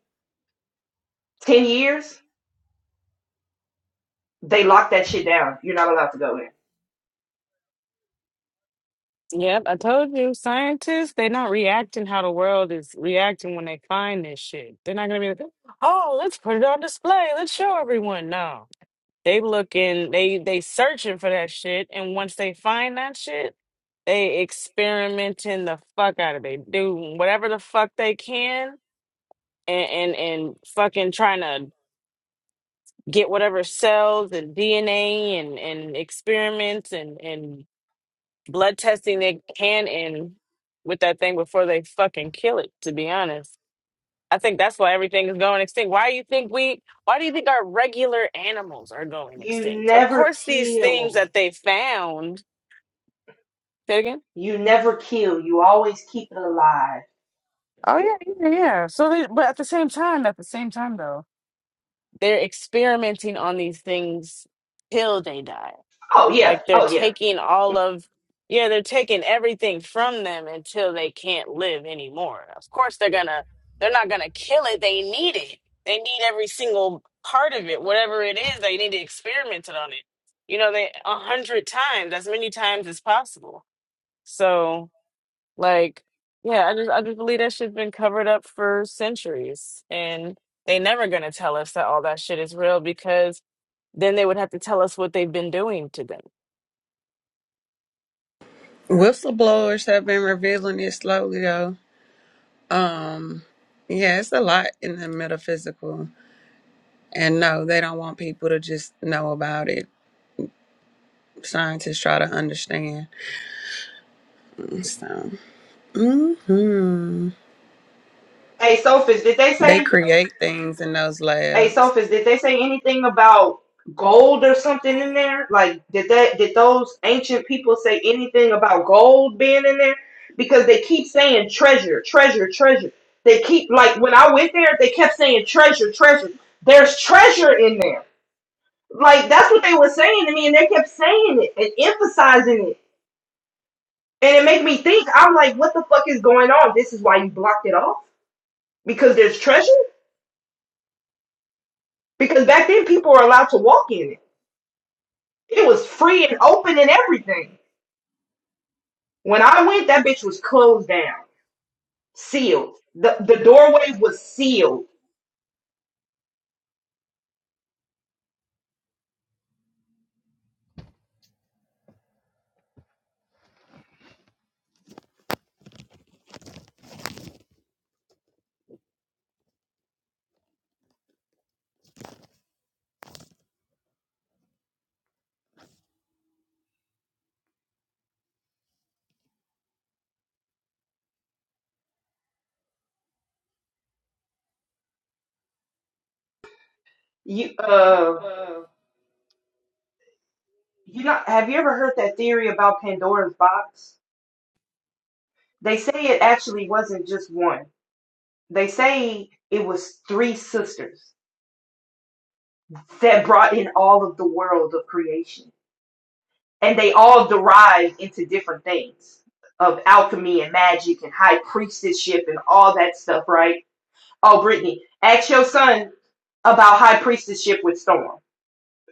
10 years. They locked that shit down. You're not allowed to go in. Yep, I told you, scientists, they're not reacting how the world is reacting when they find this shit. They're not gonna be like, oh, let's put it on display. Let's show everyone. No. They looking, they they searching for that shit, and once they find that shit, they experimenting the fuck out of it. They do whatever the fuck they can and and, and fucking trying to get whatever cells and DNA and, and experiments and, and blood testing they can in with that thing before they fucking kill it, to be honest. I think that's why everything is going extinct. Why do you think we why do you think our regular animals are going extinct? Of course these things that they found say it again? Oh yeah, yeah, yeah. So they, but at the same time, at the same time though, they're experimenting on these things till they die. Like they're taking all of, yeah, they're taking everything from them until they can't live anymore. Of course, they're gonna, they're not gonna kill it. They need it. They need every single part of it, whatever it is. They need to experiment it on it. You know, they a hundred times, as many times as possible. So like, yeah, I just I just believe that shit's been covered up for centuries, and they never gonna tell us that all that shit is real because then they would have to tell us what they've been doing to them. Whistleblowers have been revealing it slowly though. Um yeah, it's a lot in the metaphysical. And no, they don't want people to just know about it. Scientists try to understand. So hmm Hey, Sophis, did they they say, create things in those hey, labs. Sophis, did they say anything about gold or something in there? Like, did that, did those ancient people say anything about gold being in there? Because they keep saying treasure, treasure, treasure. They keep, like, when I went there, they kept saying treasure, treasure. There's treasure in there Like that's what they were saying to me, and they kept saying it and emphasizing it, and it made me think. I'm like, what the fuck is going on? This is why you blocked it off because there's treasure. Because back then people were allowed to walk in it. It was free and open and everything. When I went, that bitch was closed down, sealed. the The doorway was sealed. You uh, you not have you ever heard that theory about Pandora's box? They say it actually wasn't just one. They say it was three sisters that brought in all of the world of creation. And they all derived into different things of alchemy and magic and high priestessship and all that stuff, right? Oh, Brittany, ask your son about high priestessship with Storm.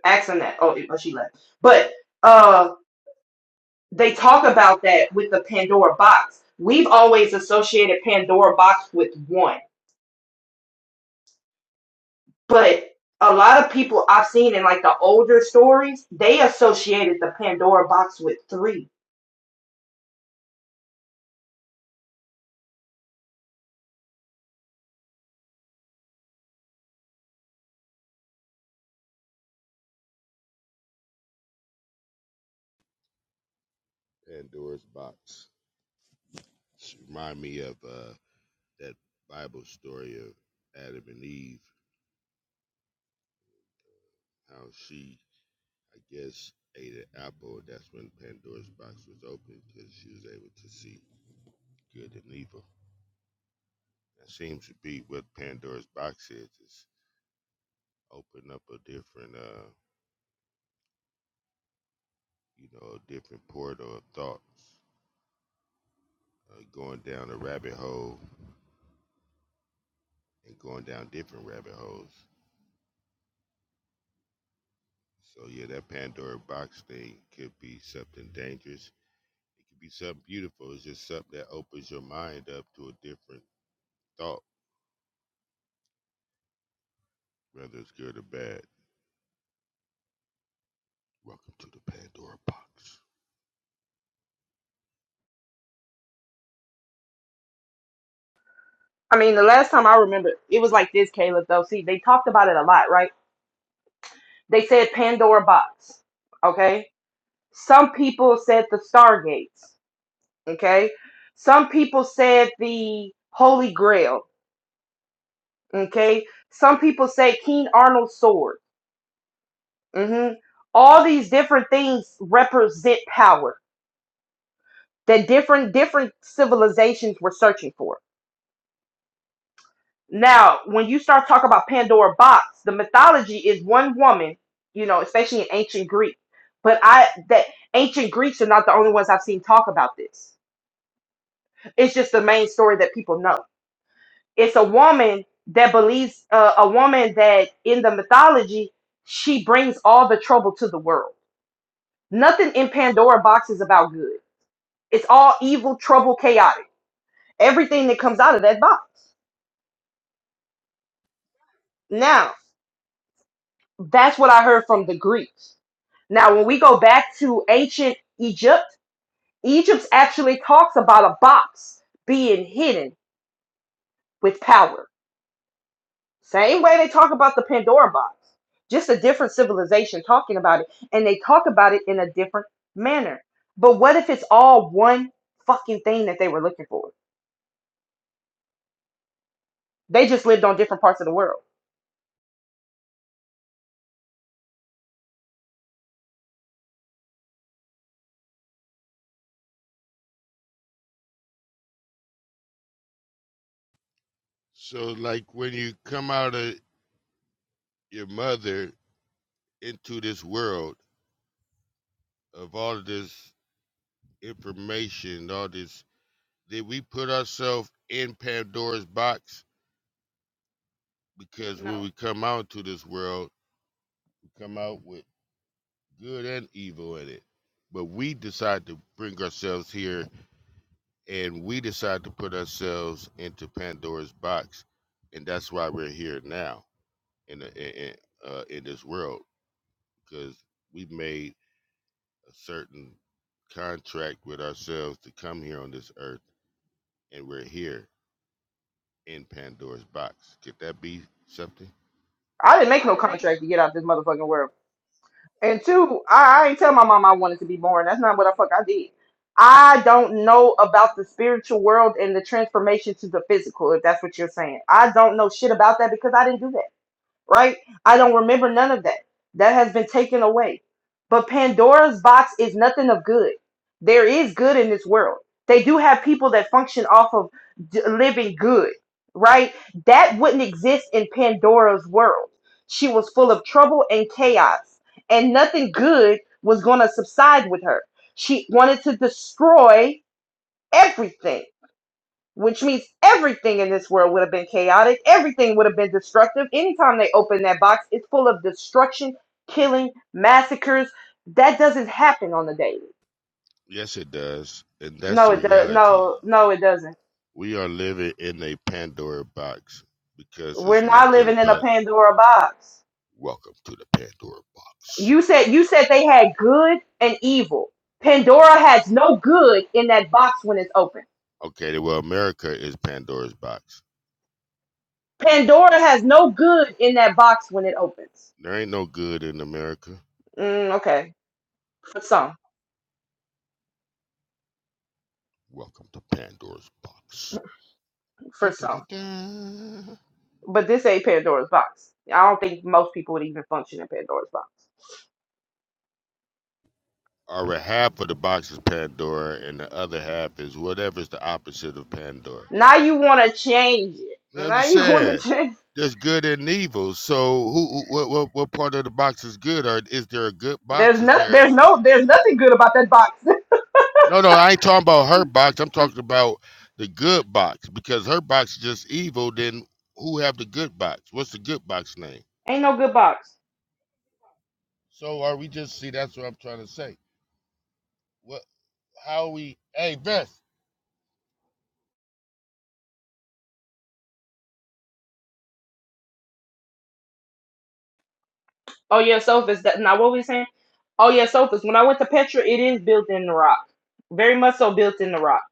Ask him that. Oh, oh, she left. But uh, they talk about that with the Pandora box. We've always associated Pandora box with one But a lot of people I've seen in like the older stories, they associated the Pandora box with three. Pandora's box, just remind me of uh, that Bible story of Adam and Eve, how she I guess, ate an apple. That's when Pandora's box was opened because she was able to see good and evil. That seems to be what Pandora's box is. It's open up a different, uh, you know, a different portal of thoughts, uh, going down a rabbit hole and going down different rabbit holes. So yeah, that Pandora box thing could be something dangerous. It could be something beautiful. It's just something that opens your mind up to a different thought, whether it's good or bad. Welcome to the Pandora box. I mean, the last time I remember, it was like this, Caleb, though. See, they talked about it a lot, right? They said Pandora box, okay? Some people said the Stargates, okay? Some people said the Holy Grail, okay? Some people say King Arnold's sword. hmm All these different things represent power that different different civilizations were searching for. Now, when you start talking about Pandora box, the mythology is one woman, you know, especially in ancient Greek. But I that ancient Greeks are not the only ones I've seen talk about this. It's just the main story that people know it's a woman that believes uh, a woman that in the mythology she brings all the trouble to the world nothing in pandora box is about good it's all evil trouble chaotic everything that comes out of that box now that's what i heard from the greeks now when we go back to ancient egypt egypt actually talks about a box being hidden with power Same way they talk about the Pandora box, just a different civilization talking about it. And they talk about it in a different manner. But what if it's all one fucking thing that they were looking for? They just lived on different parts of the world. So, like when you come out of your mother into this world of all of this information, all this, did we put ourselves in Pandora's box? Because no. when we come out to this world, we come out with good and evil in it. But we decide to bring ourselves here and we decide to put ourselves into Pandora's box. And that's why we're here now in, the, in, uh, in this world because we made a certain contract with ourselves to come here on this earth, and we're here in Pandora's box. Could that be something? I didn't make no contract to get out of this motherfucking world. And two, I, I ain't tell my mom I wanted to be born. That's not what the fuck I did. I don't know about the spiritual world and the transformation to the physical, if that's what you're saying. I don't know shit about that because I didn't do that right? I don't remember none of that. That has been taken away. But Pandora's box is nothing of good. There is good in this world. They do have people that function off of d- living good, right? That wouldn't exist in Pandora's world. She was full of trouble and chaos, and nothing good was going to subside with her. She wanted to destroy everything which means everything in this world would have been chaotic. Everything would have been destructive. Anytime they open that box, it's full of destruction, killing, massacres. That doesn't happen on the daily. Yes, it does, and that's No, the it does. reality. No, no, it doesn't. We are living in a Pandora box because We're it's not nothing living in a but Pandora box. welcome to the Pandora box. You said you said they had good and evil. Pandora has no good in that box when it's open. Okay, well, America is Pandora's box. Pandora has no good in that box when it opens. There ain't no good in America. Mm, okay, for some, Welcome to Pandora's box. for Dun, dun, some. dun, dun. but this ain't Pandora's box. I don't think most people would even function in Pandora's box. All right, half of the box is Pandora, and the other half is whatever's the opposite of Pandora. Now you want to change it. I'm Now just you want saying, to change. there's good and evil. So, who, who what, what, what part of the box is good? Or is there a good There's box? Is no, there? there's no, there's nothing good about that box. No, no, I ain't talking about her box. I'm talking about the good box because her box is just evil. Then who have the good box? What's the good box name? ain't no good box. So, are we just see? That's what I'm trying to say. What? How we? Hey, Vince. Oh yeah, sofas. That now what we saying? Oh yeah, sofas. When I went to Petra, it is built in the rock, very much so built in the rock.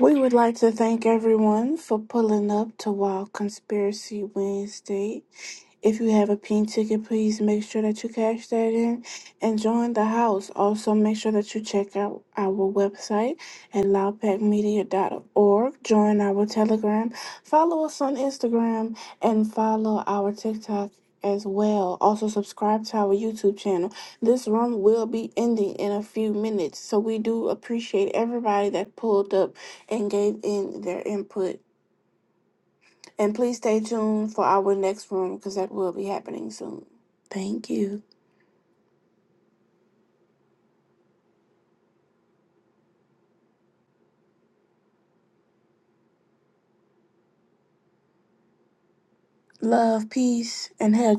We would like to thank everyone for pulling up to Wild Conspiracy Wednesday. If you have a pink ticket, please make sure that you cash that in and join the house. Also, make sure that you check out our website at loud pack media dot org. Join our Telegram. Follow us on Instagram and follow our TikTok as well. Also, subscribe to our YouTube channel. This room will be ending in a few minutes, so we do appreciate everybody that pulled up and gave in their input. And please stay tuned for our next room because that will be happening soon. Thank you. Love, peace, and hair